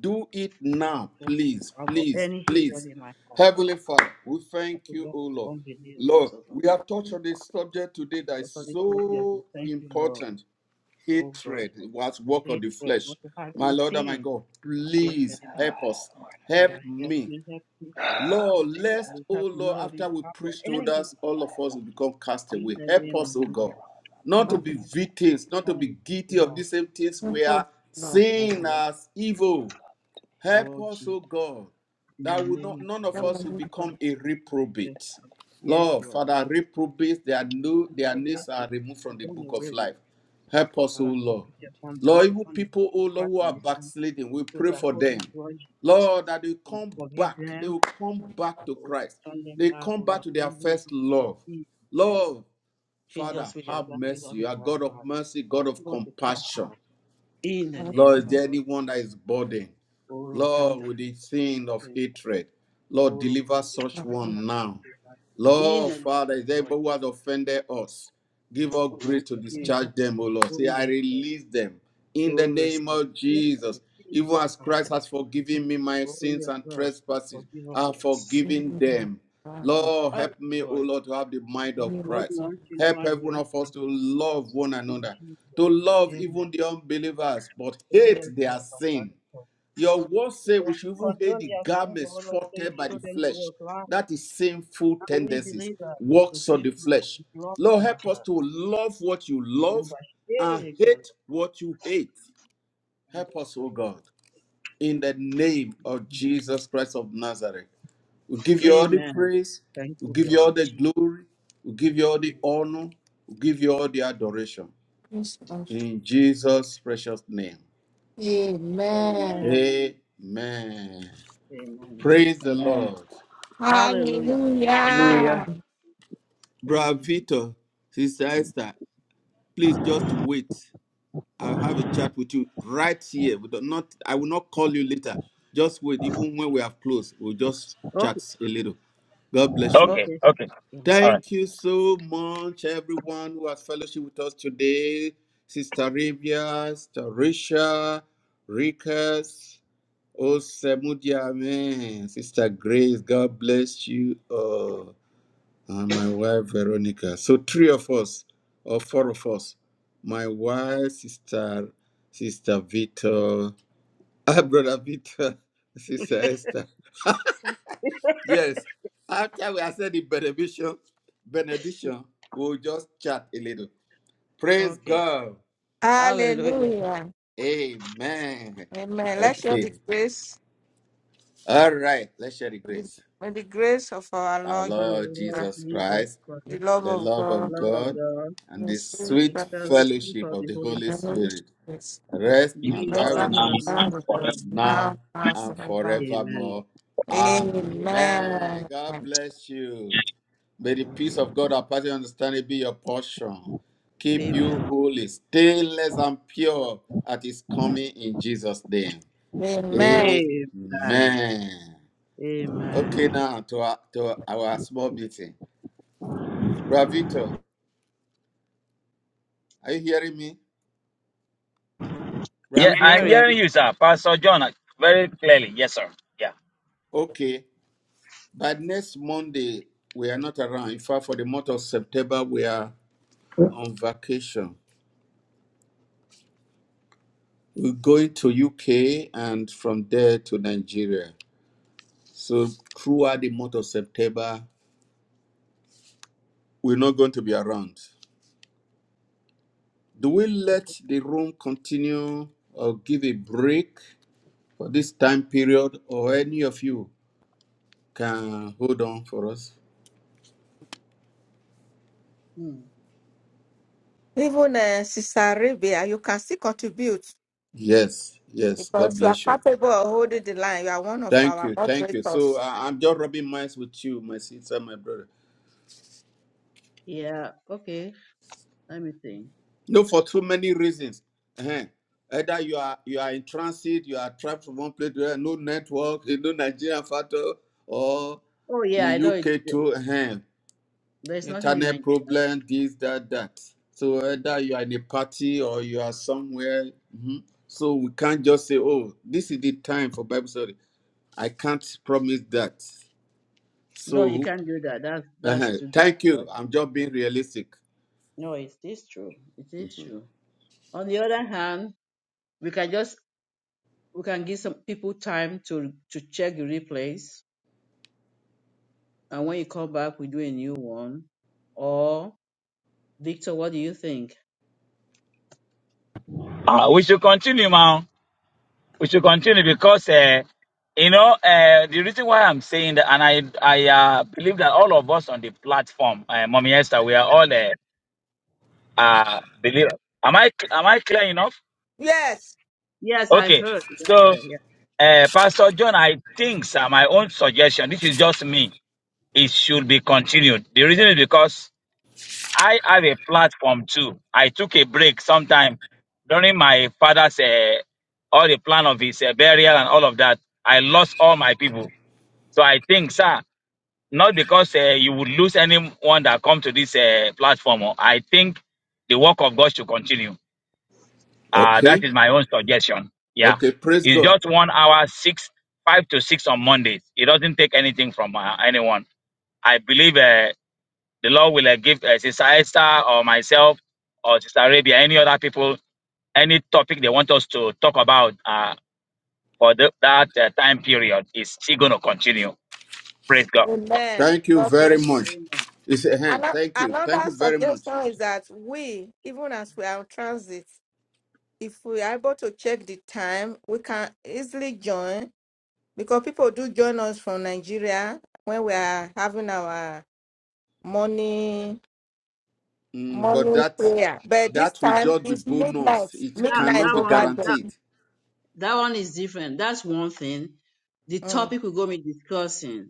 [SPEAKER 1] Do it
[SPEAKER 2] And if you
[SPEAKER 1] now,
[SPEAKER 2] tell me to
[SPEAKER 1] please,
[SPEAKER 2] travel
[SPEAKER 1] please,
[SPEAKER 2] any
[SPEAKER 1] please.
[SPEAKER 2] hatred in my heart, oh
[SPEAKER 1] Heavenly
[SPEAKER 2] Lord,
[SPEAKER 1] Father, we
[SPEAKER 2] and
[SPEAKER 1] thank
[SPEAKER 2] to
[SPEAKER 1] you,
[SPEAKER 2] love
[SPEAKER 1] O Lord.
[SPEAKER 2] unbelievers,
[SPEAKER 1] Lord,
[SPEAKER 2] oh Lord.
[SPEAKER 1] we have touched on a subject today that
[SPEAKER 2] But
[SPEAKER 1] is
[SPEAKER 2] for this Lord, yes, we have to
[SPEAKER 1] so
[SPEAKER 2] thank you, Lord,
[SPEAKER 1] important
[SPEAKER 2] oh God,
[SPEAKER 1] hatred
[SPEAKER 2] for
[SPEAKER 1] it was work of the
[SPEAKER 2] hatred,
[SPEAKER 1] flesh
[SPEAKER 2] not to have
[SPEAKER 1] my
[SPEAKER 2] any
[SPEAKER 1] lord and my
[SPEAKER 2] sin
[SPEAKER 1] god
[SPEAKER 2] against
[SPEAKER 1] please
[SPEAKER 4] Ah,
[SPEAKER 2] anybody,
[SPEAKER 1] help us
[SPEAKER 4] Lord,
[SPEAKER 2] but
[SPEAKER 1] help
[SPEAKER 2] I help
[SPEAKER 1] me
[SPEAKER 2] you help people.
[SPEAKER 4] I
[SPEAKER 1] lord
[SPEAKER 4] take the
[SPEAKER 2] And
[SPEAKER 1] lest
[SPEAKER 2] we
[SPEAKER 1] oh
[SPEAKER 2] have to
[SPEAKER 1] lord
[SPEAKER 2] know that we
[SPEAKER 1] after we
[SPEAKER 2] travel
[SPEAKER 1] preach to
[SPEAKER 4] hatred
[SPEAKER 2] anything
[SPEAKER 4] out
[SPEAKER 1] others
[SPEAKER 4] of my
[SPEAKER 2] to
[SPEAKER 1] all of
[SPEAKER 4] life.
[SPEAKER 1] us will
[SPEAKER 2] anybody
[SPEAKER 1] become
[SPEAKER 4] And
[SPEAKER 2] in
[SPEAKER 1] castaway
[SPEAKER 2] the
[SPEAKER 4] For
[SPEAKER 1] help
[SPEAKER 2] name of
[SPEAKER 4] people
[SPEAKER 1] us
[SPEAKER 4] who
[SPEAKER 1] oh
[SPEAKER 4] do me
[SPEAKER 1] god
[SPEAKER 2] Jesus.
[SPEAKER 4] wrong,
[SPEAKER 2] And
[SPEAKER 4] Father,
[SPEAKER 1] not
[SPEAKER 2] for
[SPEAKER 1] to be
[SPEAKER 4] please, I
[SPEAKER 2] this
[SPEAKER 4] pray
[SPEAKER 1] victims not to be
[SPEAKER 2] time,
[SPEAKER 4] that
[SPEAKER 2] we
[SPEAKER 1] guilty
[SPEAKER 4] you
[SPEAKER 2] are,
[SPEAKER 1] of the
[SPEAKER 4] will
[SPEAKER 1] same things we are
[SPEAKER 4] pour
[SPEAKER 2] oh
[SPEAKER 4] more
[SPEAKER 1] seeing
[SPEAKER 4] of
[SPEAKER 2] Lord,
[SPEAKER 4] my,
[SPEAKER 1] as
[SPEAKER 4] your
[SPEAKER 1] evil
[SPEAKER 4] love into me
[SPEAKER 1] Help
[SPEAKER 2] oh
[SPEAKER 1] us,
[SPEAKER 2] Jesus,
[SPEAKER 1] O God,
[SPEAKER 2] in the
[SPEAKER 1] that will
[SPEAKER 2] name
[SPEAKER 1] not
[SPEAKER 2] of
[SPEAKER 1] none
[SPEAKER 2] the
[SPEAKER 4] and
[SPEAKER 1] of
[SPEAKER 2] Lord
[SPEAKER 1] us will
[SPEAKER 4] remove the
[SPEAKER 1] become a
[SPEAKER 4] anger and
[SPEAKER 2] Jesus
[SPEAKER 4] hatred that
[SPEAKER 1] reprobate.
[SPEAKER 4] I think that I
[SPEAKER 2] Yes,
[SPEAKER 4] know
[SPEAKER 1] Lord,
[SPEAKER 2] Lord.
[SPEAKER 1] Father,
[SPEAKER 2] Father,
[SPEAKER 1] reprobates their no
[SPEAKER 2] in
[SPEAKER 4] well,
[SPEAKER 1] their
[SPEAKER 2] your
[SPEAKER 4] but not
[SPEAKER 1] names
[SPEAKER 4] that.
[SPEAKER 1] are
[SPEAKER 2] mercy,
[SPEAKER 1] removed
[SPEAKER 2] you
[SPEAKER 1] from the
[SPEAKER 2] done
[SPEAKER 1] book
[SPEAKER 2] away
[SPEAKER 1] of
[SPEAKER 2] with.
[SPEAKER 1] life. Help
[SPEAKER 2] So,
[SPEAKER 1] us, O
[SPEAKER 2] Father, have
[SPEAKER 1] Lord.
[SPEAKER 4] in
[SPEAKER 2] mercy upon
[SPEAKER 4] Jesus'
[SPEAKER 2] us,
[SPEAKER 1] Lord, evil
[SPEAKER 4] name.
[SPEAKER 2] upon the people
[SPEAKER 1] people, O
[SPEAKER 2] who cry
[SPEAKER 1] Lord, who
[SPEAKER 2] by
[SPEAKER 1] are
[SPEAKER 2] this time,
[SPEAKER 1] backsliding, we
[SPEAKER 2] who
[SPEAKER 1] pray
[SPEAKER 2] are
[SPEAKER 1] for them.
[SPEAKER 2] holding grudges.
[SPEAKER 1] Lord, that they come
[SPEAKER 2] Forgive
[SPEAKER 1] back. They
[SPEAKER 2] them,
[SPEAKER 1] will come back to
[SPEAKER 2] or
[SPEAKER 1] Christ.
[SPEAKER 2] turn them
[SPEAKER 1] They
[SPEAKER 2] back,
[SPEAKER 1] come
[SPEAKER 2] or
[SPEAKER 1] back to their
[SPEAKER 2] bring them
[SPEAKER 1] first
[SPEAKER 2] to
[SPEAKER 1] love.
[SPEAKER 2] you.
[SPEAKER 1] Lord,
[SPEAKER 2] Feed us
[SPEAKER 1] Father,
[SPEAKER 2] with the
[SPEAKER 1] have
[SPEAKER 2] agape
[SPEAKER 1] mercy.
[SPEAKER 2] love
[SPEAKER 1] You
[SPEAKER 2] in
[SPEAKER 1] are
[SPEAKER 2] our
[SPEAKER 1] God of
[SPEAKER 2] heart.
[SPEAKER 1] mercy, God of
[SPEAKER 2] Give us a pure
[SPEAKER 1] compassion.
[SPEAKER 2] heart. In the name of
[SPEAKER 1] Lord, is
[SPEAKER 2] our
[SPEAKER 1] there
[SPEAKER 2] Lord.
[SPEAKER 1] anyone that is burdened?
[SPEAKER 2] Oro
[SPEAKER 1] Lord,
[SPEAKER 2] kanda,
[SPEAKER 1] with the sin of
[SPEAKER 2] shike,
[SPEAKER 1] hatred, Lord,
[SPEAKER 2] oro
[SPEAKER 1] deliver such
[SPEAKER 2] kanda, kanda.
[SPEAKER 1] one now.
[SPEAKER 2] In
[SPEAKER 1] Lord,
[SPEAKER 2] the name
[SPEAKER 1] Father, is
[SPEAKER 2] of
[SPEAKER 1] there
[SPEAKER 2] the Lord
[SPEAKER 1] anybody who has
[SPEAKER 2] Jesus.
[SPEAKER 1] offended us? Give us
[SPEAKER 2] Oh,
[SPEAKER 1] grace
[SPEAKER 2] Lord,
[SPEAKER 1] to
[SPEAKER 2] we forgive.
[SPEAKER 1] discharge them, O Lord.
[SPEAKER 2] Oh,
[SPEAKER 1] Say, I
[SPEAKER 2] yes, Lord.
[SPEAKER 1] release them in the
[SPEAKER 2] Glory is
[SPEAKER 1] name
[SPEAKER 2] not the
[SPEAKER 1] of
[SPEAKER 2] King
[SPEAKER 1] Jesus.
[SPEAKER 2] and
[SPEAKER 1] Even
[SPEAKER 2] Jesus.
[SPEAKER 1] as Christ
[SPEAKER 2] Father.
[SPEAKER 1] has forgiven me my
[SPEAKER 2] Oh,
[SPEAKER 1] sins
[SPEAKER 2] yes,
[SPEAKER 1] and
[SPEAKER 2] Lord.
[SPEAKER 1] trespasses,
[SPEAKER 2] Forgive us.
[SPEAKER 1] I have
[SPEAKER 2] our sins.
[SPEAKER 1] forgiven them.
[SPEAKER 2] We
[SPEAKER 1] Lord,
[SPEAKER 2] fight,
[SPEAKER 1] help me, O
[SPEAKER 2] Lord.
[SPEAKER 1] Lord, to have the mind of
[SPEAKER 2] Good
[SPEAKER 1] Christ.
[SPEAKER 2] unto you
[SPEAKER 1] Help
[SPEAKER 2] know, and the
[SPEAKER 1] every one
[SPEAKER 2] rest
[SPEAKER 1] of
[SPEAKER 2] of
[SPEAKER 1] us to
[SPEAKER 2] you. ask
[SPEAKER 1] love one
[SPEAKER 2] for In
[SPEAKER 1] another,
[SPEAKER 2] Jesus'
[SPEAKER 1] to
[SPEAKER 2] name.
[SPEAKER 1] love
[SPEAKER 2] Amen.
[SPEAKER 1] even the unbelievers, but
[SPEAKER 2] Oh,
[SPEAKER 1] hate
[SPEAKER 2] yes,
[SPEAKER 1] their
[SPEAKER 2] Lord. our
[SPEAKER 1] sin
[SPEAKER 2] Father. Lord.
[SPEAKER 1] your word say we should even hate
[SPEAKER 2] Condone
[SPEAKER 1] the
[SPEAKER 2] your sins, O
[SPEAKER 1] garment
[SPEAKER 2] Lord, so you
[SPEAKER 1] spotted by
[SPEAKER 2] show
[SPEAKER 1] the
[SPEAKER 2] them the way
[SPEAKER 1] flesh.
[SPEAKER 2] of life.
[SPEAKER 1] That is sinful
[SPEAKER 2] And we
[SPEAKER 1] tendencies,
[SPEAKER 2] believe that to
[SPEAKER 1] works
[SPEAKER 2] stay
[SPEAKER 1] of the
[SPEAKER 2] from our
[SPEAKER 1] flesh.
[SPEAKER 2] blood
[SPEAKER 1] Lord,
[SPEAKER 2] from our
[SPEAKER 1] help us
[SPEAKER 2] heart.
[SPEAKER 1] to love what you
[SPEAKER 2] Oh,
[SPEAKER 1] love
[SPEAKER 2] but
[SPEAKER 1] and
[SPEAKER 2] surely can
[SPEAKER 1] hate what you hate.
[SPEAKER 2] and
[SPEAKER 1] Help
[SPEAKER 2] the
[SPEAKER 1] us, O
[SPEAKER 2] sorrowful.
[SPEAKER 1] God, in the name of Jesus Christ of Nazareth. We give you all the
[SPEAKER 2] Amen.
[SPEAKER 1] praise.
[SPEAKER 2] Thank
[SPEAKER 1] We
[SPEAKER 2] you,
[SPEAKER 1] give you all
[SPEAKER 2] Lord.
[SPEAKER 1] the
[SPEAKER 2] Jesus.
[SPEAKER 1] glory. We give you all the honor. We give you all the adoration.
[SPEAKER 3] womb.
[SPEAKER 1] In Jesus' precious name.
[SPEAKER 3] Amen.
[SPEAKER 2] Amen.
[SPEAKER 1] Amen.
[SPEAKER 2] Amen.
[SPEAKER 1] Praise the
[SPEAKER 4] Amen.
[SPEAKER 1] Lord.
[SPEAKER 2] Hallelujah.
[SPEAKER 4] Hallelujah.
[SPEAKER 3] Hallelujah.
[SPEAKER 2] Thank
[SPEAKER 1] Brother
[SPEAKER 2] you, Jesus.
[SPEAKER 1] Victor, Sister Esther, please just wait. I'll have a chat with you right here. We do not, I will not call you later. Just wait. Even when we have closed, we'll just
[SPEAKER 2] Okay,
[SPEAKER 1] chat a little. God bless you.
[SPEAKER 5] Okay.
[SPEAKER 2] okay,
[SPEAKER 5] Okay.
[SPEAKER 2] mm,
[SPEAKER 5] All right.
[SPEAKER 1] Thank you so much, everyone who has fellowship with us today. Sister Ravia, Sister Risha, Rikas, Osemudia, Amen. Sister Grace, God bless you. and my wife Veronica. So three of us or four of us. My wife, sister, sister Victor, ah, brother Victor, sister Esther. Yes. After we have said the benediction, benediction, we'll just chat a little. Praise
[SPEAKER 2] okay.
[SPEAKER 1] God.
[SPEAKER 2] Hallelujah.
[SPEAKER 3] Hallelujah.
[SPEAKER 1] Amen.
[SPEAKER 3] Amen. Let's show the
[SPEAKER 1] Okay.
[SPEAKER 3] grace,
[SPEAKER 1] All right. Let's share the grace.
[SPEAKER 3] may the grace of our
[SPEAKER 1] Our
[SPEAKER 3] Lord,
[SPEAKER 2] For
[SPEAKER 3] Jesus
[SPEAKER 1] Lord
[SPEAKER 2] Lord
[SPEAKER 3] Christ,
[SPEAKER 1] Jesus
[SPEAKER 2] Jesus
[SPEAKER 1] Christ,
[SPEAKER 3] the
[SPEAKER 2] Christ,
[SPEAKER 3] love
[SPEAKER 1] the
[SPEAKER 3] of
[SPEAKER 1] love
[SPEAKER 2] the
[SPEAKER 3] God,
[SPEAKER 1] of
[SPEAKER 2] Lord of
[SPEAKER 1] God,
[SPEAKER 2] God,
[SPEAKER 1] and
[SPEAKER 3] the
[SPEAKER 1] the
[SPEAKER 3] sweet
[SPEAKER 2] and the
[SPEAKER 1] sweet
[SPEAKER 3] presence,
[SPEAKER 2] fellowship
[SPEAKER 1] fellowship
[SPEAKER 2] of
[SPEAKER 1] of
[SPEAKER 2] the
[SPEAKER 1] the
[SPEAKER 2] Holy
[SPEAKER 1] Holy
[SPEAKER 3] and the
[SPEAKER 2] Spirit,
[SPEAKER 3] Holy
[SPEAKER 1] Spirit
[SPEAKER 3] Spirit.
[SPEAKER 1] rest
[SPEAKER 5] You
[SPEAKER 1] and
[SPEAKER 5] can
[SPEAKER 2] be
[SPEAKER 3] Bless
[SPEAKER 2] with
[SPEAKER 1] abide
[SPEAKER 5] just
[SPEAKER 2] us
[SPEAKER 1] with
[SPEAKER 3] them
[SPEAKER 5] now
[SPEAKER 2] now
[SPEAKER 3] and
[SPEAKER 1] us
[SPEAKER 2] and
[SPEAKER 5] and
[SPEAKER 3] God with
[SPEAKER 5] forever.
[SPEAKER 3] us
[SPEAKER 2] forevermore.
[SPEAKER 3] now
[SPEAKER 1] now
[SPEAKER 3] and
[SPEAKER 5] Amen.
[SPEAKER 1] and
[SPEAKER 3] forever.
[SPEAKER 2] Amen.
[SPEAKER 1] forevermore.
[SPEAKER 2] Amen.
[SPEAKER 1] Amen.
[SPEAKER 3] Amen.
[SPEAKER 1] God bless you. May the
[SPEAKER 2] Thank
[SPEAKER 1] peace
[SPEAKER 2] you.
[SPEAKER 1] of God, our party understanding, be your portion. Keep
[SPEAKER 2] Amen.
[SPEAKER 1] you
[SPEAKER 2] Lord.
[SPEAKER 1] holy, stainless, and pure at His coming in Jesus' name.
[SPEAKER 3] Amen.
[SPEAKER 2] Amen.
[SPEAKER 1] Amen. Okay,
[SPEAKER 2] Amen.
[SPEAKER 1] now to our, to our small meeting. Bravito, are you hearing me?
[SPEAKER 5] Yeah,
[SPEAKER 2] I'm
[SPEAKER 5] I'm
[SPEAKER 1] Bravito.
[SPEAKER 2] hearing.
[SPEAKER 5] hearing you, sir. Pastor John, uh, very clearly. Yes, sir. Yeah.
[SPEAKER 1] Okay. By next Monday, we are not around. In fact, for the month of September, we are on vacation. We're going to UK and from there to Nigeria. So throughout the month of September, we're not going to be around. Do we
[SPEAKER 2] Okay.
[SPEAKER 1] let the room continue or give a break for this time period, or any of you can hold on for us?
[SPEAKER 2] Hmm.
[SPEAKER 3] Even uh, Sister Rebia, you can still contribute
[SPEAKER 1] Yes, yes. God
[SPEAKER 3] because you are
[SPEAKER 1] bless you.
[SPEAKER 3] capable of holding the line. You are one of
[SPEAKER 1] Thank
[SPEAKER 3] our
[SPEAKER 1] you, thank you. So
[SPEAKER 3] moderators.
[SPEAKER 1] I I'm just rubbing minds with you, my sister, my brother.
[SPEAKER 2] Yeah. Okay. Let me think.
[SPEAKER 1] No, for too many reasons. Ehen. Either you are you are in transit, you are trapped from one place to another, no network, eh, no Nigerian factor, or
[SPEAKER 2] Oh
[SPEAKER 1] in
[SPEAKER 2] yeah, I know it,
[SPEAKER 1] UK too, ehen.
[SPEAKER 2] there's nothing in
[SPEAKER 1] internet
[SPEAKER 2] Nigeria.
[SPEAKER 1] problem, this, that, that. So either you are in a party or you are somewhere. mhm. So we can't just say, oh, this is the time for Bible study. I can't promise that.
[SPEAKER 2] No, you
[SPEAKER 1] So
[SPEAKER 2] can't do that. That's that's
[SPEAKER 1] ehen.
[SPEAKER 2] too
[SPEAKER 1] thank
[SPEAKER 2] difficult.
[SPEAKER 1] you. I'm just being realistic.
[SPEAKER 2] No, it is true. It is
[SPEAKER 1] Mhm.
[SPEAKER 2] true. On the other hand, we can just we can give some people time to to check the replays, and when you come back, we do a new one. Or Victor, what do you think?
[SPEAKER 5] Uh, we should continue, man. We should continue because, uh, you know, uh, the reason why I'm saying that, and I, I uh, believe that all of us on the platform, uh, Mommy Esther, we are all uh, uh, believers. Am I, am I clear enough?
[SPEAKER 3] Yes.
[SPEAKER 2] Yes, I
[SPEAKER 5] Okay.
[SPEAKER 2] heard the
[SPEAKER 5] So,
[SPEAKER 2] prayer. Yeah,
[SPEAKER 5] uh, Pastor John, I think, sir, my own suggestion, this is just me, it should be continued. The reason is because I have a platform too. I took a break sometime during my father's uh, all the plan of his uh, burial and all of that. I lost all my people. So I think, sir, not because uh, you would lose anyone that come to this uh, platform. oh, I think the work of God should continue. Uh, that
[SPEAKER 1] Okay.
[SPEAKER 5] is my own suggestion. Yeah,
[SPEAKER 1] Okay. Praise
[SPEAKER 5] it's
[SPEAKER 1] God.
[SPEAKER 5] just one hour, six, five to six on Mondays. It doesn't take anything from uh, anyone. I believe. Uh, the Lord will uh, give uh, Sister Esther or myself or Sister Arabia, any other people, any topic they want us to talk about uh, for the, that uh, time period. Is she going to continue? Praise God.
[SPEAKER 3] Amen.
[SPEAKER 1] Thank you
[SPEAKER 3] God bless.
[SPEAKER 1] very
[SPEAKER 3] you.
[SPEAKER 1] much.
[SPEAKER 2] amen.
[SPEAKER 1] It's a hand.
[SPEAKER 3] Ano-
[SPEAKER 1] Thank you. Thank
[SPEAKER 3] Another
[SPEAKER 1] you very much.
[SPEAKER 3] suggestion is that we, even as we are on transit, if we are able to check the time, we can easily join because people do join us from Nigeria when we are having our morning
[SPEAKER 1] Mm, but
[SPEAKER 3] morning
[SPEAKER 1] that
[SPEAKER 3] prayer. But this
[SPEAKER 1] that will
[SPEAKER 3] time
[SPEAKER 1] just be
[SPEAKER 3] it's
[SPEAKER 1] bonus.
[SPEAKER 3] midnight,
[SPEAKER 1] It
[SPEAKER 2] That
[SPEAKER 3] midnight
[SPEAKER 1] cannot
[SPEAKER 2] that
[SPEAKER 1] be
[SPEAKER 2] one
[SPEAKER 3] over
[SPEAKER 2] is
[SPEAKER 3] there.
[SPEAKER 2] that
[SPEAKER 1] guaranteed.
[SPEAKER 2] that one is different. That's one thing. The
[SPEAKER 3] Mm,
[SPEAKER 2] topic we're going to be discussing.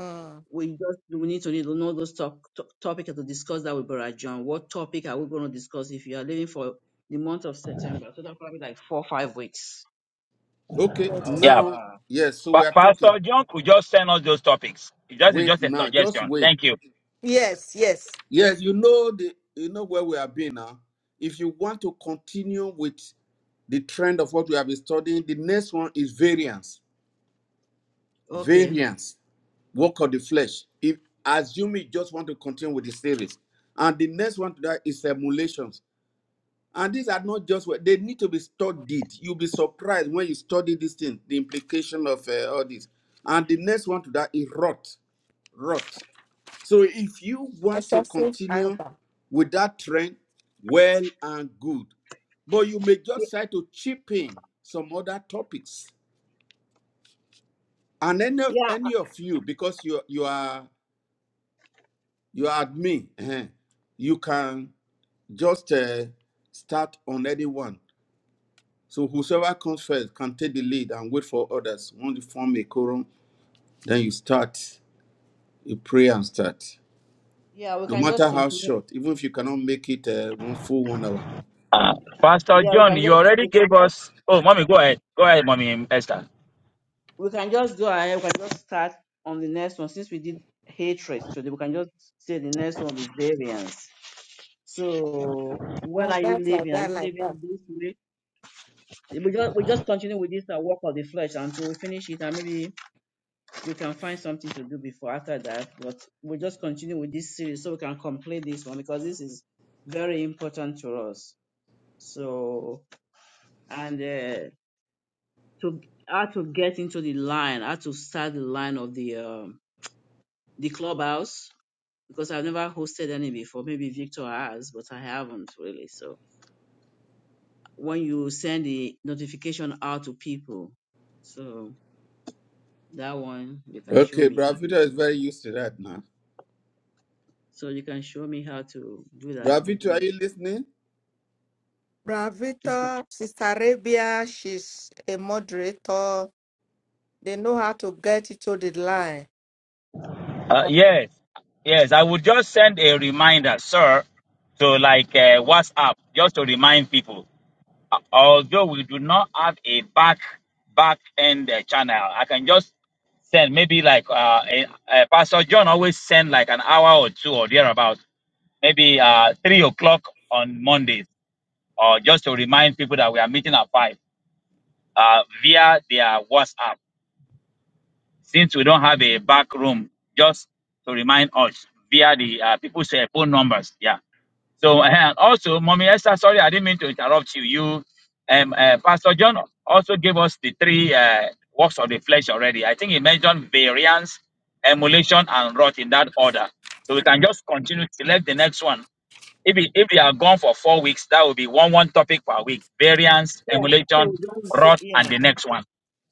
[SPEAKER 3] mm.
[SPEAKER 2] we just we need to need to know those top, top topic to discuss that with Brother John. What topic are we going to discuss if you are leaving for the month of September? So that probably like four five weeks.
[SPEAKER 1] Okay.
[SPEAKER 2] Of
[SPEAKER 3] Yes,
[SPEAKER 5] Yeah.
[SPEAKER 1] Now,
[SPEAKER 2] uh,
[SPEAKER 1] yes. So
[SPEAKER 5] Pa-
[SPEAKER 1] we are talking.
[SPEAKER 5] Pastor John could just send us those topics. It's just, it's
[SPEAKER 1] Wait
[SPEAKER 5] just a
[SPEAKER 1] now. Just
[SPEAKER 5] suggestion.
[SPEAKER 1] wait.
[SPEAKER 5] Thank you.
[SPEAKER 3] yes, yes.
[SPEAKER 1] Yes. You know the. You know where we have been now. If you want to continue with the trend of what we have been studying, the next one is variance.
[SPEAKER 2] okay.
[SPEAKER 1] Variance. Work of the flesh. If assume you just want to continue with the series, and the next one to that is emulations And these are not just what they need to be studied. You'll be surprised when you study this thing, the implication of uh, all this. And the next one to that is rot. Rot. So if you want to
[SPEAKER 3] Excessive
[SPEAKER 1] continue
[SPEAKER 3] anger.
[SPEAKER 1] with that trend, well and good. But you may
[SPEAKER 2] Ye-
[SPEAKER 1] just try to chip in some other topics. And any of
[SPEAKER 2] Yeah,
[SPEAKER 1] any of you, because you you are you are admin, eh, you can just uh, start on anyone. So whosoever comes first can take the lead and wait for others. Once you form a quorum, then you start. You pray and start.
[SPEAKER 2] yeah, we
[SPEAKER 1] No
[SPEAKER 2] can just
[SPEAKER 1] matter how
[SPEAKER 2] continue.
[SPEAKER 1] short, even if you cannot make it uh, one full one hour.
[SPEAKER 5] Uh, Pastor
[SPEAKER 2] Yeah, we
[SPEAKER 5] John,
[SPEAKER 2] can
[SPEAKER 5] you
[SPEAKER 2] just
[SPEAKER 5] already
[SPEAKER 2] we can
[SPEAKER 5] gave
[SPEAKER 2] just
[SPEAKER 5] us. Oh, mommy, go ahead. Go ahead, mommy Esther.
[SPEAKER 2] we can just go ahead. We can just start on the next one since we did hatred today. We can just say the next one is variance. So when are
[SPEAKER 3] Like
[SPEAKER 2] you
[SPEAKER 3] that, like
[SPEAKER 2] leaving? Are
[SPEAKER 3] that,
[SPEAKER 2] you
[SPEAKER 3] like that.
[SPEAKER 2] leaving this week? We just we just continue with this uh, work of the flesh until we finish it and maybe we can find something to do before after that. But we'll just continue with this series so we can complete this one because this is very important to us. So and uh, to how to get into the line, how to start the line of the um, the clubhouse because I've never hosted any before. Maybe Victor has, but I haven't really. So when you send the notification out to people, so that one you can show
[SPEAKER 1] Okay,
[SPEAKER 2] me how.
[SPEAKER 1] Bravito is very used to that now.
[SPEAKER 2] So you can show me how to do that. I can
[SPEAKER 1] Bravito,
[SPEAKER 2] do
[SPEAKER 1] are you
[SPEAKER 2] it.
[SPEAKER 1] listening?
[SPEAKER 2] It's
[SPEAKER 3] Bravita, Sister Arabia, she's a moderator. They know how to get it to the line.
[SPEAKER 5] Uh, yes. Yes, I would just send a reminder, sir, to like uh, WhatsApp, just to remind people. although we do not have a back back end uh, channel i can just send maybe like uh, a, a pastor john always send like an hour or two or thereabout maybe uh three o'clock on mondays or just to remind people that we are meeting at five uh via their whatsapp since we don't have a back room just to remind us via the uh, people's uh, phone numbers yeah So uh, also, Mommy Esther, sorry, I didn't mean to interrupt you. You, um, uh, Pastor John also gave us the three uh, works of the flesh already. I think he mentioned variance, emulation, and rot in that order. So we can just continue to select the next one. If we, if we are gone for four weeks, that will be one one topic per week: variance,
[SPEAKER 2] Yeah, so
[SPEAKER 5] emulation,
[SPEAKER 2] we just do-
[SPEAKER 5] rot, and
[SPEAKER 2] yeah,
[SPEAKER 5] the next one.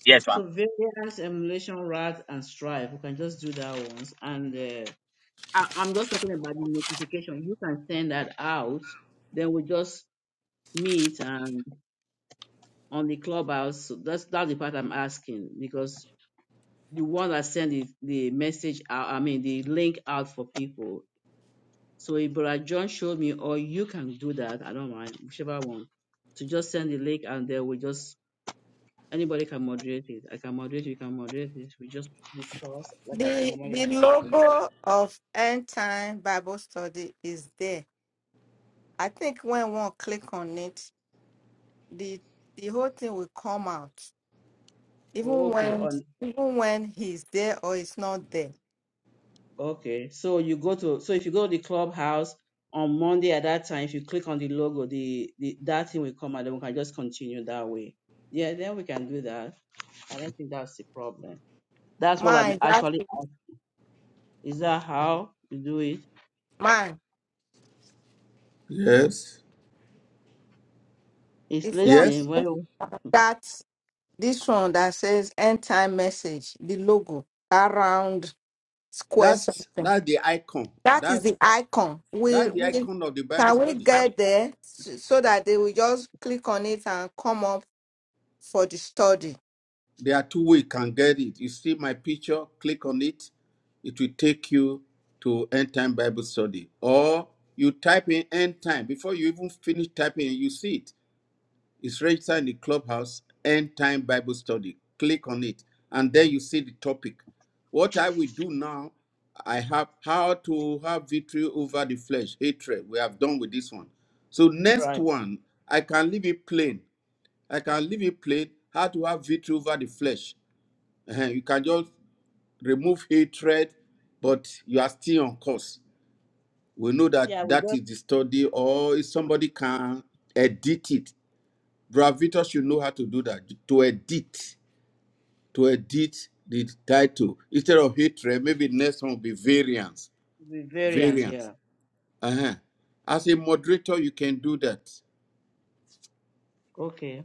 [SPEAKER 5] Yes, ma'am.
[SPEAKER 2] so variance, emulation, rats, and stripe. We can just do that once. And uh, I, I'm just talking about the notification. You can send that out. Then we just meet and on the clubhouse. So that's that's the part I'm asking because the one that send the, the message out, I mean the link out for people. So if Brother John showed me, or you can do that. I don't mind, whichever one. To just send the link and then we just Anybody can moderate it. I can moderate. You can moderate it. We just discuss like I can
[SPEAKER 3] The
[SPEAKER 2] normally.
[SPEAKER 3] the
[SPEAKER 2] do.
[SPEAKER 3] logo of End Time Bible Study is there. I think when one click on it, the the whole thing will come out.
[SPEAKER 2] Oh,
[SPEAKER 3] even
[SPEAKER 2] Okay.
[SPEAKER 3] when
[SPEAKER 2] On
[SPEAKER 3] even when he's there or he's not there.
[SPEAKER 2] okay. So you go to so if you go to the clubhouse on Monday at that time, if you click on the logo, the, the that thing will come and then we can just continue that way. Yeah, then we can do that. I don't think that's the problem. That's what I'm
[SPEAKER 3] Man, that's
[SPEAKER 2] actually. ask- Is that how you do it?
[SPEAKER 3] man.
[SPEAKER 1] Yes.
[SPEAKER 2] It's
[SPEAKER 3] If one
[SPEAKER 2] listening.
[SPEAKER 1] Yes.
[SPEAKER 3] look
[SPEAKER 2] Well,
[SPEAKER 3] at that this one that says end time message, the logo, that round square
[SPEAKER 1] That's
[SPEAKER 3] something.
[SPEAKER 1] that's the icon.
[SPEAKER 3] That is
[SPEAKER 1] That's
[SPEAKER 3] the icon. We
[SPEAKER 1] that's the
[SPEAKER 3] we
[SPEAKER 1] icon of the Bible
[SPEAKER 3] can we
[SPEAKER 1] study.
[SPEAKER 3] get there s- so that they will just click on it and come up for the study.
[SPEAKER 1] There are two ways you can get it. You see my picture, click on it. It will take you to End Time Bible Study. Or you type in End Time. Before you even finish typing, you see it. It's registered in the clubhouse, End Time Bible Study. Click on it. And then you see the topic. What I will do now, I have how to have victory over the flesh, hatred. We have done with this one. So next
[SPEAKER 2] right.
[SPEAKER 1] one, I can leave it plain. I can leave it plain. How to have victory over the flesh Eh, you can just remove hatred, but you are still on course. We know that
[SPEAKER 2] Yeah, we
[SPEAKER 1] that
[SPEAKER 2] just
[SPEAKER 1] is the study, or if somebody can edit it, Bravitas should know how to do that to edit, to edit the title instead of hatred. Maybe next one will be variance,
[SPEAKER 2] the variance.
[SPEAKER 1] variance.
[SPEAKER 2] Yeah.
[SPEAKER 1] Uh-huh. As a moderator, you can do that.
[SPEAKER 2] Okay.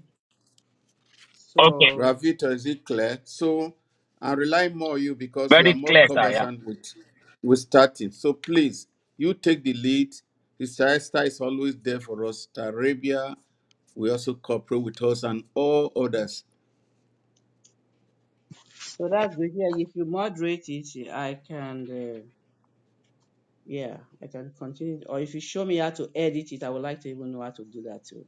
[SPEAKER 5] Okay.
[SPEAKER 2] So.
[SPEAKER 1] Ravito, is it clear? So I rely more on you because you are
[SPEAKER 5] Very
[SPEAKER 1] more
[SPEAKER 5] clear, sir. Yeah.
[SPEAKER 1] conversant with with starting. So please, you take the lead. Sister is always there for us. Sister Arabia will also cooperate with us and all others.
[SPEAKER 2] So that's good. Yeah, if you moderate it, I can, uh, yeah, I can continue. Or if you show me how to edit it, I would like to even know how to do that too.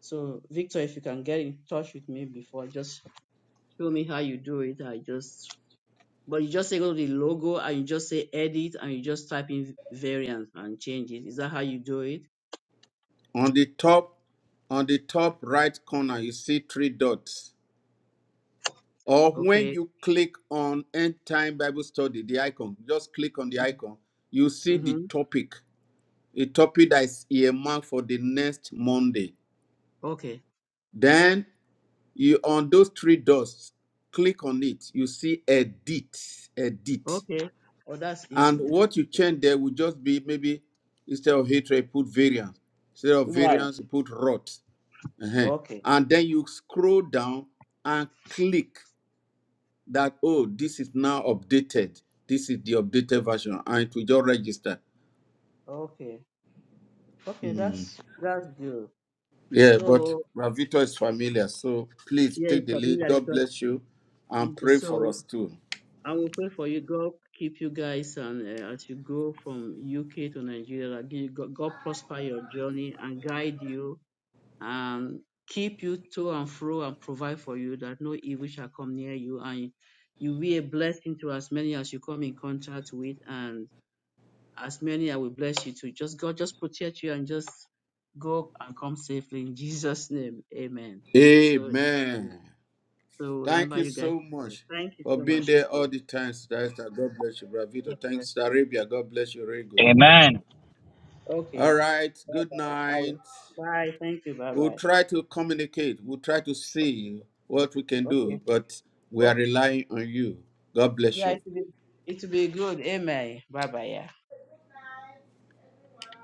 [SPEAKER 2] So, Victor, if you can get in touch with me before, just show me how you do it. I just, but you just say go to the logo and you just say edit and you just type in variant and change it. Is that how you do it?
[SPEAKER 1] On the top, on the top right corner, you see three dots. Or when
[SPEAKER 2] Okay.
[SPEAKER 1] you click on End Time Bible Study, the icon, just click on the icon, you see the
[SPEAKER 2] Mm-hmm.
[SPEAKER 1] topic, a topic that is earmarked for the next Monday.
[SPEAKER 2] Okay.
[SPEAKER 1] Then you on those three dots, click on it. You see edit, edit.
[SPEAKER 2] Okay. Oh, that's
[SPEAKER 1] And
[SPEAKER 2] easy then.
[SPEAKER 1] what you change there will just be maybe instead of hatred, put variance. Instead of
[SPEAKER 2] Right.
[SPEAKER 1] variance, you put rot. Uh-huh.
[SPEAKER 2] Okay.
[SPEAKER 1] And then you scroll down and click that, oh, this is now updated. This is the updated version. And it will just register.
[SPEAKER 2] Okay. Okay.
[SPEAKER 1] Hmm.
[SPEAKER 2] That's that's good.
[SPEAKER 1] Yeah, but
[SPEAKER 2] So
[SPEAKER 1] Ravito is familiar. So please
[SPEAKER 2] Yeah,
[SPEAKER 1] take
[SPEAKER 2] it's
[SPEAKER 1] the lead.
[SPEAKER 2] familiar.
[SPEAKER 1] God
[SPEAKER 2] because
[SPEAKER 1] bless you and
[SPEAKER 2] it's
[SPEAKER 1] pray
[SPEAKER 2] so.
[SPEAKER 1] for us too.
[SPEAKER 2] I will pray for you. God keep you guys, and uh, as you go from UK to Nigeria, gi- God, God prosper your journey and guide you and keep you to and fro and provide for you that no evil shall come near you and you be a blessing to as many as you come in contact with and as many I will bless you to. Just God, just protect you and just go and come safely in Jesus' name. Amen. So.
[SPEAKER 1] Amen.
[SPEAKER 2] So
[SPEAKER 1] Thank
[SPEAKER 2] remember
[SPEAKER 1] you
[SPEAKER 2] you guys
[SPEAKER 1] so
[SPEAKER 2] to pray.
[SPEAKER 1] much
[SPEAKER 2] Thank you
[SPEAKER 1] for
[SPEAKER 2] so
[SPEAKER 1] being
[SPEAKER 2] much.
[SPEAKER 1] there
[SPEAKER 2] Okay.
[SPEAKER 1] all the time, Sister Esther. God bless you,
[SPEAKER 2] Yes,
[SPEAKER 1] Bravito.
[SPEAKER 2] sir.
[SPEAKER 1] Thanks, Sister Arabia. God bless you, very good.
[SPEAKER 5] Amen.
[SPEAKER 1] All
[SPEAKER 2] Okay.
[SPEAKER 1] right,
[SPEAKER 2] Bye
[SPEAKER 1] good
[SPEAKER 2] bye. I will.
[SPEAKER 1] night.
[SPEAKER 2] Bye. Thank you. Bye
[SPEAKER 1] We'll
[SPEAKER 2] bye.
[SPEAKER 1] try to communicate. We'll try to see what we can
[SPEAKER 2] Okay.
[SPEAKER 1] do, but we are
[SPEAKER 2] Oh,
[SPEAKER 1] relying on you. God bless
[SPEAKER 2] yeah,
[SPEAKER 1] you.
[SPEAKER 2] it will be it will be good. Amen. Bye bye. Yeah.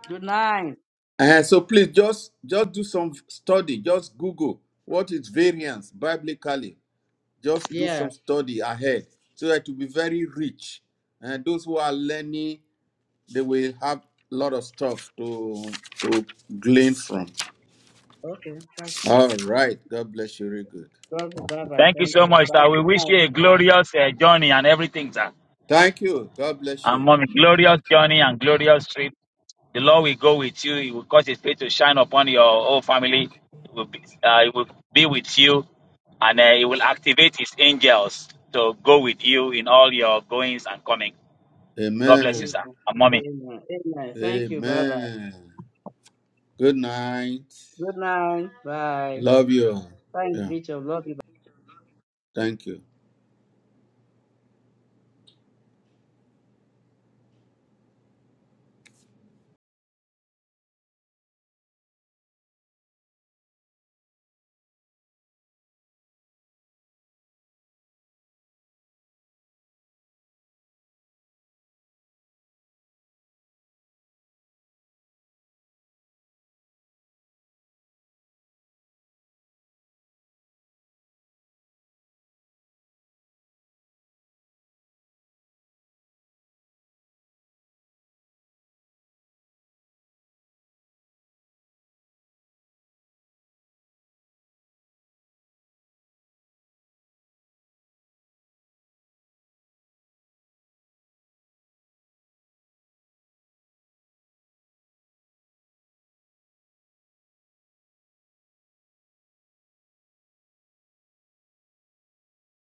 [SPEAKER 2] Good night.
[SPEAKER 1] And so please just just do some study. Just Google what is variance biblically. Just do
[SPEAKER 2] Yeah.
[SPEAKER 1] some study ahead so that it will be very rich and those who are learning they will have a lot of stuff to to glean from.
[SPEAKER 2] Okay. That's good.
[SPEAKER 1] All right. God bless you. Very good.
[SPEAKER 2] Love you. Bye bye.
[SPEAKER 5] Thank you
[SPEAKER 2] Thank
[SPEAKER 5] so
[SPEAKER 2] you.
[SPEAKER 5] much,
[SPEAKER 2] Bye.
[SPEAKER 5] sir. We
[SPEAKER 2] Good
[SPEAKER 5] wish
[SPEAKER 2] night.
[SPEAKER 5] you a glorious uh, journey and everything, sir.
[SPEAKER 1] Thank you. God bless you.
[SPEAKER 5] among glorious journey and glorious trip. The Lord will go with you. He will cause His face to shine upon your whole family. He will be, uh, he will be with you, and uh, He will activate His angels to go with you in all your goings and coming. God bless you,
[SPEAKER 1] Amen.
[SPEAKER 5] sir.
[SPEAKER 2] Amen.
[SPEAKER 5] And mommy.
[SPEAKER 2] Amen. Amen. Thank you. Bye bye.
[SPEAKER 1] Amen. Good night.
[SPEAKER 2] Good night. Bye.
[SPEAKER 1] Love you.
[SPEAKER 2] Thanks,
[SPEAKER 1] Yeah.
[SPEAKER 2] Bishop. Love you.
[SPEAKER 1] Thank you.